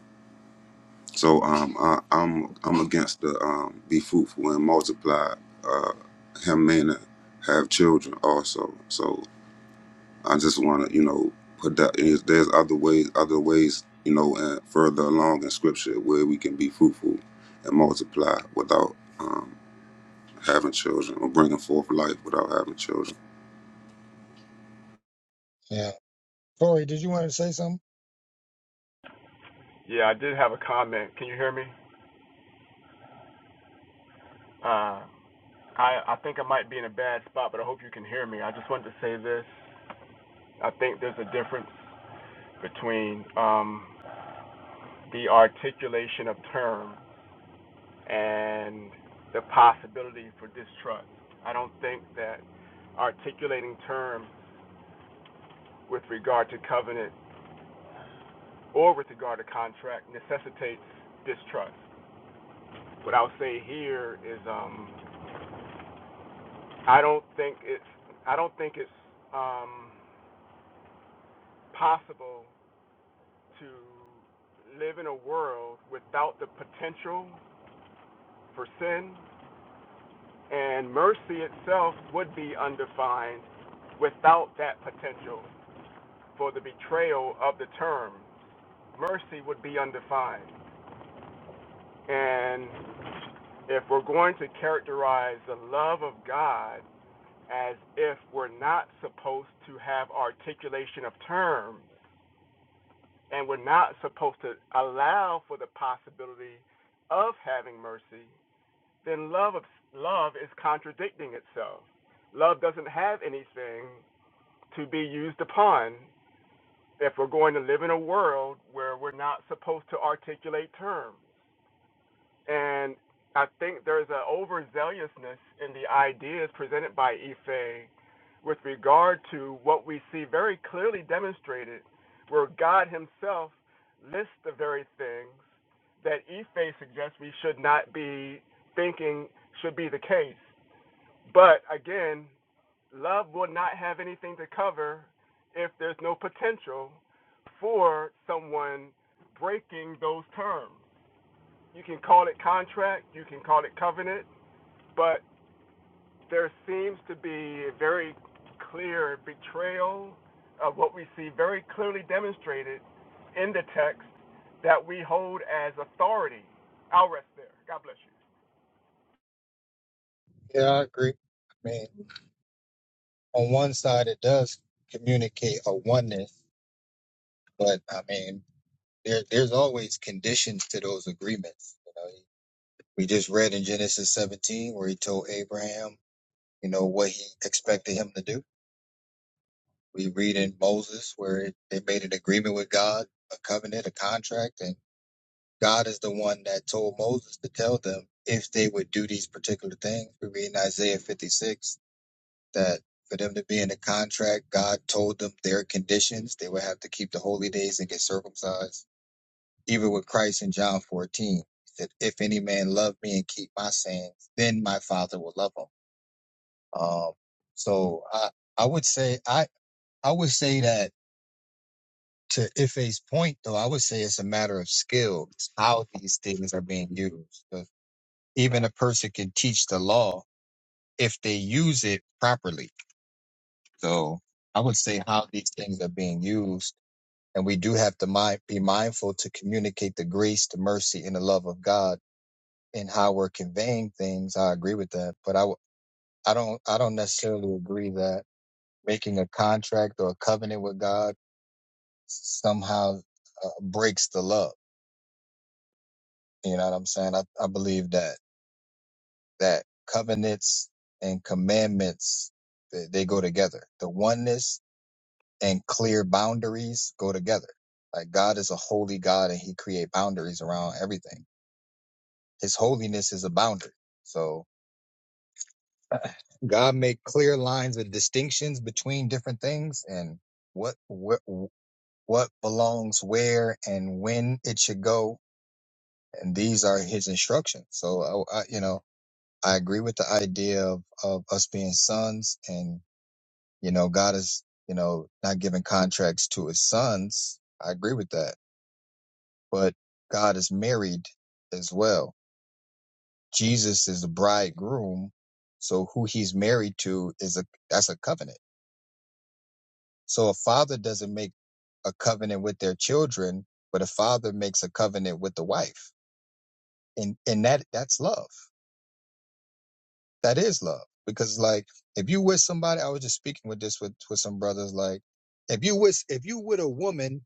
Speaker 6: so um, I, I'm I'm against the um, be fruitful and multiply. Uh, him meaning have children also. So I just want to, you know, put that. Is, there's other ways, other ways, you know, and further along in Scripture where we can be fruitful and multiply without um, having children, or bringing forth life without having children.
Speaker 2: Yeah. Corey, did you want to say something?
Speaker 1: Yeah, I did have a comment. Can you hear me? Uh, I, I think I might be in a bad spot, but I hope you can hear me. I just wanted to say this. I think there's a difference between um, the articulation of terms and the possibility for distrust. I don't think that articulating terms with regard to covenant or with regard to contract necessitates distrust. What I'll say here is um, I don't think it's I don't think it's um, possible to live in a world without the potential for sin and mercy itself would be undefined without that potential for the betrayal of the term, mercy would be undefined. And if we're going to characterize the love of God as if we're not supposed to have articulation of terms and we're not supposed to allow for the possibility of having mercy, then love of, love is contradicting itself. Love doesn't have anything to be used upon if we're going to live in a world where we're not supposed to articulate terms. And I think there's an overzealousness in the ideas presented by Ife with regard to what we see very clearly demonstrated, where God Himself lists the very things that Ife suggests we should not be thinking should be the case. But again, love will not have anything to cover if there's no potential for someone breaking those terms. You can call it contract, you can call it covenant, but there seems to be a very clear betrayal of what we see very clearly demonstrated in the text that we hold as authority. I'll rest there. God bless you.
Speaker 2: Yeah, I agree. I mean, on one side, it does communicate a oneness, but I mean, there, there's always conditions to those agreements. You know, we just read in Genesis 17 where he told Abraham, you know, what he expected him to do. We read in Moses where it, they made an agreement with God, a covenant, a contract, and God is the one that told Moses to tell them if they would do these particular things. We read in Isaiah 56 that for them to be in the contract, God told them their conditions. They would have to keep the holy days and get circumcised. Even with Christ in John 14, he said, If any man love me and keep my sayings, then my father will love him. Um, so I, I would say, I, I would say that to Ife's point, though, I would say it's a matter of skill, how these things are being used. 'Cause Even a person can teach the law if they use it properly. So I would say how these things are being used And we do have to mi- be mindful to communicate the grace, the mercy, and the love of God in how we're conveying things. I agree with that, but I, w- I don't I don't necessarily agree that making a contract or a covenant with God somehow uh, breaks the love. You know what I'm saying? I, I believe that that covenants and commandments they, they go together. The oneness and clear boundaries go together. Like God is a holy God and He create boundaries around everything His holiness is a boundary. So God made clear lines of distinctions between different things and what what what belongs where and when it should go. And these are His instructions. So I, I you know I agree with the idea of of us being sons, and you know God is you know not giving contracts to His sons. I agree with that, but God is married as well Jesus is the bridegroom, so who he's married to is a that's a covenant. So a father doesn't make a covenant with their children, but a father makes a covenant with the wife, and and that that's love. That is love because like if you with somebody, I was just speaking with this with with some brothers like if you with if you with a woman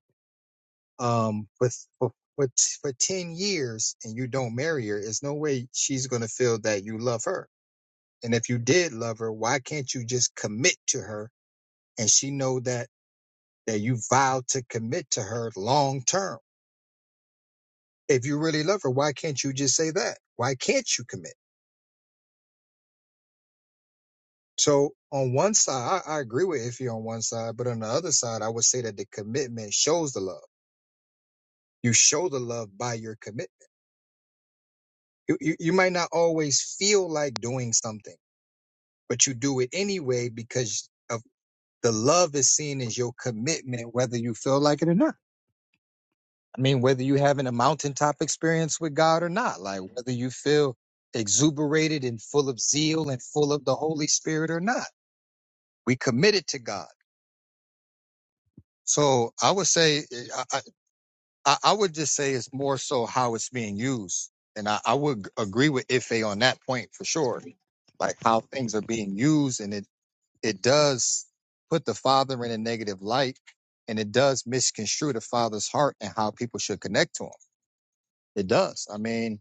Speaker 2: um with for for for ten years and you don't marry her, there's no way she's gonna feel that you love her And if you did love her, why can't you just commit to her and she know that that you vowed to commit to her long term? If you really love her, why can't you just say that? Why can't you commit? So on one side, I, I agree with Iffy on one side, but on the other side, I would say that the commitment shows the love. You show the love by your commitment. You, you, you might not always feel like doing something, but you do it anyway because of the love is seen as your commitment, whether you feel like it or not. I mean, whether you having a mountaintop experience with God or not, like whether you feel exuberated and full of zeal and full of the Holy Spirit or not, we committed to God. So I would say, eh, I, I, I would just say it's more so how it's being used. And I, I would agree with Ife on that point for sure, like how things are being used. And it, it does put the father in a negative light and it does misconstrue the father's heart and how people should connect to him. It does. I mean,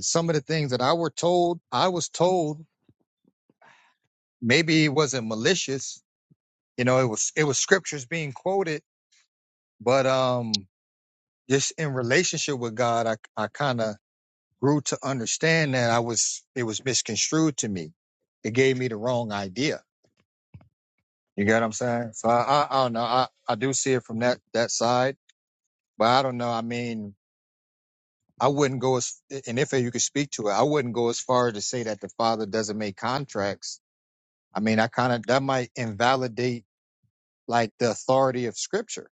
Speaker 2: some of the things that I were told, I was told maybe it wasn't malicious. You know, it was it was scriptures being quoted, but um, just in relationship with God, I I kind of grew to understand that I was it was misconstrued to me. It gave me the wrong idea. You get what I'm saying? So I I, I don't know. I I do see it from that that side, but I don't know. I mean. I wouldn't go as, and if you could speak to it, I wouldn't go as far as to say that the father doesn't make contracts I mean, I kind of that might invalidate like the authority of scripture.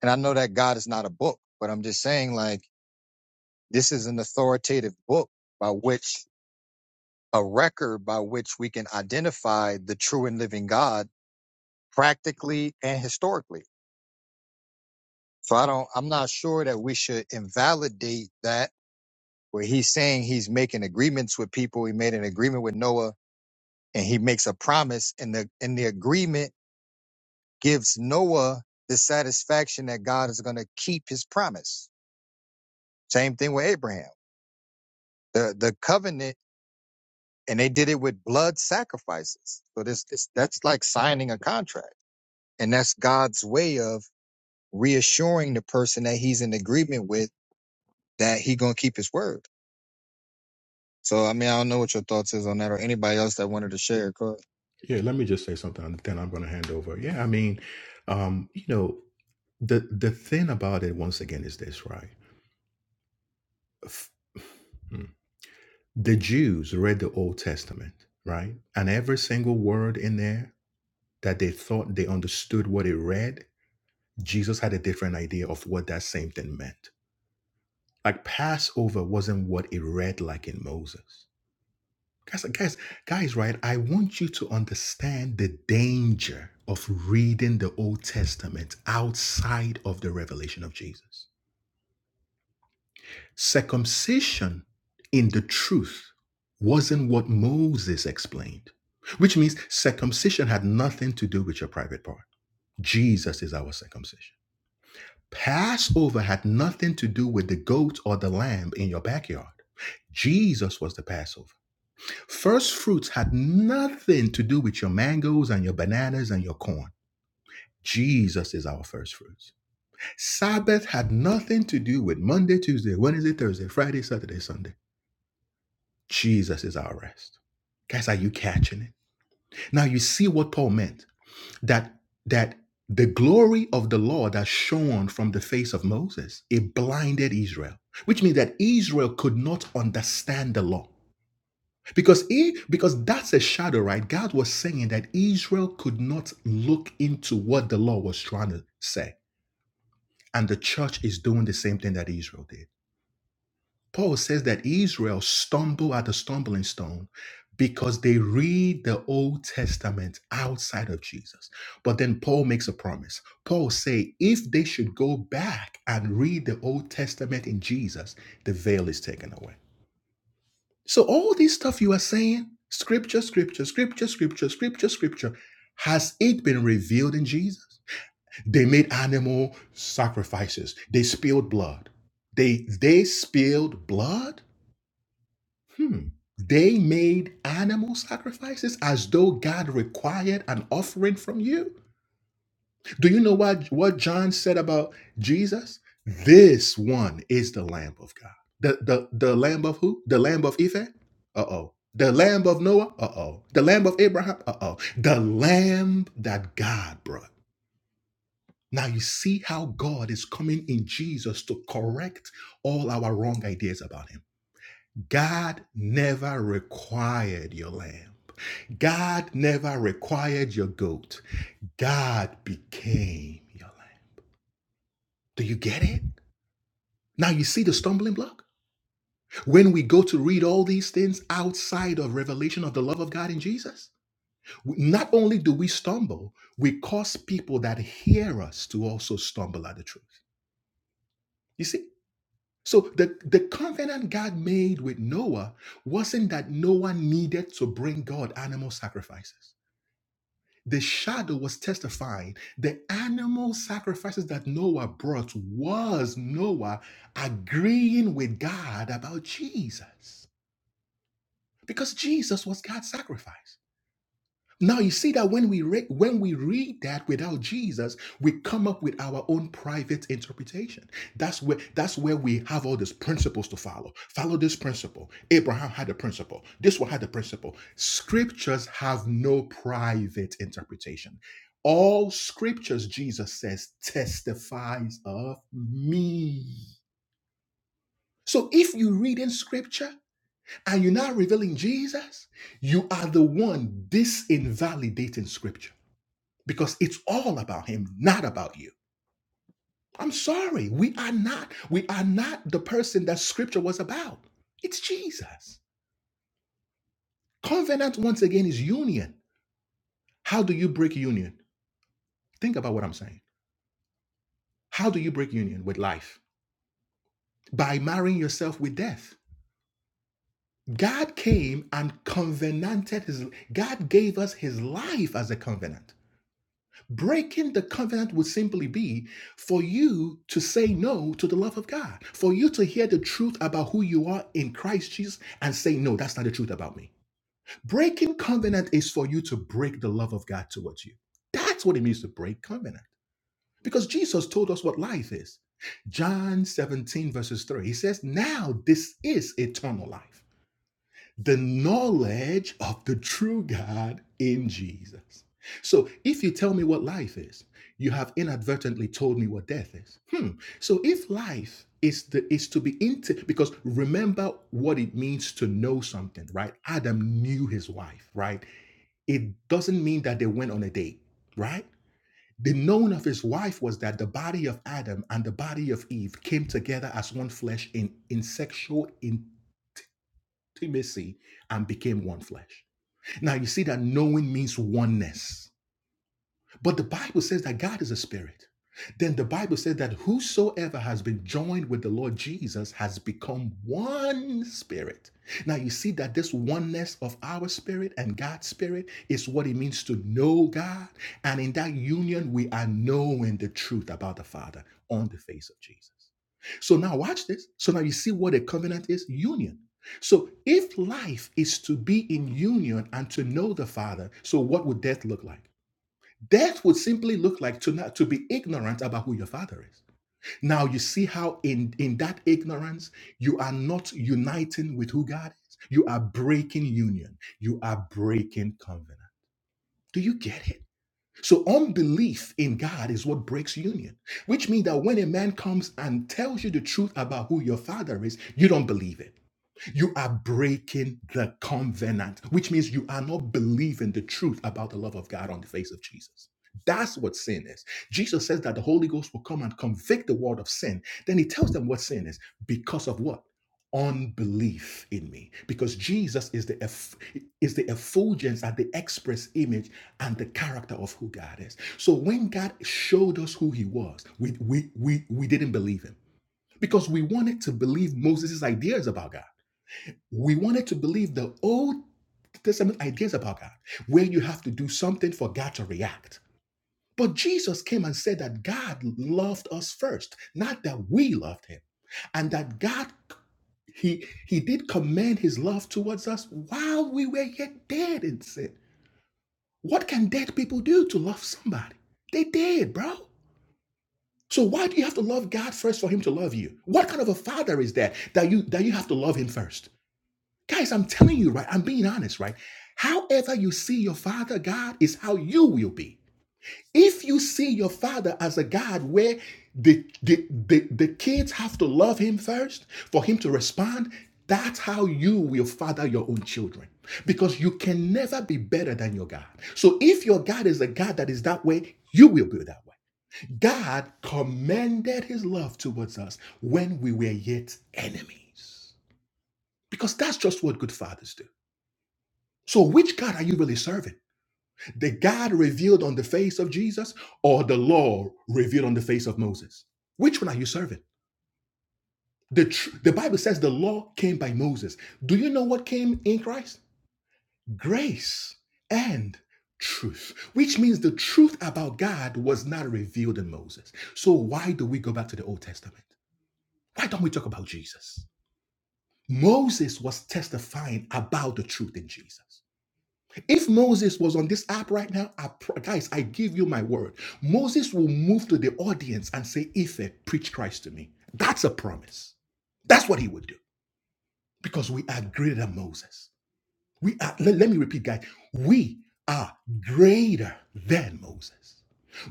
Speaker 2: And I know that God is not a book, but I'm just saying like this is an authoritative book by which a record by which we can identify the true and living God practically and historically. So I don't I'm not sure that we should invalidate that where he's saying he's making agreements with people. He made an agreement with Noah and he makes a promise and the in the agreement gives Noah the satisfaction that God is going to keep his promise. Same thing with Abraham. The the covenant and they did it with blood sacrifices. So this, this that's like signing a contract. And that's God's way of reassuring the person that he's in agreement with that he going to keep his word. So I mean, I don't know what your thoughts is on that or anybody else that wanted to share. Go ahead.
Speaker 5: Yeah, let me just say something, and then I'm going to hand over. Yeah, I mean, um, you know, the the thing about it once again is this, right? f- the Jews read the Old Testament, right? And every single word in there that they thought they understood what it read, Jesus had a different idea of what that same thing meant. Like Passover wasn't what it read like in Moses. Guys, guys, guys, right? I want you to understand the danger of reading the Old Testament outside of the revelation of Jesus. Circumcision in the truth wasn't what Moses explained, which means circumcision had nothing to do with your private part. Jesus is our circumcision. Passover had nothing to do with the goat or the lamb in your backyard. Jesus was the Passover. First fruits had nothing to do with your mangoes and your bananas and your corn. Jesus is our first fruits. Sabbath had nothing to do with Monday, Tuesday, Wednesday, Thursday, Friday, Saturday, Sunday. Jesus is our rest. Guys, are you catching it? Now you see what Paul meant that that the glory of the Lord that shone from the face of Moses, it blinded Israel, which means that Israel could not understand the law. Because he, because that's a shadow, right? God was saying that Israel could not look into what the law was trying to say. And the church is doing the same thing that Israel did. Paul says that Israel stumble at the stumbling stone because they read the Old Testament outside of Jesus. But then Paul makes a promise. Paul say if they should go back and read the Old Testament in Jesus, the veil is taken away. So all this stuff you are saying, scripture, scripture, scripture, scripture, scripture, scripture, has it been revealed in Jesus? They made animal sacrifices. They spilled blood. They they spilled blood Hmm. They made animal sacrifices as though God required an offering from you. Do you know what, what John said about Jesus? This one is the Lamb of God. The, the, the Lamb of who? The Lamb of Ephah? Uh oh. The Lamb of Noah? Uh oh. The Lamb of Abraham? Uh oh. The Lamb that God brought. Now you see how God is coming in Jesus to correct all our wrong ideas about Him. God never required your lamb. God never required your goat. God became your lamb. Do you get it? Now you see the stumbling block? When we go to read all these things outside of revelation of the love of God in Jesus, not only do we stumble, we cause people that hear us to also stumble at the truth. You see? So the, the covenant God made with Noah wasn't that Noah needed to bring God animal sacrifices. The shadow was testifying. The animal sacrifices that Noah brought was Noah agreeing with God about Jesus because Jesus was God's sacrifice. Now you see that when we re- when we read that without Jesus, we come up with our own private interpretation. That's where that's where we have all these principles to follow. Follow this principle. Abraham had a principle. This one had a principle. Scriptures have no private interpretation. All scriptures, Jesus says, testifies of me. So if you read in scripture and you're not revealing Jesus, you are the one disinvalidating scripture because it's all about him, not about you. I'm sorry, we are not we are not the person that scripture was about. It's Jesus. Covenant once again is union. How do you break union? Think about what I'm saying. How do you break union with life? By marrying yourself with death. God came and covenanted his God gave us his life as a covenant. Breaking the covenant would simply be for you to say no to the love of God, for you to hear the truth about who you are in Christ Jesus and say, No, that's not the truth about me. Breaking covenant is for you to break the love of God towards you. That's what it means to break covenant. Because Jesus told us what life is. John 17, verses 3, he says, Now this is eternal life the knowledge of the true God in Jesus. So if you tell me what life is, you have inadvertently told me what death is. Hmm. So if life is the is to be into because remember what it means to know something, right? Adam knew his wife, right? It doesn't mean that they went on a date, right? The knowing of his wife was that the body of Adam and the body of Eve came together as one flesh in, in sexual intimacy and became one flesh. Now you see that knowing means oneness. But the Bible says that God is a spirit. Then the Bible says that whosoever has been joined with the Lord Jesus has become one spirit. Now you see that this oneness of our spirit and God's spirit is what it means to know God. And in that union, we are knowing the truth about the Father on the face of Jesus. So now watch this. So now you see what a covenant is union. So if life is to be in union and to know the Father, so what would death look like? Death would simply look like to not to be ignorant about who your father is. Now you see how in in that ignorance you are not uniting with who God is. You are breaking union. You are breaking covenant. Do you get it? So unbelief in God is what breaks union, which means that when a man comes and tells you the truth about who your father is, you don't believe it. You are breaking the covenant, which means you are not believing the truth about the love of God on the face of Jesus. That's what sin is. Jesus says that the Holy Ghost will come and convict the world of sin. Then he tells them what sin is because of what? Unbelief in me. Because Jesus is the eff- is the effulgence and the express image and the character of who God is. So when God showed us who he was, we we we, we didn't believe him because we wanted to believe Moses' ideas about God. We wanted to believe the Old Testament ideas about God, where you have to do something for God to react. But Jesus came and said that God loved us first, not that we loved him, and that God he he did commend his love towards us while we were yet dead in sin. What can dead people do to love somebody? They did, bro. So why do you have to love God first for him to love you? What kind of a father is that that you that you have to love him first? Guys, I'm telling you, right? I'm being honest, right? However you see your father God is how you will be. If you see your father as a God where the, the, the, the kids have to love him first for him to respond, that's how you will father your own children. Because you can never be better than your God. So if your God is a God that is that way, you will be that way. God commended his love towards us when we were yet enemies. Because that's just what good fathers do. So, which God are you really serving? The God revealed on the face of Jesus or the law revealed on the face of Moses? Which one are you serving? The, tr- the Bible says the law came by Moses. Do you know what came in Christ? Grace and truth, which means the truth about God was not revealed in Moses. So, why do we go back to the Old Testament? Why don't we talk about Jesus? Moses was testifying about the truth in Jesus. If Moses was on this app right now, I, pr- guys, I give you my word. Moses will move to the audience and say, Ife, preach Christ to me. That's a promise. That's what he would do because we are greater than Moses. We are, le- let me repeat, guys, we are greater than Moses.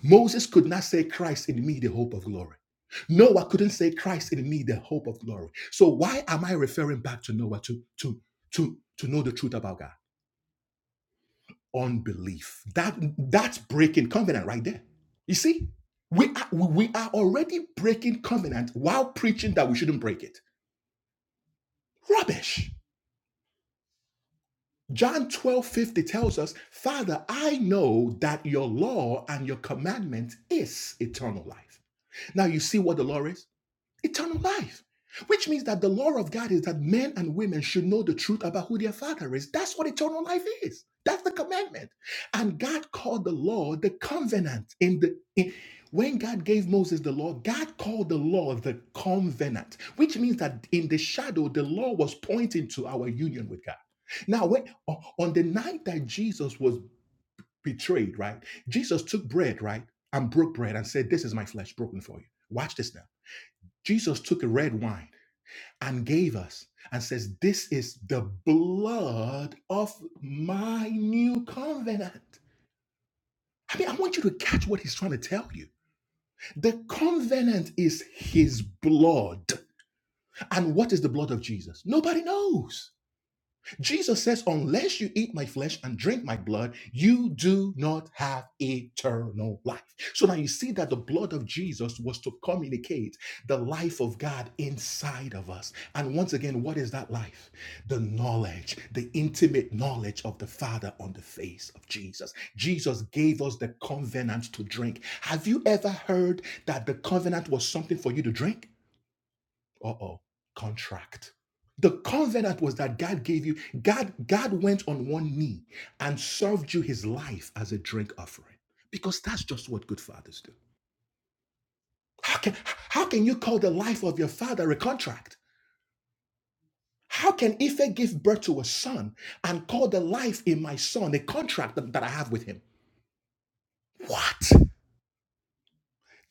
Speaker 5: Moses could not say, Christ in me, the hope of glory. Noah couldn't say, Christ in me, the hope of glory. So why am I referring back to Noah to, to, to, to know the truth about God? unbelief. That that's breaking covenant right there. You see, we are, we are already breaking covenant while preaching that we shouldn't break it. Rubbish. John 12 50 tells us, Father, I know that your law and your commandment is eternal life. Now you see what the law is? Eternal life. Which means that the law of God is that men and women should know the truth about who their father is. That's what eternal life is. That's the commandment. And God called the law the covenant. In the in, when God gave Moses the law, God called the law the covenant, which means that in the shadow, the law was pointing to our union with God. Now, when on the night that Jesus was betrayed, right? Jesus took bread, right? And broke bread and said, This is my flesh broken for you. Watch this now. Jesus took a red wine and gave us and says, This is the blood of my new covenant. I mean, I want you to catch what he's trying to tell you. The covenant is his blood. And what is the blood of Jesus? Nobody knows. Jesus says, Unless you eat my flesh and drink my blood, you do not have eternal life. So now you see that the blood of Jesus was to communicate the life of God inside of us. And once again, what is that life? The knowledge, the intimate knowledge of the Father on the face of Jesus. Jesus gave us the covenant to drink. Have you ever heard that the covenant was something for you to drink? Uh-oh. Contract. The covenant was that God gave you, God, God went on one knee and served you his life as a drink offering. Because that's just what good fathers do. How can, how can you call the life of your father a contract? How can Ife give birth to a son and call the life in my son a contract that, that I have with him? What?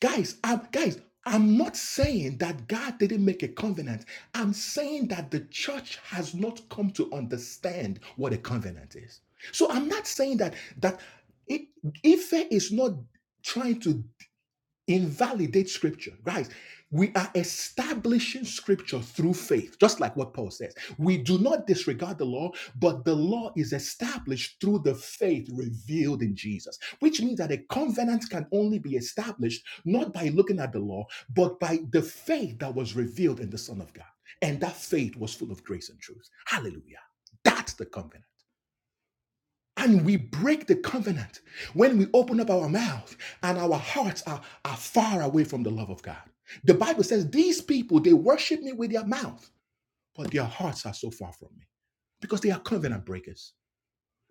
Speaker 5: Guys, I'm, guys, I'm not saying that God didn't make a covenant. I'm saying that the church has not come to understand what a covenant is. So I'm not saying that that I- Ife is not trying to invalidate scripture. Guys, we are establishing scripture through faith, just like what Paul says. We do not disregard the law, but the law is established through the faith revealed in Jesus, which means that a covenant can only be established not by looking at the law, but by the faith that was revealed in the Son of God. And that faith was full of grace and truth. Hallelujah. That's the covenant. And we break the covenant when we open up our mouth and our hearts are, are far away from the love of God. The Bible says these people, they worship me with their mouth, but their hearts are so far from me because they are covenant breakers.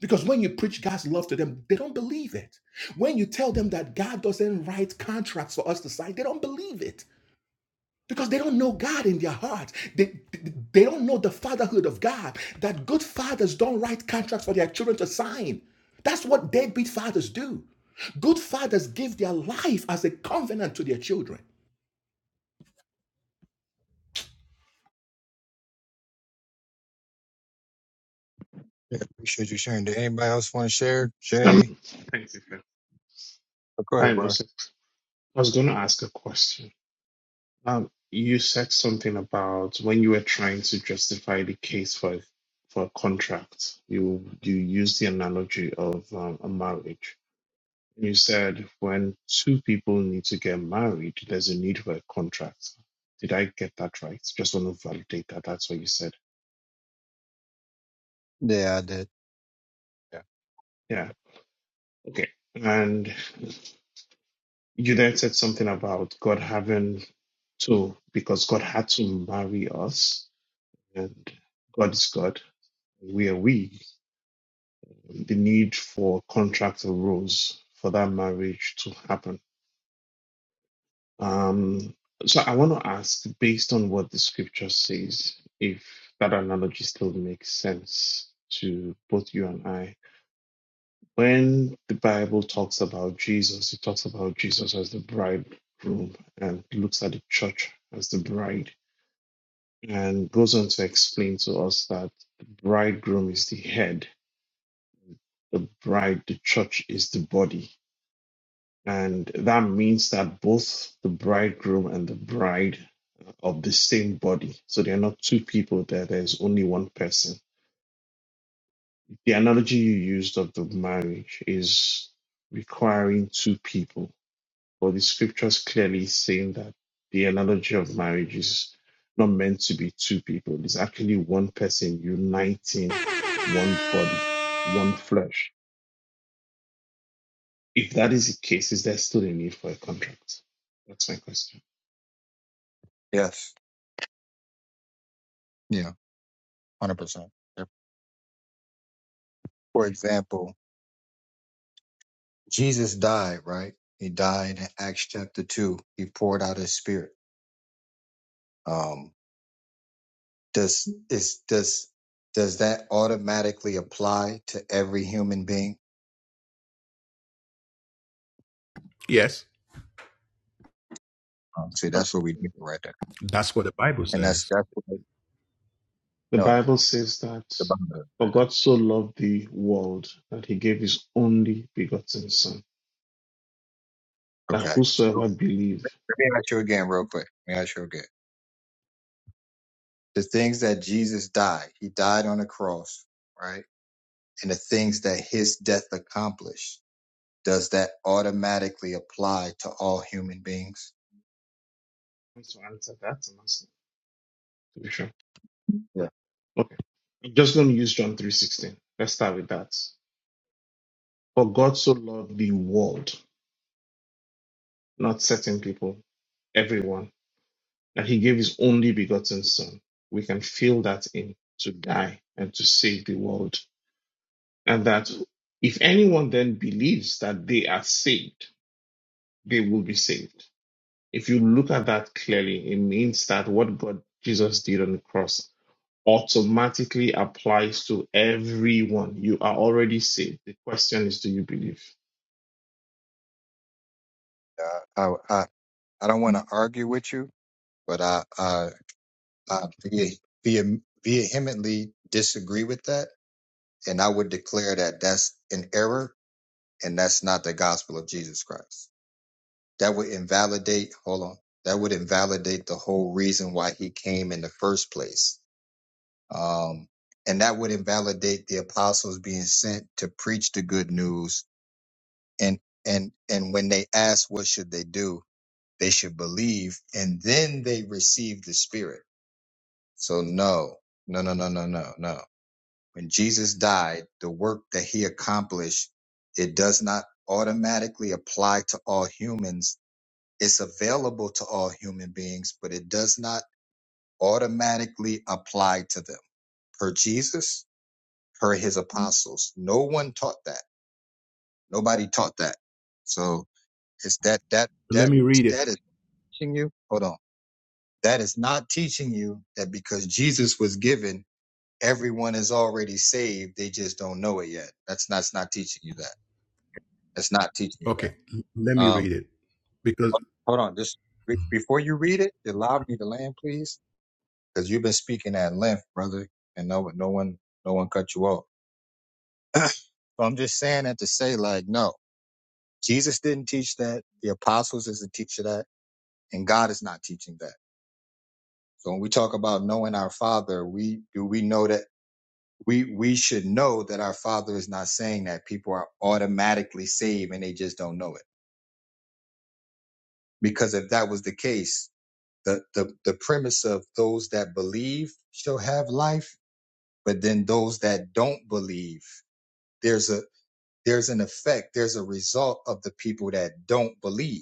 Speaker 5: Because when you preach God's love to them, they don't believe it. When you tell them that God doesn't write contracts for us to sign, they don't believe it because they don't know God in their hearts. They, they don't know the fatherhood of God. That good fathers don't write contracts for their children to sign. That's what deadbeat fathers do. Good fathers give their life as a covenant to their children.
Speaker 2: Yeah, appreciate you sharing. Did anybody else want to share?
Speaker 7: Um,
Speaker 2: Jay?
Speaker 7: thank you, Phil.
Speaker 2: Go ahead,
Speaker 7: Hi,
Speaker 2: bro.
Speaker 7: Moses. I was going to ask a question. Um, you said something about when you were trying to justify the case for for a contract. You you used the analogy of um, a marriage. You said when two people need to get married, there's a need for a contract. Did I get that right? Just want to validate that. That's what you said.
Speaker 2: Yeah, I did. Yeah.
Speaker 7: Yeah. Okay. And you then said something about God having to, because God had to marry us and God is God. We are we. The need for contracts arose for that marriage to happen. Um, so I want to ask, based on what the scripture says, if that analogy still makes sense to both you and I. When the Bible talks about Jesus, it talks about Jesus as the bridegroom and looks at the church as the bride and goes on to explain to us that the bridegroom is the head the bride, the church is the body. And that means that both the bridegroom and the bride are of the same body. So they are not two people there, there is only one person. The analogy you used of the marriage is requiring two people. But the scriptures clearly saying that the analogy of marriage is not meant to be two people. It's actually one person uniting one body, one flesh. If that is the case, is there still a need for a contract? That's my question.
Speaker 2: Yes. Yeah. one Hundred percent. For example, Jesus died, right? He died in Acts chapter two. He poured out his spirit. Um, does is does does that automatically apply to every human being?
Speaker 5: Yes,
Speaker 2: Um, see, that's
Speaker 7: Yes.
Speaker 2: what we do right there,
Speaker 5: that's what the Bible
Speaker 2: and that's
Speaker 5: says.
Speaker 2: that's what
Speaker 7: The
Speaker 2: no, the,
Speaker 7: Bible says that
Speaker 2: the Bible doesn't say
Speaker 7: for
Speaker 2: that.
Speaker 7: God so loved the world that he gave his only begotten son, that
Speaker 2: Okay, so
Speaker 7: whosoever believe.
Speaker 2: let me ask you again, real quick. Let me ask you again. The things that Jesus died, he died on the cross, right? And the things that his death accomplished, does that automatically apply to all human beings?
Speaker 7: to answer that, I'm asking to be sure.
Speaker 2: Yeah.
Speaker 7: Okay. I'm just going to use John 3.16. Let's start with that. For God so loved the world, not certain people, everyone, that he gave his only begotten son. We can fill that in to die and to save the world. and that if anyone then believes that they are saved, they will be saved. If you look at that clearly, it means that what God Jesus did on the cross automatically applies to everyone. You are already saved. The question is, do you believe?
Speaker 2: I I, I don't want to argue with you, but I I, I vehe- vehe- vehemently disagree with that, and I would declare that that's an error, and that's not the gospel of Jesus Christ. That would invalidate. Hold on. That would invalidate the whole reason why he came in the first place. Um, and that would invalidate the apostles being sent to preach the good news. And and and when they ask what should they do? They should believe and then they receive the Spirit. So, no, no, no, no, no, no, no. When Jesus died, the work that he accomplished, it does not automatically apply to all humans. It's available to all human beings, but it does not automatically apply to them. Per Jesus, per his apostles. No one taught that. Nobody taught that. So, is that, that,
Speaker 5: Let
Speaker 2: that,
Speaker 5: me read it.
Speaker 2: that is teaching you? Hold on. That is not teaching you that because Jesus was given, everyone is already saved. They just don't know it yet. That's not, that's not teaching you that. That's not teaching you
Speaker 5: Okay,
Speaker 2: that.
Speaker 5: let me
Speaker 2: Um,
Speaker 5: read it because
Speaker 2: hold on. Just be- before you read it, allow me to land, please. Cause you've been speaking at length, brother. And no, no one, no one cut you off. So I'm just saying that to say like, no, Jesus didn't teach that. The apostles isn't teaching that. And God is not teaching that. So when we talk about knowing our father, we do we know that we we should know that our father is not saying that people are automatically saved and they just don't know it because if that was the case the the, the premise of those that believe shall have life but then those that don't believe there's a there's an effect there's a result of the people that don't believe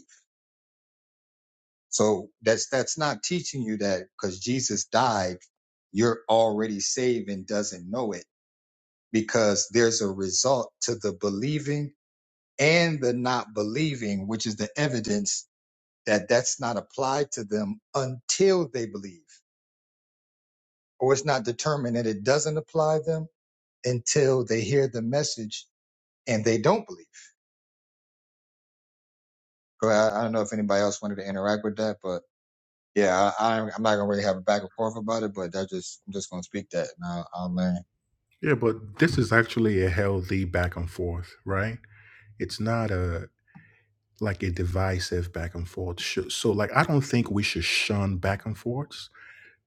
Speaker 2: so that's that's not teaching you that because jesus died you're already saved and doesn't know it because there's a result to the believing and the not believing, which is the evidence that that's not applied to them until they believe, or it's not determined that it doesn't apply them until they hear the message and they don't believe. Go ahead. I, I don't know if anybody else wanted to interact with that, but yeah, I, I'm I'm not gonna really have a back and forth about it, but that just I'm just gonna speak that and I'll, I'll learn.
Speaker 5: yeah, but this is actually a healthy back and forth, right? It's not a like a divisive back and forth. Sh- So like I don't think we should shun back and forths.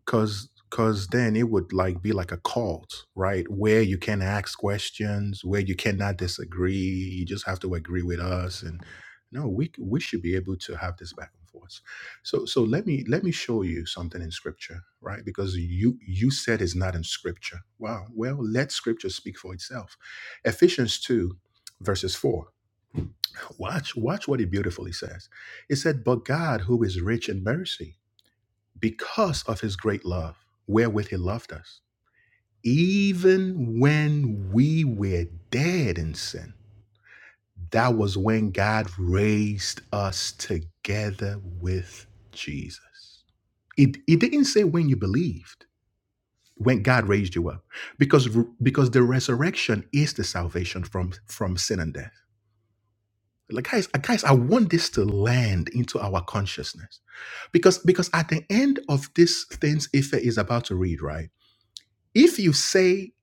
Speaker 5: cause cause then it would like be like a cult right where you can ask questions where you cannot disagree you just have to agree with us and no we we should be able to have this back and forth so so let me let me show you something in scripture right because you you said it's not in scripture wow well let scripture speak for itself ephesians 2 verses 4 Watch, watch what he beautifully says. It said, But God, who is rich in mercy because of his great love, wherewith he loved us. Even when we were dead in sin, that was when God raised us together with Jesus. It, it didn't say when you believed, when God raised you up, because because the resurrection is the salvation from from sin and death. Like guys, uh, guys, I want this to land into our consciousness because because at the end of this things Ife is about to read, right? if you say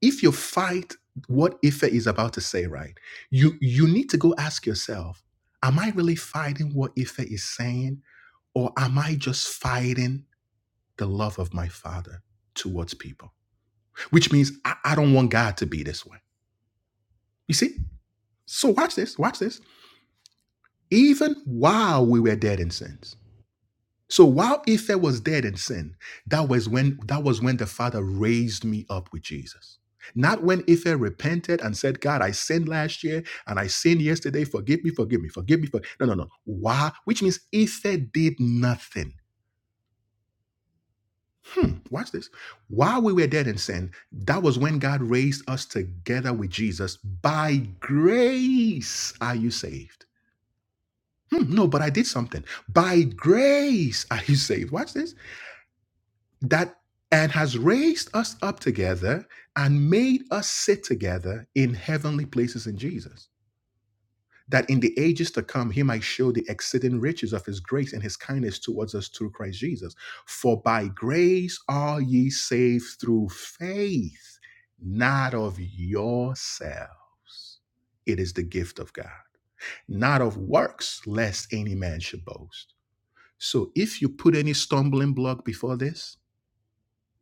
Speaker 5: if you fight what ife is about to say right you you need to go ask yourself am i really fighting what ife is saying or am i just fighting the love of my father towards people which means i, I don't want god to be this way you see so watch this watch this even while we were dead in sins So while Ife was dead in sin, that was when that was when the Father raised me up with Jesus. Not when Ife repented and said, God, I sinned last year and I sinned yesterday. Forgive me, forgive me, forgive me. forgive-" No, no, no. Why? Which means Ife did nothing. Hmm, watch this. While we were dead in sin, that was when God raised us together with Jesus. By grace are you saved. Hmm, no, but I did something. By grace are you saved. Watch this. that and has raised us up together and made us sit together in heavenly places in Jesus. That in the ages to come, he might show the exceeding riches of his grace and his kindness towards us through Christ Jesus. For by grace are ye saved through faith, not of yourselves. It is the gift of God, not of works, lest any man should boast. So if you put any stumbling block before this,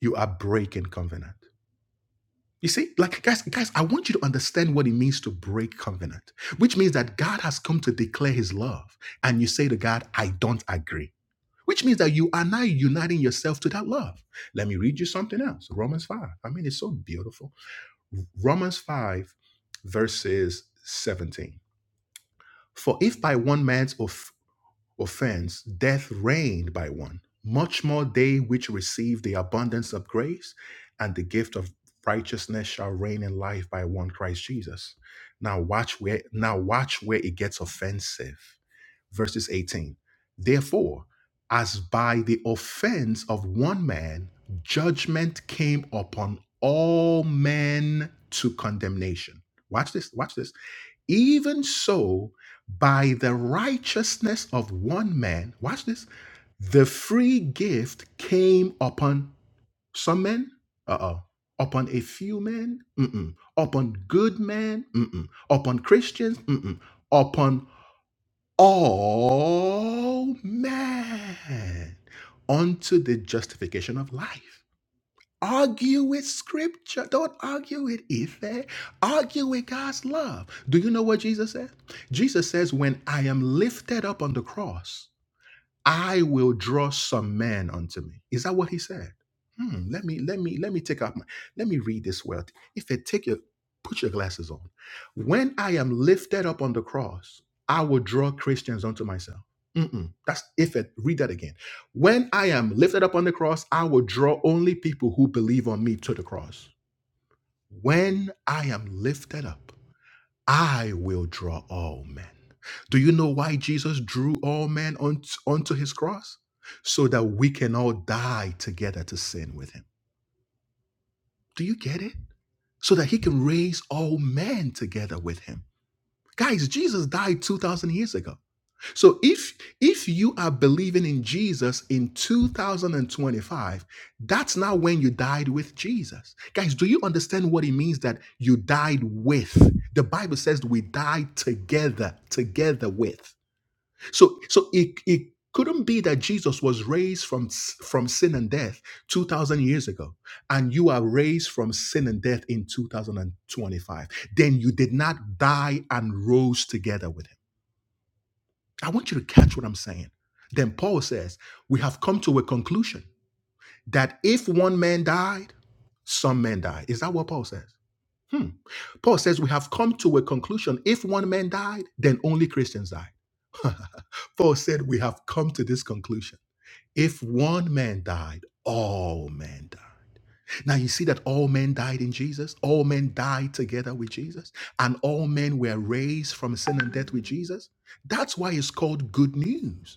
Speaker 5: you are breaking covenant You see, like guys, guys, I want you to understand what it means to break covenant, which means that God has come to declare his love, and you say to God, I don't agree. Which means that you are now uniting yourself to that love. Let me read you something else. Romans 5. I mean, it's so beautiful. Romans 5, verses 17. For if by one man's offense offense, death reigned by one. Much more they which receive the abundance of grace and the gift of righteousness shall reign in life by one Christ Jesus. Now watch where now watch where it gets offensive. Verses 18. Therefore, as by the offense of one man, judgment came upon all men to condemnation. Watch this, watch this even so, by the righteousness of one man, watch this, the free gift came upon some men, uh oh, upon a few men, mm-mm, upon good men, mm-mm, upon Christians, mm-mm, upon all men unto the justification of life. Argue with scripture. Don't argue with Ife. Argue with God's love. Do you know what Jesus said? Jesus says, When I am lifted up on the cross, I will draw some men unto me. Is that what he said? Hmm, let me let me let me take out my let me read this well. If it take your put your glasses on. When I am lifted up on the cross, I will draw Christians unto myself. Mm-mm. That's if it read that again. When I am lifted up on the cross, I will draw only people who believe on me to the cross. When I am lifted up. I will draw all men. Do you know why Jesus drew all men onto, onto his cross? So that we can all die together to sin with him. Do you get it? So that he can raise all men together with him. Guys, Jesus died 2,000 years ago. So if if you are believing in Jesus in 2025, that's not when you died with Jesus. Guys, do you understand what it means that you died with? The Bible says we died together, together with. So so it it couldn't be that Jesus was raised from s- from sin and death 2000 years ago and you are raised from sin and death in 2025. Then you did not die and rose together with him. I want you to catch what I'm saying. Then Paul says, We have come to a conclusion that if one man died, some men died. Is that what Paul says? Hmm. Paul says, We have come to a conclusion. If one man died, then only Christians died. Paul said, We have come to this conclusion. If one man died, all men died. Now you see that all men died in Jesus, all men died together with Jesus, and all men were raised from sin and death with Jesus. That's why it's called good news.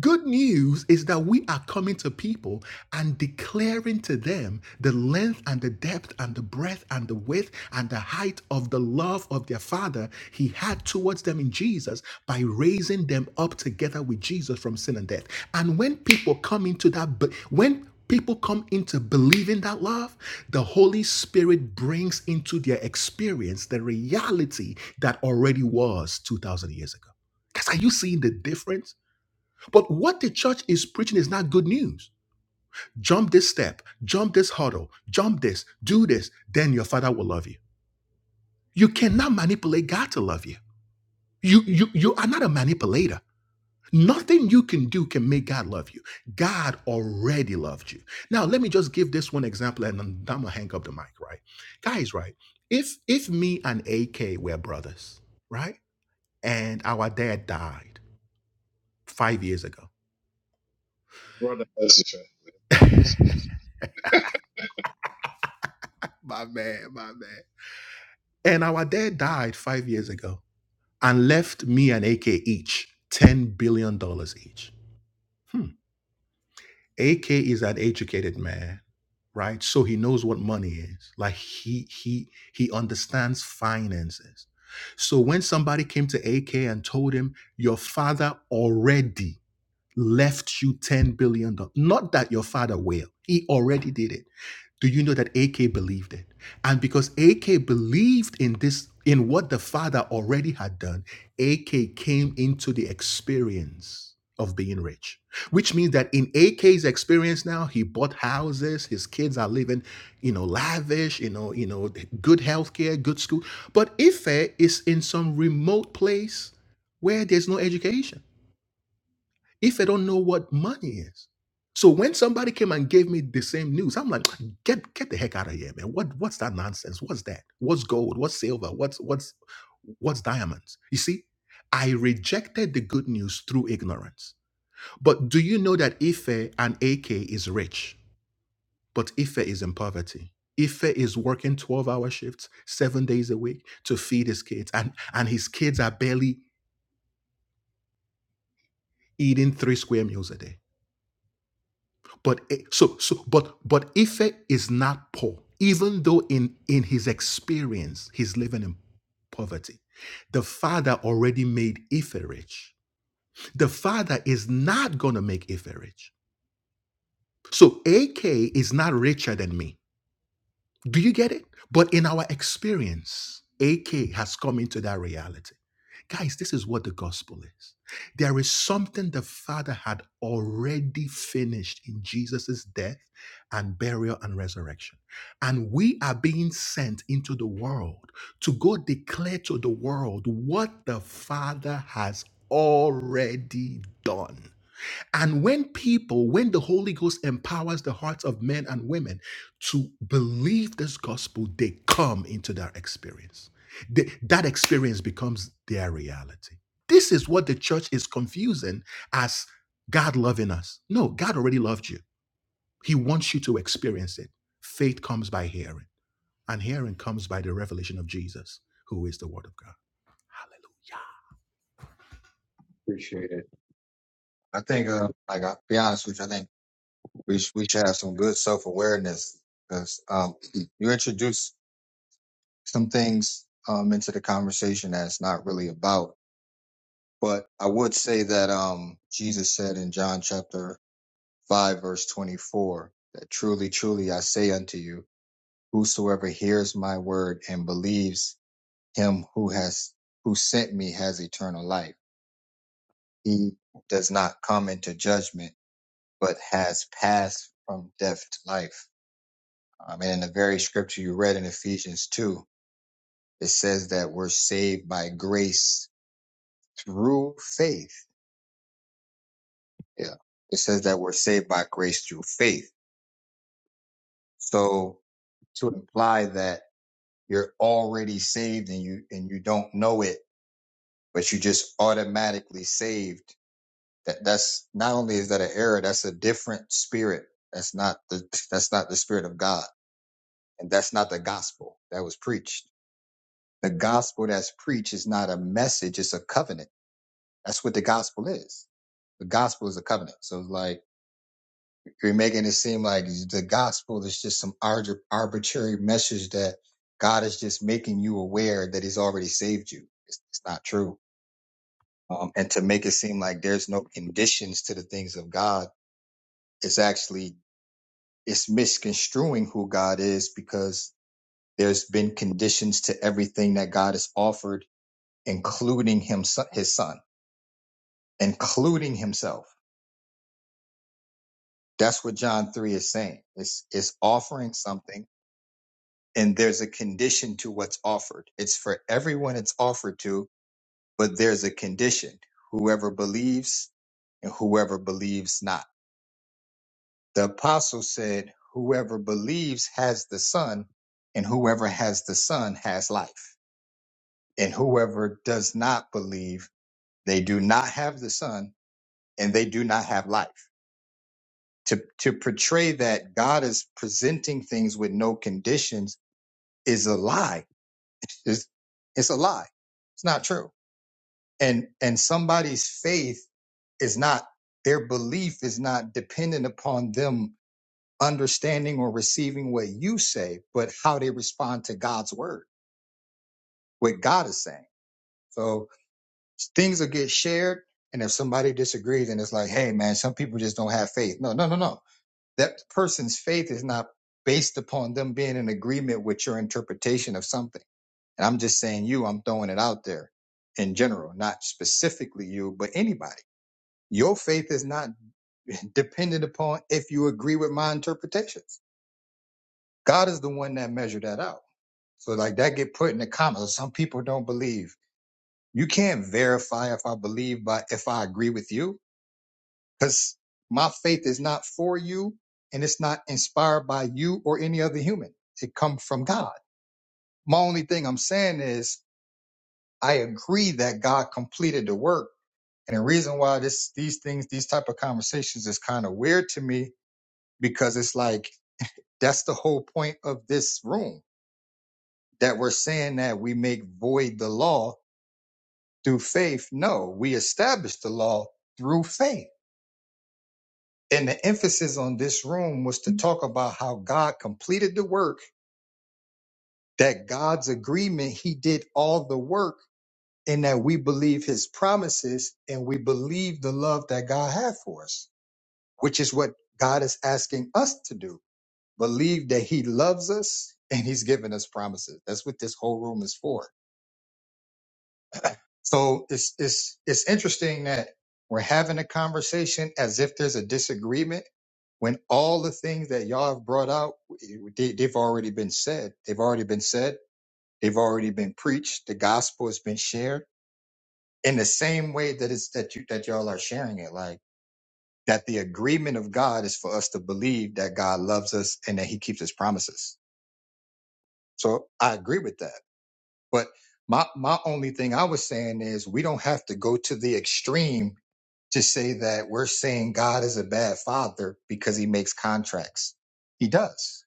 Speaker 5: Good news is that we are coming to people and declaring to them the length and the depth and the breadth and the width and the height of the love of their Father He had towards them in Jesus by raising them up together with Jesus from sin and death. And when people come into that, be- when people come into believing that love, the Holy Spirit brings into their experience the reality that already was 2,000 years ago. Guys, are you seeing the difference? But what the church is preaching is not good news. Jump this step, jump this hurdle, jump this, do this, then your father will love you. You cannot manipulate God to love you. You, you, you are not a manipulator. Nothing you can do can make God love you. God already loved you. Now, let me just give this one example and then I'm gonna hang up the mic, right? Guys, right? If if me and AK were brothers, right? And our dad died five years ago. My man, my man. And our dad died five years ago and left me and AK each $10 billion dollars each. Hmm. AK is an educated man, right? So he knows what money is. Like he he he understands finances. So when somebody came to AK and told him, your father already left you $10 billion, dollars, not that your father will, he already did it do you know that AK believed it? And because AK believed in this, in what the father already had done, AK came into the experience of being rich, which means that in AK's experience now, he bought houses, his kids are living, you know, lavish, you know, you know, good healthcare, good school. But Ife is in some remote place where there's no education if I don't know what money is. So when somebody came and gave me the same news, I'm like, get get the heck out of here, man. What what's that nonsense? What's that? What's gold? What's silver? What's what's what's diamonds? You see, I rejected the good news through ignorance. But do you know that Ife and AK is rich, but Ife is in poverty? Ife is working 12 hour shifts, seven days a week to feed his kids, and, and his kids are barely eating three square meals a day. But it- so so but but Ife is not poor, even though in in his experience he's living in poverty. The father already made Ife rich. The father is not gonna make Ife rich. So AK is not richer than me. Do you get it? But in our experience, AK has come into that reality. Guys, this is what the gospel is. There is something the Father had already finished in Jesus' death and burial and resurrection. And we are being sent into the world to go declare to the world what the Father has already done. And when people, when the Holy Ghost empowers the hearts of men and women to believe this gospel, they come into their experience. They- that experience becomes their reality. This is what the church is confusing as God loving us. No, God already loved you. He wants you to experience it. Faith comes by hearing, and hearing comes by the revelation of Jesus, who is the Word of God. Hallelujah.
Speaker 2: Appreciate it. I think, uh, like, I'll be honest with you, I think we sh- we should have some good self awareness because um, you introduce some things um, into the conversation that it's not really about. But I would say that um, Jesus said in John chapter 5, verse 24, that truly, truly I say unto you, whosoever hears my word and believes him who has who sent me has eternal life. He does not come into judgment, but has passed from death to life. Um, and in the very scripture you read in Ephesians 2, it says that we're saved by grace through faith. Yeah. It says that we're saved by grace through faith. So to imply that you're already saved and you, and you don't know it, but you just automatically saved that that's not only is that an error, that's a different spirit. That's not the, that's not the spirit of God. And that's not the gospel that was preached. The gospel that's preached is not a message. It's a covenant. That's what the gospel is. The gospel is a covenant. So it's like, You're making it seem like the gospel is just some arg- arbitrary message that God is just making you aware that He's already saved you. It's, it's not true. Um, and to make it seem like there's no conditions to the things of God, it's actually it's misconstruing who God is because there's been conditions to everything that God has offered, including him, so, His Son, including Himself. That's what John three is saying. It's it's offering something and there's a condition to what's offered. It's for everyone it's offered to, but there's a condition. Whoever believes and whoever believes not. The apostle said, whoever believes has the son and whoever has the son has life. And whoever does not believe, they do not have the son and they do not have life. To, to portray that God is presenting things with no conditions is a lie. It's, it's a lie. It's not true and and somebody's faith is not their belief is not dependent upon them understanding or receiving what you say but how they respond to god's word what god is saying so things will get shared and if somebody disagrees and it's like hey man some people just don't have faith no no no no that person's faith is not based upon them being in agreement with your interpretation of something and i'm just saying you i'm throwing it out there in general not specifically you but anybody Your faith is not dependent upon if you agree with my interpretations. God is the one that measured that out. So like that get put in the comments. Some people don't believe. You can't verify if I believe by if I agree with you because my faith is not for you and it's not inspired by you or any other human. It comes from God. My only thing I'm saying is I agree that God completed the work. And the reason why this these things, these type of conversations is kind of weird to me because it's like That's the whole point of this room that we're saying that we make void the law through faith. No, we establish the law through faith. And the emphasis on this room was to talk about how God completed the work, that God's agreement, He did all the work, and that we believe His promises and we believe the love that God had for us, which is what God is asking us to do. Believe that He loves us and He's given us promises. That's what this whole room is for So it's it's it's interesting that we're having a conversation as if there's a disagreement when all the things that y'all have brought out they, they've already been said. They've already been said. They've already been preached. The gospel has been shared in the same way that it's that you that y'all are sharing it. Like that the agreement of God is for us to believe that God loves us and that He keeps His promises. So I agree with that. But my my only thing I was saying is we don't have to go to the extreme to say that we're saying God is a bad father because he makes contracts. He does.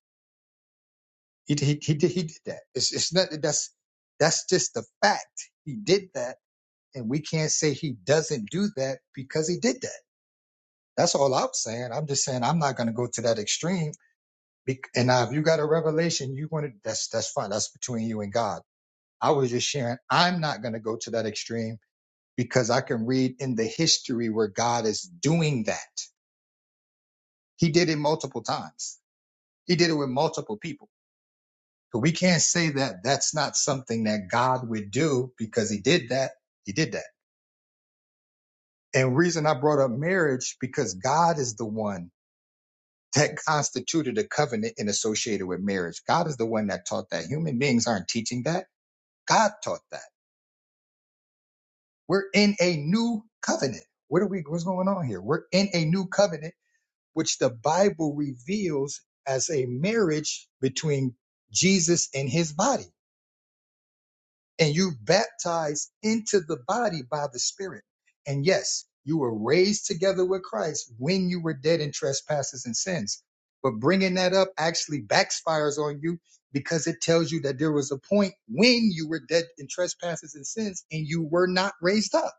Speaker 2: He he he did, he did that. It's it's not that's that's just the fact. He did that, and we can't say he doesn't do that because he did that. That's all I'm saying. I'm just saying I'm not going to go to that extreme. Bec- And now, if you got a revelation, you want to that's that's fine. That's between you and God. I was just sharing. I'm not going to go to that extreme because I can read in the history where God is doing that He did it multiple times. He did it with multiple people. So we can't say that that's not something that God would do because he did that. He did that. And reason I brought up marriage because God is the one that constituted a covenant and associated with marriage. God is the one that taught that. Human beings aren't teaching that. God taught that. We're in a new covenant. What are we, what's going on here? We're in a new covenant, which the Bible reveals as a marriage between Jesus and his body. and you baptized into the body by the Spirit. And yes, you were raised together with Christ when you were dead in trespasses and sins. But bringing that up actually backfires on you because it tells you that there was a point when you were dead in trespasses and sins and you were not raised up.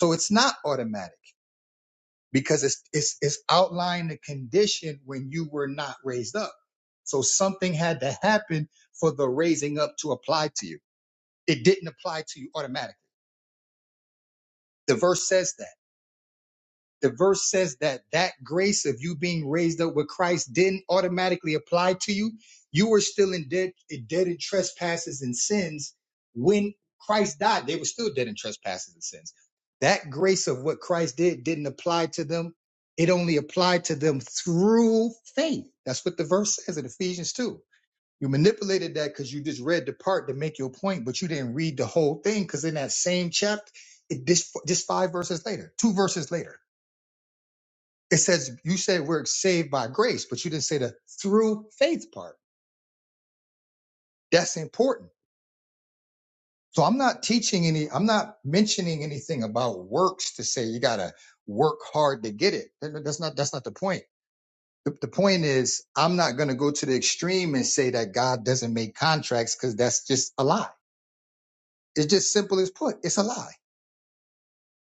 Speaker 2: So it's not automatic because it's it's, it's outlining the condition when you were not raised up. So something had to happen for the raising up to apply to you. It didn't apply to you automatically. The verse says that. The verse says that that grace of you being raised up with Christ didn't automatically apply to you. You were still in dead, dead in trespasses and sins when Christ died. They were still dead in trespasses and sins. That grace of what Christ did didn't apply to them. It only applied to them through faith. That's what the verse says in Ephesians 2 you manipulated that because you just read the part to make your point, but you didn't read the whole thing because in that same chapter, it just just five verses later, two verses later, it says you said we're saved by grace, but you didn't say the through faith part. That's important. So I'm not teaching any, I'm not mentioning anything about works to say you gotta work hard to get it. That- That's not that's not the point. The, the point is, I'm not going to go to the extreme and say that God doesn't make contracts because that's just a lie. It's just simple as put. It's a lie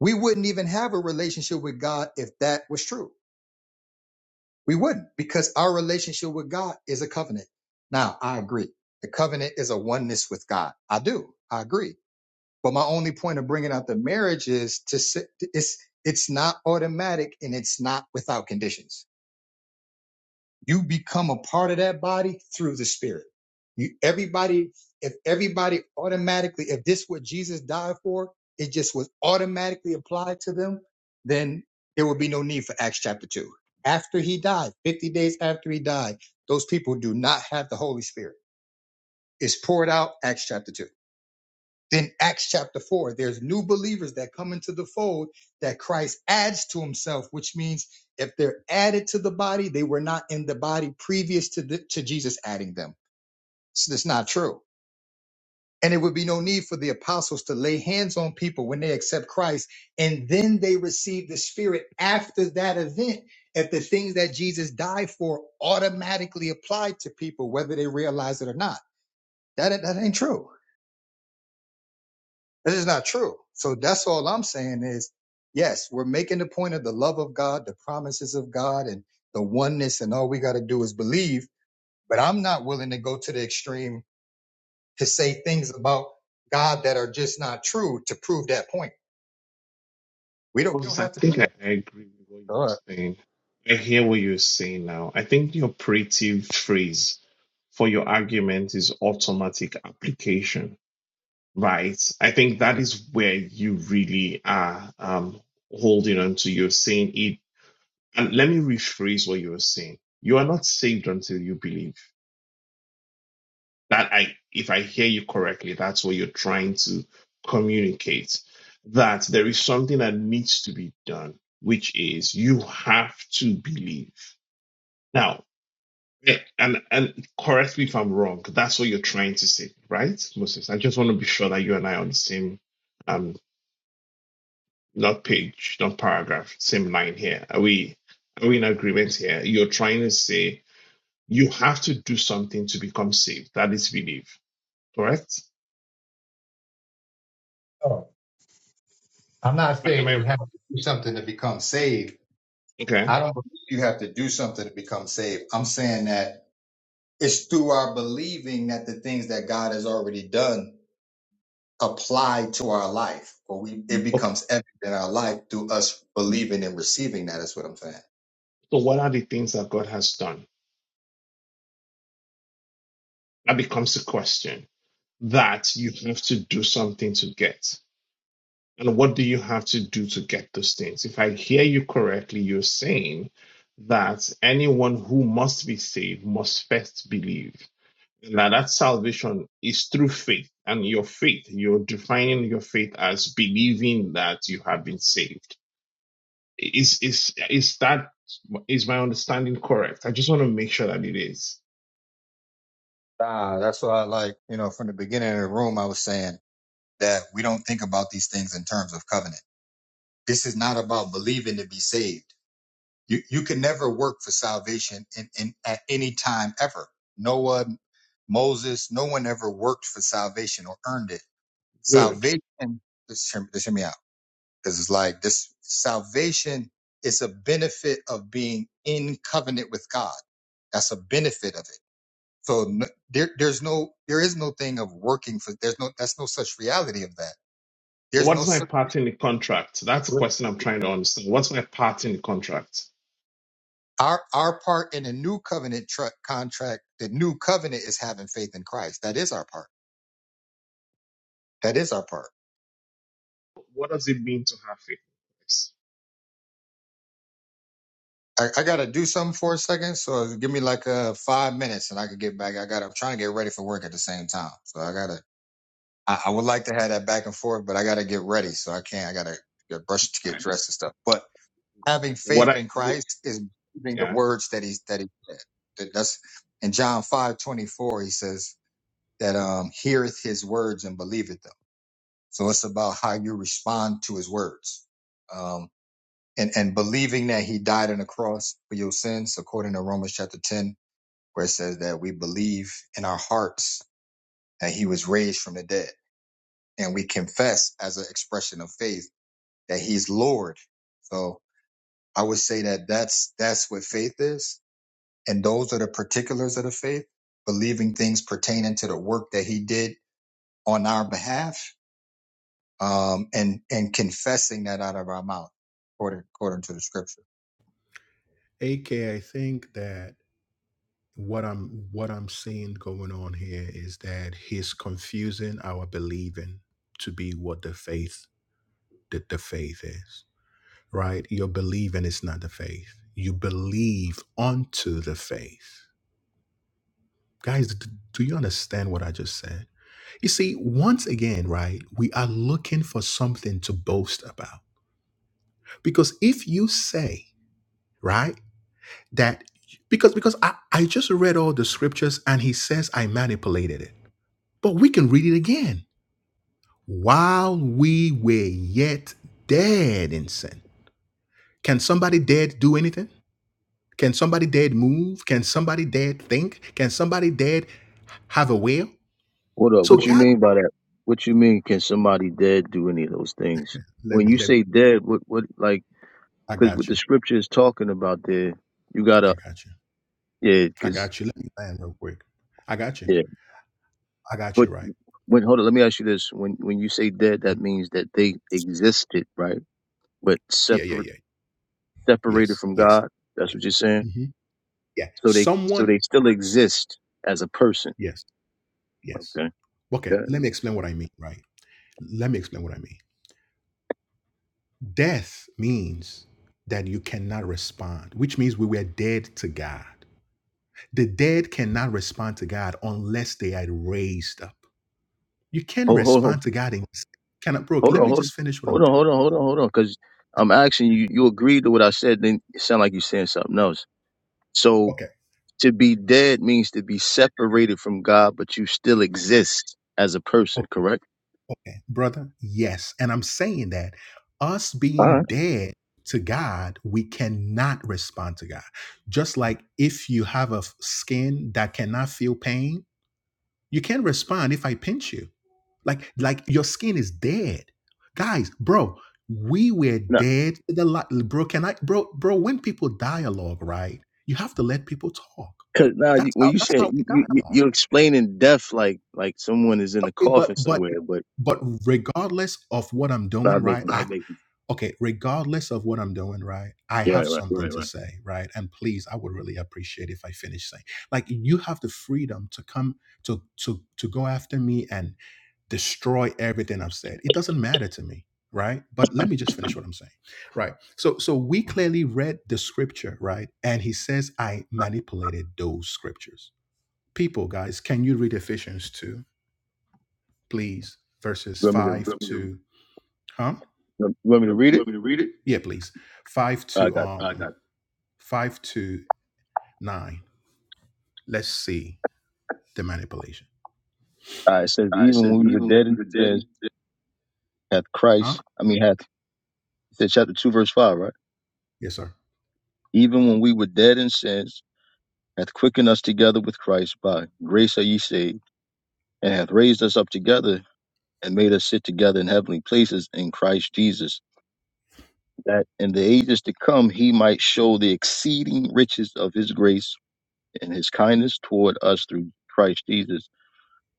Speaker 2: We wouldn't even have a relationship with God if that was true. We wouldn't because our relationship with God is a covenant. Now, I agree. The covenant is a oneness with God. I do. I agree. But my only point of bringing out the marriage is to s- it's it's not automatic and it's not without conditions. You become a part of that body through the spirit. You everybody, if everybody automatically, if this what Jesus died for, it just was automatically applied to them, then there would be no need for Acts chapter two. After he died, 50 days after he died, those people do not have the Holy Spirit. It's poured out, Acts chapter two. Then Acts chapter 4, there's new believers that come into the fold that Christ adds to himself, which means if they're added to the body, they were not in the body previous to, the, to Jesus adding them. So that's not true. And it would be no need for the apostles to lay hands on people when they accept Christ and then they receive the Spirit after that event. If the things that Jesus died for automatically apply to people, whether they realize it or not, that, that ain't true. This is not true. So that's all I'm saying is, yes, we're making the point of the love of God, the promises of God, and the oneness, and all we got to do is believe. But I'm not willing to go to the extreme to say things about God that are just not true to prove that point. We don't, we don't
Speaker 7: Moses, I
Speaker 2: have to do
Speaker 7: think I
Speaker 2: that.
Speaker 7: I agree with what you
Speaker 2: All right.
Speaker 7: were saying. I hear what you're saying now. I think the operative phrase for your argument is automatic application Right. I think that is where you really are um, holding on to. You're saying it. And let me rephrase what you were saying. You are not saved until you believe. That I, if I hear you correctly, that's what you're trying to communicate. That there is something that needs to be done, which is you have to believe. Now, eh, and and correct me if I'm wrong. That's what you're trying to say, right, Moses? I just want to be sure that you and I are on the same. um, not page, not paragraph, same line here. Are we are we in agreement here? You're trying to say you have to do something to become saved. That is belief, correct?
Speaker 2: Oh, I'm not
Speaker 7: Am
Speaker 2: saying
Speaker 7: I, am
Speaker 2: you have to do something to become saved.
Speaker 7: I- okay?
Speaker 2: I don't believe you have to do something to become saved. I'm saying that it's through our believing that the things that God has already done applied to our life, or we it
Speaker 7: Okay.
Speaker 2: becomes evident in our life through us believing and receiving that. Is what I'm saying.
Speaker 7: So what are the things that God has done? That becomes a question that you have to do something to get. And what do you have to do to get those things? If I hear you correctly, you're saying that anyone who must be saved must first believe. Now that salvation is through faith and your faith. You're defining your faith as believing that you have been saved. Is is is that is my understanding correct? I just want to make sure that it is.
Speaker 2: Ah, that's why I like you know from the beginning of the room I was saying that we don't think about these things in terms of covenant. This is not about believing to be saved. You you can never work for salvation in, in at any time ever. No one, Moses, no one ever worked for salvation or earned it.
Speaker 7: Good.
Speaker 2: Salvation. Just hear, just hear me out because it's like this salvation is a benefit of being in covenant with God. That's a benefit of it. So n there, there's no, there is no thing of working for. There's no, that's no such reality of that.
Speaker 7: So
Speaker 2: There's no
Speaker 7: what's my
Speaker 2: such.
Speaker 7: part in the contract? That's a question I'm trying to understand. What's my part in the contract?
Speaker 2: Our our part in the new covenant tr- contract, the new covenant is having faith in Christ. That is our part. That is our part.
Speaker 7: What does it mean to have faith? Yes.
Speaker 2: I, I gotta do something for a second, so give me like uh five minutes, and I can get back. I gotta. I'm trying to get ready for work at the same time, so I gotta. I, I would like to have that back and forth, but I got to get ready. So I can't, I got to get brushed get
Speaker 7: Fine.
Speaker 2: dressed and stuff. But having faith
Speaker 7: What I
Speaker 2: in
Speaker 7: the-
Speaker 2: Christ is believing the
Speaker 7: yeah.
Speaker 2: words that he's, that he said. That- That's in John five twenty four. he says that, um, heareth his words and believeth them. So it's about how you respond to his words. Um, and, and believing that he died on the cross for your sins, according to Romans chapter 10, where it says that we believe in our hearts that he was raised from the dead and we confess as an expression of faith that he's Lord. So I would say that that's, that's what faith is. And those are the particulars of the faith, believing things pertaining to the work that he did on our behalf. Um, and, and confessing that out of our mouth according, according to the scripture.
Speaker 5: AK, I think that what I'm what I'm seeing going on here is that he's confusing our believing to be what the faith that the faith is. Right? Your believing is not the faith. You believe unto the faith. Guys, d- do you understand what I just said? You see, once again, right, we are looking for something to boast about. Because if you say, right, that because because I, I just read all the scriptures and he says I manipulated it. But we can read it again. While we were yet dead in sin. Can somebody dead do anything? Can somebody dead move? Can somebody dead think? Can somebody dead have a will?
Speaker 8: What up?
Speaker 5: So
Speaker 8: What you
Speaker 5: God
Speaker 8: mean by that? What you mean? Can somebody dead do any of those things?
Speaker 5: let
Speaker 8: When
Speaker 5: me
Speaker 8: you
Speaker 5: let me
Speaker 8: say dead, what what like?
Speaker 5: I
Speaker 8: Because what
Speaker 5: got
Speaker 8: the
Speaker 5: you.
Speaker 8: scripture is talking about there, you
Speaker 5: I
Speaker 8: gotta
Speaker 5: got you.
Speaker 8: yeah,
Speaker 5: I
Speaker 8: because
Speaker 5: got you. Let me land real quick. I got you.
Speaker 8: yeah.
Speaker 5: I got
Speaker 8: But
Speaker 5: you right.
Speaker 8: when hold on, let me ask you this: when when you say dead, that
Speaker 5: Mhm.
Speaker 8: means that they existed, right? But
Speaker 5: Yeah, yeah,
Speaker 8: separate,
Speaker 5: yeah.
Speaker 8: separated
Speaker 5: Yes,
Speaker 8: from
Speaker 5: yes.
Speaker 8: God. That's
Speaker 5: Yeah.
Speaker 8: what you're saying.
Speaker 5: hmm Yeah.
Speaker 8: So they so
Speaker 5: Someone.
Speaker 8: they still
Speaker 5: s-
Speaker 8: exist as a person.
Speaker 5: Yes, yes.
Speaker 8: Okay.
Speaker 5: Okay,
Speaker 8: Yeah.
Speaker 5: let me explain what I mean, right? Let me explain what I mean. Death means that you cannot respond, which means we were dead to God. The dead cannot respond to God unless they are raised up. You can
Speaker 8: Hold hold
Speaker 5: respond to God in cannot broke.
Speaker 8: Hold
Speaker 5: Let
Speaker 8: on,
Speaker 5: me
Speaker 8: hold on,
Speaker 5: just finish what I'm
Speaker 8: hold on, hold on, hold on, hold on. Because I'm asking you, you agreed to what I said, then it sound like you're saying something else. So
Speaker 5: okay.
Speaker 8: to be dead means to be separated from God, but you still exist as a person, correct?
Speaker 5: brother? Yes. And I'm saying that us
Speaker 8: All
Speaker 5: being
Speaker 8: right.
Speaker 5: dead to God, we cannot respond to God. Just like if you have a f- skin that cannot feel pain, you can't respond if I pinch you. Like, like your skin is dead. Guys, bro, we were
Speaker 8: No,
Speaker 5: dead to the light. Bro, can I bro, bro, when people dialogue, right? You have to let people talk.
Speaker 8: because now you,
Speaker 5: That's
Speaker 8: when
Speaker 5: how
Speaker 8: you
Speaker 5: that's
Speaker 8: say
Speaker 5: how we
Speaker 8: you, you,
Speaker 5: dialogue.
Speaker 8: you're explaining death like like someone is in a
Speaker 5: Okay, but
Speaker 8: coffin
Speaker 5: but
Speaker 8: somewhere, but
Speaker 5: But regardless of what I'm doing,
Speaker 8: not
Speaker 5: right?
Speaker 8: making
Speaker 5: I That makes okay, regardless of what I'm doing, right? I have
Speaker 8: right, right.
Speaker 5: something Right, to right. say, right? And please, I would really appreciate if I finish saying. Like you have the freedom to come to to to go after me and destroy everything I've said. It doesn't matter to me, right? But let me just finish what I'm saying. Right. So so we clearly read the scripture, right? And he says I manipulated those scriptures. People, guys, can you read Ephesians 2, please?
Speaker 8: You
Speaker 5: Verses
Speaker 8: want me to
Speaker 5: 5 to Huh?
Speaker 8: you want me to
Speaker 5: You
Speaker 8: read it?
Speaker 5: want me to read it? Yeah, please. Five
Speaker 8: I
Speaker 5: to
Speaker 8: got. It.
Speaker 5: um I got it. five to nine. Let's see the manipulation.
Speaker 8: All right. It says
Speaker 5: uh, it
Speaker 8: even
Speaker 5: says
Speaker 8: when we were
Speaker 5: even
Speaker 8: dead,
Speaker 5: when
Speaker 8: it
Speaker 5: the dead and
Speaker 8: says
Speaker 5: dead.
Speaker 8: hath
Speaker 5: Huh?
Speaker 8: Christ. I mean hath. It said chapter two verse five, right?
Speaker 5: Yes, sir.
Speaker 8: even when we were dead in sins, hath quickened us together with Christ. By grace are ye saved, and hath raised us up together, and made us sit together in heavenly places in Christ Jesus, that in the ages to come he might show the exceeding riches of his grace and his kindness toward us through Christ Jesus.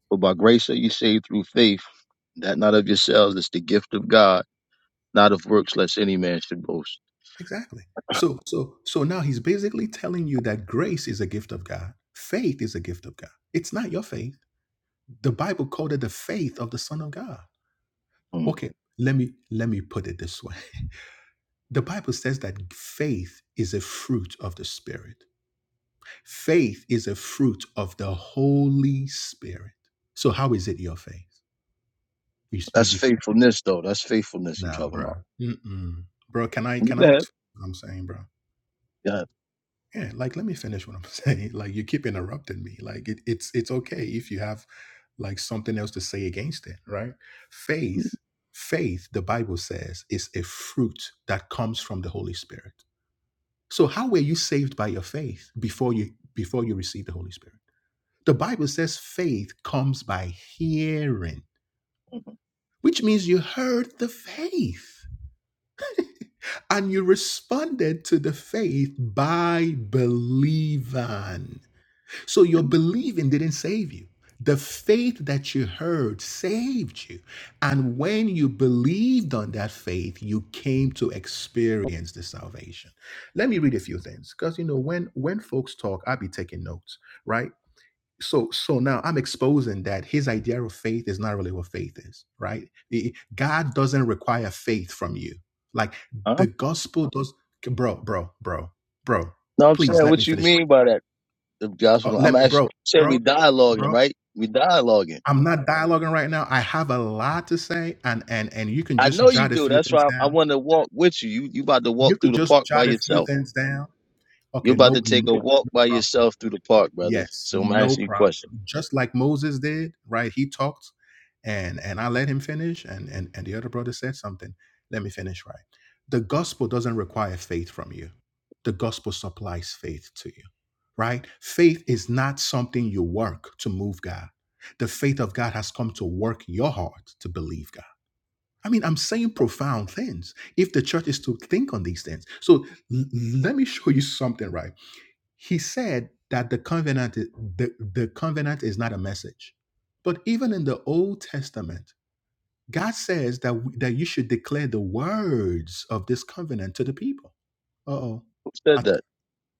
Speaker 8: For by grace are ye saved through faith, that not of yourselves, it's the gift of God, not of works, lest any man should boast.
Speaker 5: Exactly. So so so now he's basically telling you that grace is a gift of God. Faith is a gift of God. It's not your faith. The Bible called it the faith of the Son of God.
Speaker 8: Hmm.
Speaker 5: Okay, let me let me put it this way. The Bible says that faith is a fruit of the spirit. Faith is a fruit of the Holy Spirit. So how is it your faith? You you,
Speaker 8: That's
Speaker 5: you can't,
Speaker 8: faithfulness, though. That's faithfulness you're
Speaker 5: nah,
Speaker 8: talking
Speaker 5: bro.
Speaker 8: about.
Speaker 5: Mm-mm. Bro, can I can
Speaker 8: Go
Speaker 5: I
Speaker 8: ahead.
Speaker 5: just what I'm saying, bro?
Speaker 8: Go ahead.
Speaker 5: Yeah, like let me finish what I'm saying. Like you keep interrupting me. Like it, it's it's okay if you have like something else to say against it, right?
Speaker 8: Hmm.
Speaker 5: Faith, faith, the Bible says, is a fruit that comes from the Holy Spirit. So how were you saved by your faith before you before you received the Holy Spirit? The Bible says faith comes by hearing, which means you heard the faith and you responded to the faith by believing. So your believing didn't save you. The faith that you heard saved you. And when you believed on that faith, you came to experience the salvation. Let me read a few things because, you know, when, when folks talk, I'll be taking notes, right? so so now i'm exposing that his idea of faith is not really what faith is right The- god doesn't require faith from you like
Speaker 8: Huh?
Speaker 5: the gospel does bro bro bro bro
Speaker 8: No, I'm
Speaker 5: please
Speaker 8: saying
Speaker 5: let me
Speaker 8: what you
Speaker 5: finish
Speaker 8: mean by that, if
Speaker 5: oh,
Speaker 8: Joshua. I'm
Speaker 5: let me,
Speaker 8: actually
Speaker 5: bro
Speaker 8: saying we
Speaker 5: bro
Speaker 8: dialoguing,
Speaker 5: bro
Speaker 8: right? We dialoguing.
Speaker 5: i'm not dialoguing right now i have a lot to say and and and you can
Speaker 8: I
Speaker 5: just
Speaker 8: know you
Speaker 5: jot a
Speaker 8: do.
Speaker 5: few
Speaker 8: That's
Speaker 5: things
Speaker 8: why I, I
Speaker 5: down
Speaker 8: want to walk with you. You you about to walk
Speaker 5: you
Speaker 8: through
Speaker 5: could
Speaker 8: the
Speaker 5: just
Speaker 8: park by
Speaker 5: jot a few
Speaker 8: yourself.
Speaker 5: things down
Speaker 8: You're
Speaker 5: okay
Speaker 8: about to
Speaker 5: nope
Speaker 8: take
Speaker 5: no
Speaker 8: a walk
Speaker 5: no
Speaker 8: by
Speaker 5: problem
Speaker 8: yourself through the park, brother.
Speaker 5: Yes,
Speaker 8: So I'm
Speaker 5: no
Speaker 8: asking you a question.
Speaker 5: problem. Just like Moses did, right? He talked and and I let him finish and and, and the other brother said something. Let me finish right. The gospel doesn't require faith from you. The gospel supplies faith to you. Right? Faith is not something you work to move God. The faith of God has come to work your heart to believe God. I mean, I'm saying profound things if the church is to think on these things. So l- let me show you something, right? he said that the covenant the, the covenant is not a message but even in the old testament god says that we, that you should declare the words of this covenant to the people uh-oh
Speaker 8: Who
Speaker 5: I
Speaker 8: said
Speaker 5: th-
Speaker 8: that?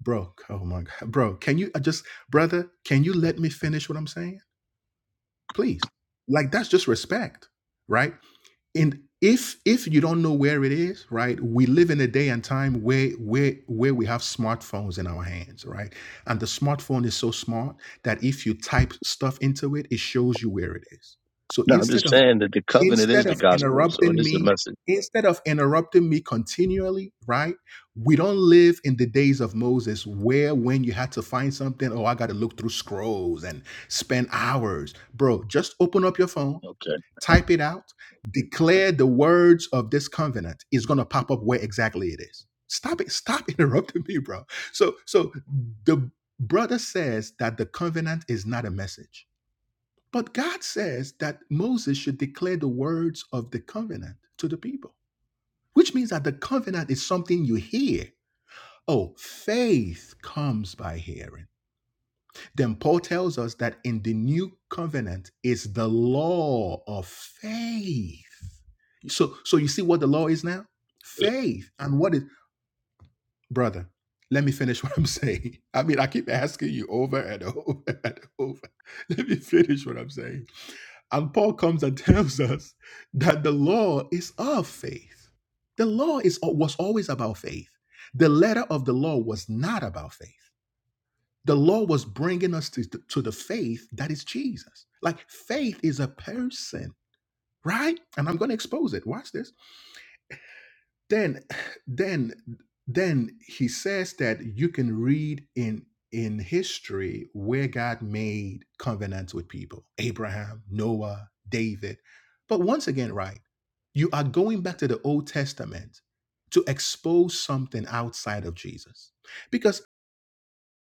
Speaker 5: bro oh my god bro can you I just brother can you let me finish what i'm saying please like that's just respect right and if if you don't know where it is right we live in a day and time where where where we have smartphones in our hands right and the smartphone is so smart that if you type stuff into it it shows you where it is so
Speaker 8: No, I'm
Speaker 5: instead
Speaker 8: just
Speaker 5: of
Speaker 8: saying that the covenant is
Speaker 5: instead
Speaker 8: the
Speaker 5: of
Speaker 8: gospel, so it
Speaker 5: interrupting
Speaker 8: is the
Speaker 5: me
Speaker 8: message.
Speaker 5: instead of interrupting me continually right we don't live in the days of moses where when you had to find something oh i got to look through scrolls and spend hours bro just open up your phone
Speaker 8: Okay.
Speaker 5: Type it out. Declare the words of this covenant It's going to pop up where exactly it is. Stop it. Stop interrupting me, bro. So, so the brother says that the covenant is not a message, but God says that Moses should declare the words of the covenant to the people, which means that the covenant is something you hear. Oh, faith comes by hearing. Then Paul tells us that in the new covenant is the law of faith. So so you see what the law is now? Faith. And what is brother, let me finish what I'm saying. I mean, I keep asking you over and over and over. Let me finish what I'm saying. And Paul comes and tells us that the law is of faith. The law is was always about faith. The letter of the law was not about faith the law was bringing us to, to the faith that is Jesus. Like faith is a person, right? And I'm going to expose it. Watch this. Then, then, then he says that you can read in in history where God made covenants with people: Abraham, Noah, David. But once again, right? You are going back to the Old Testament to expose something outside of Jesus because.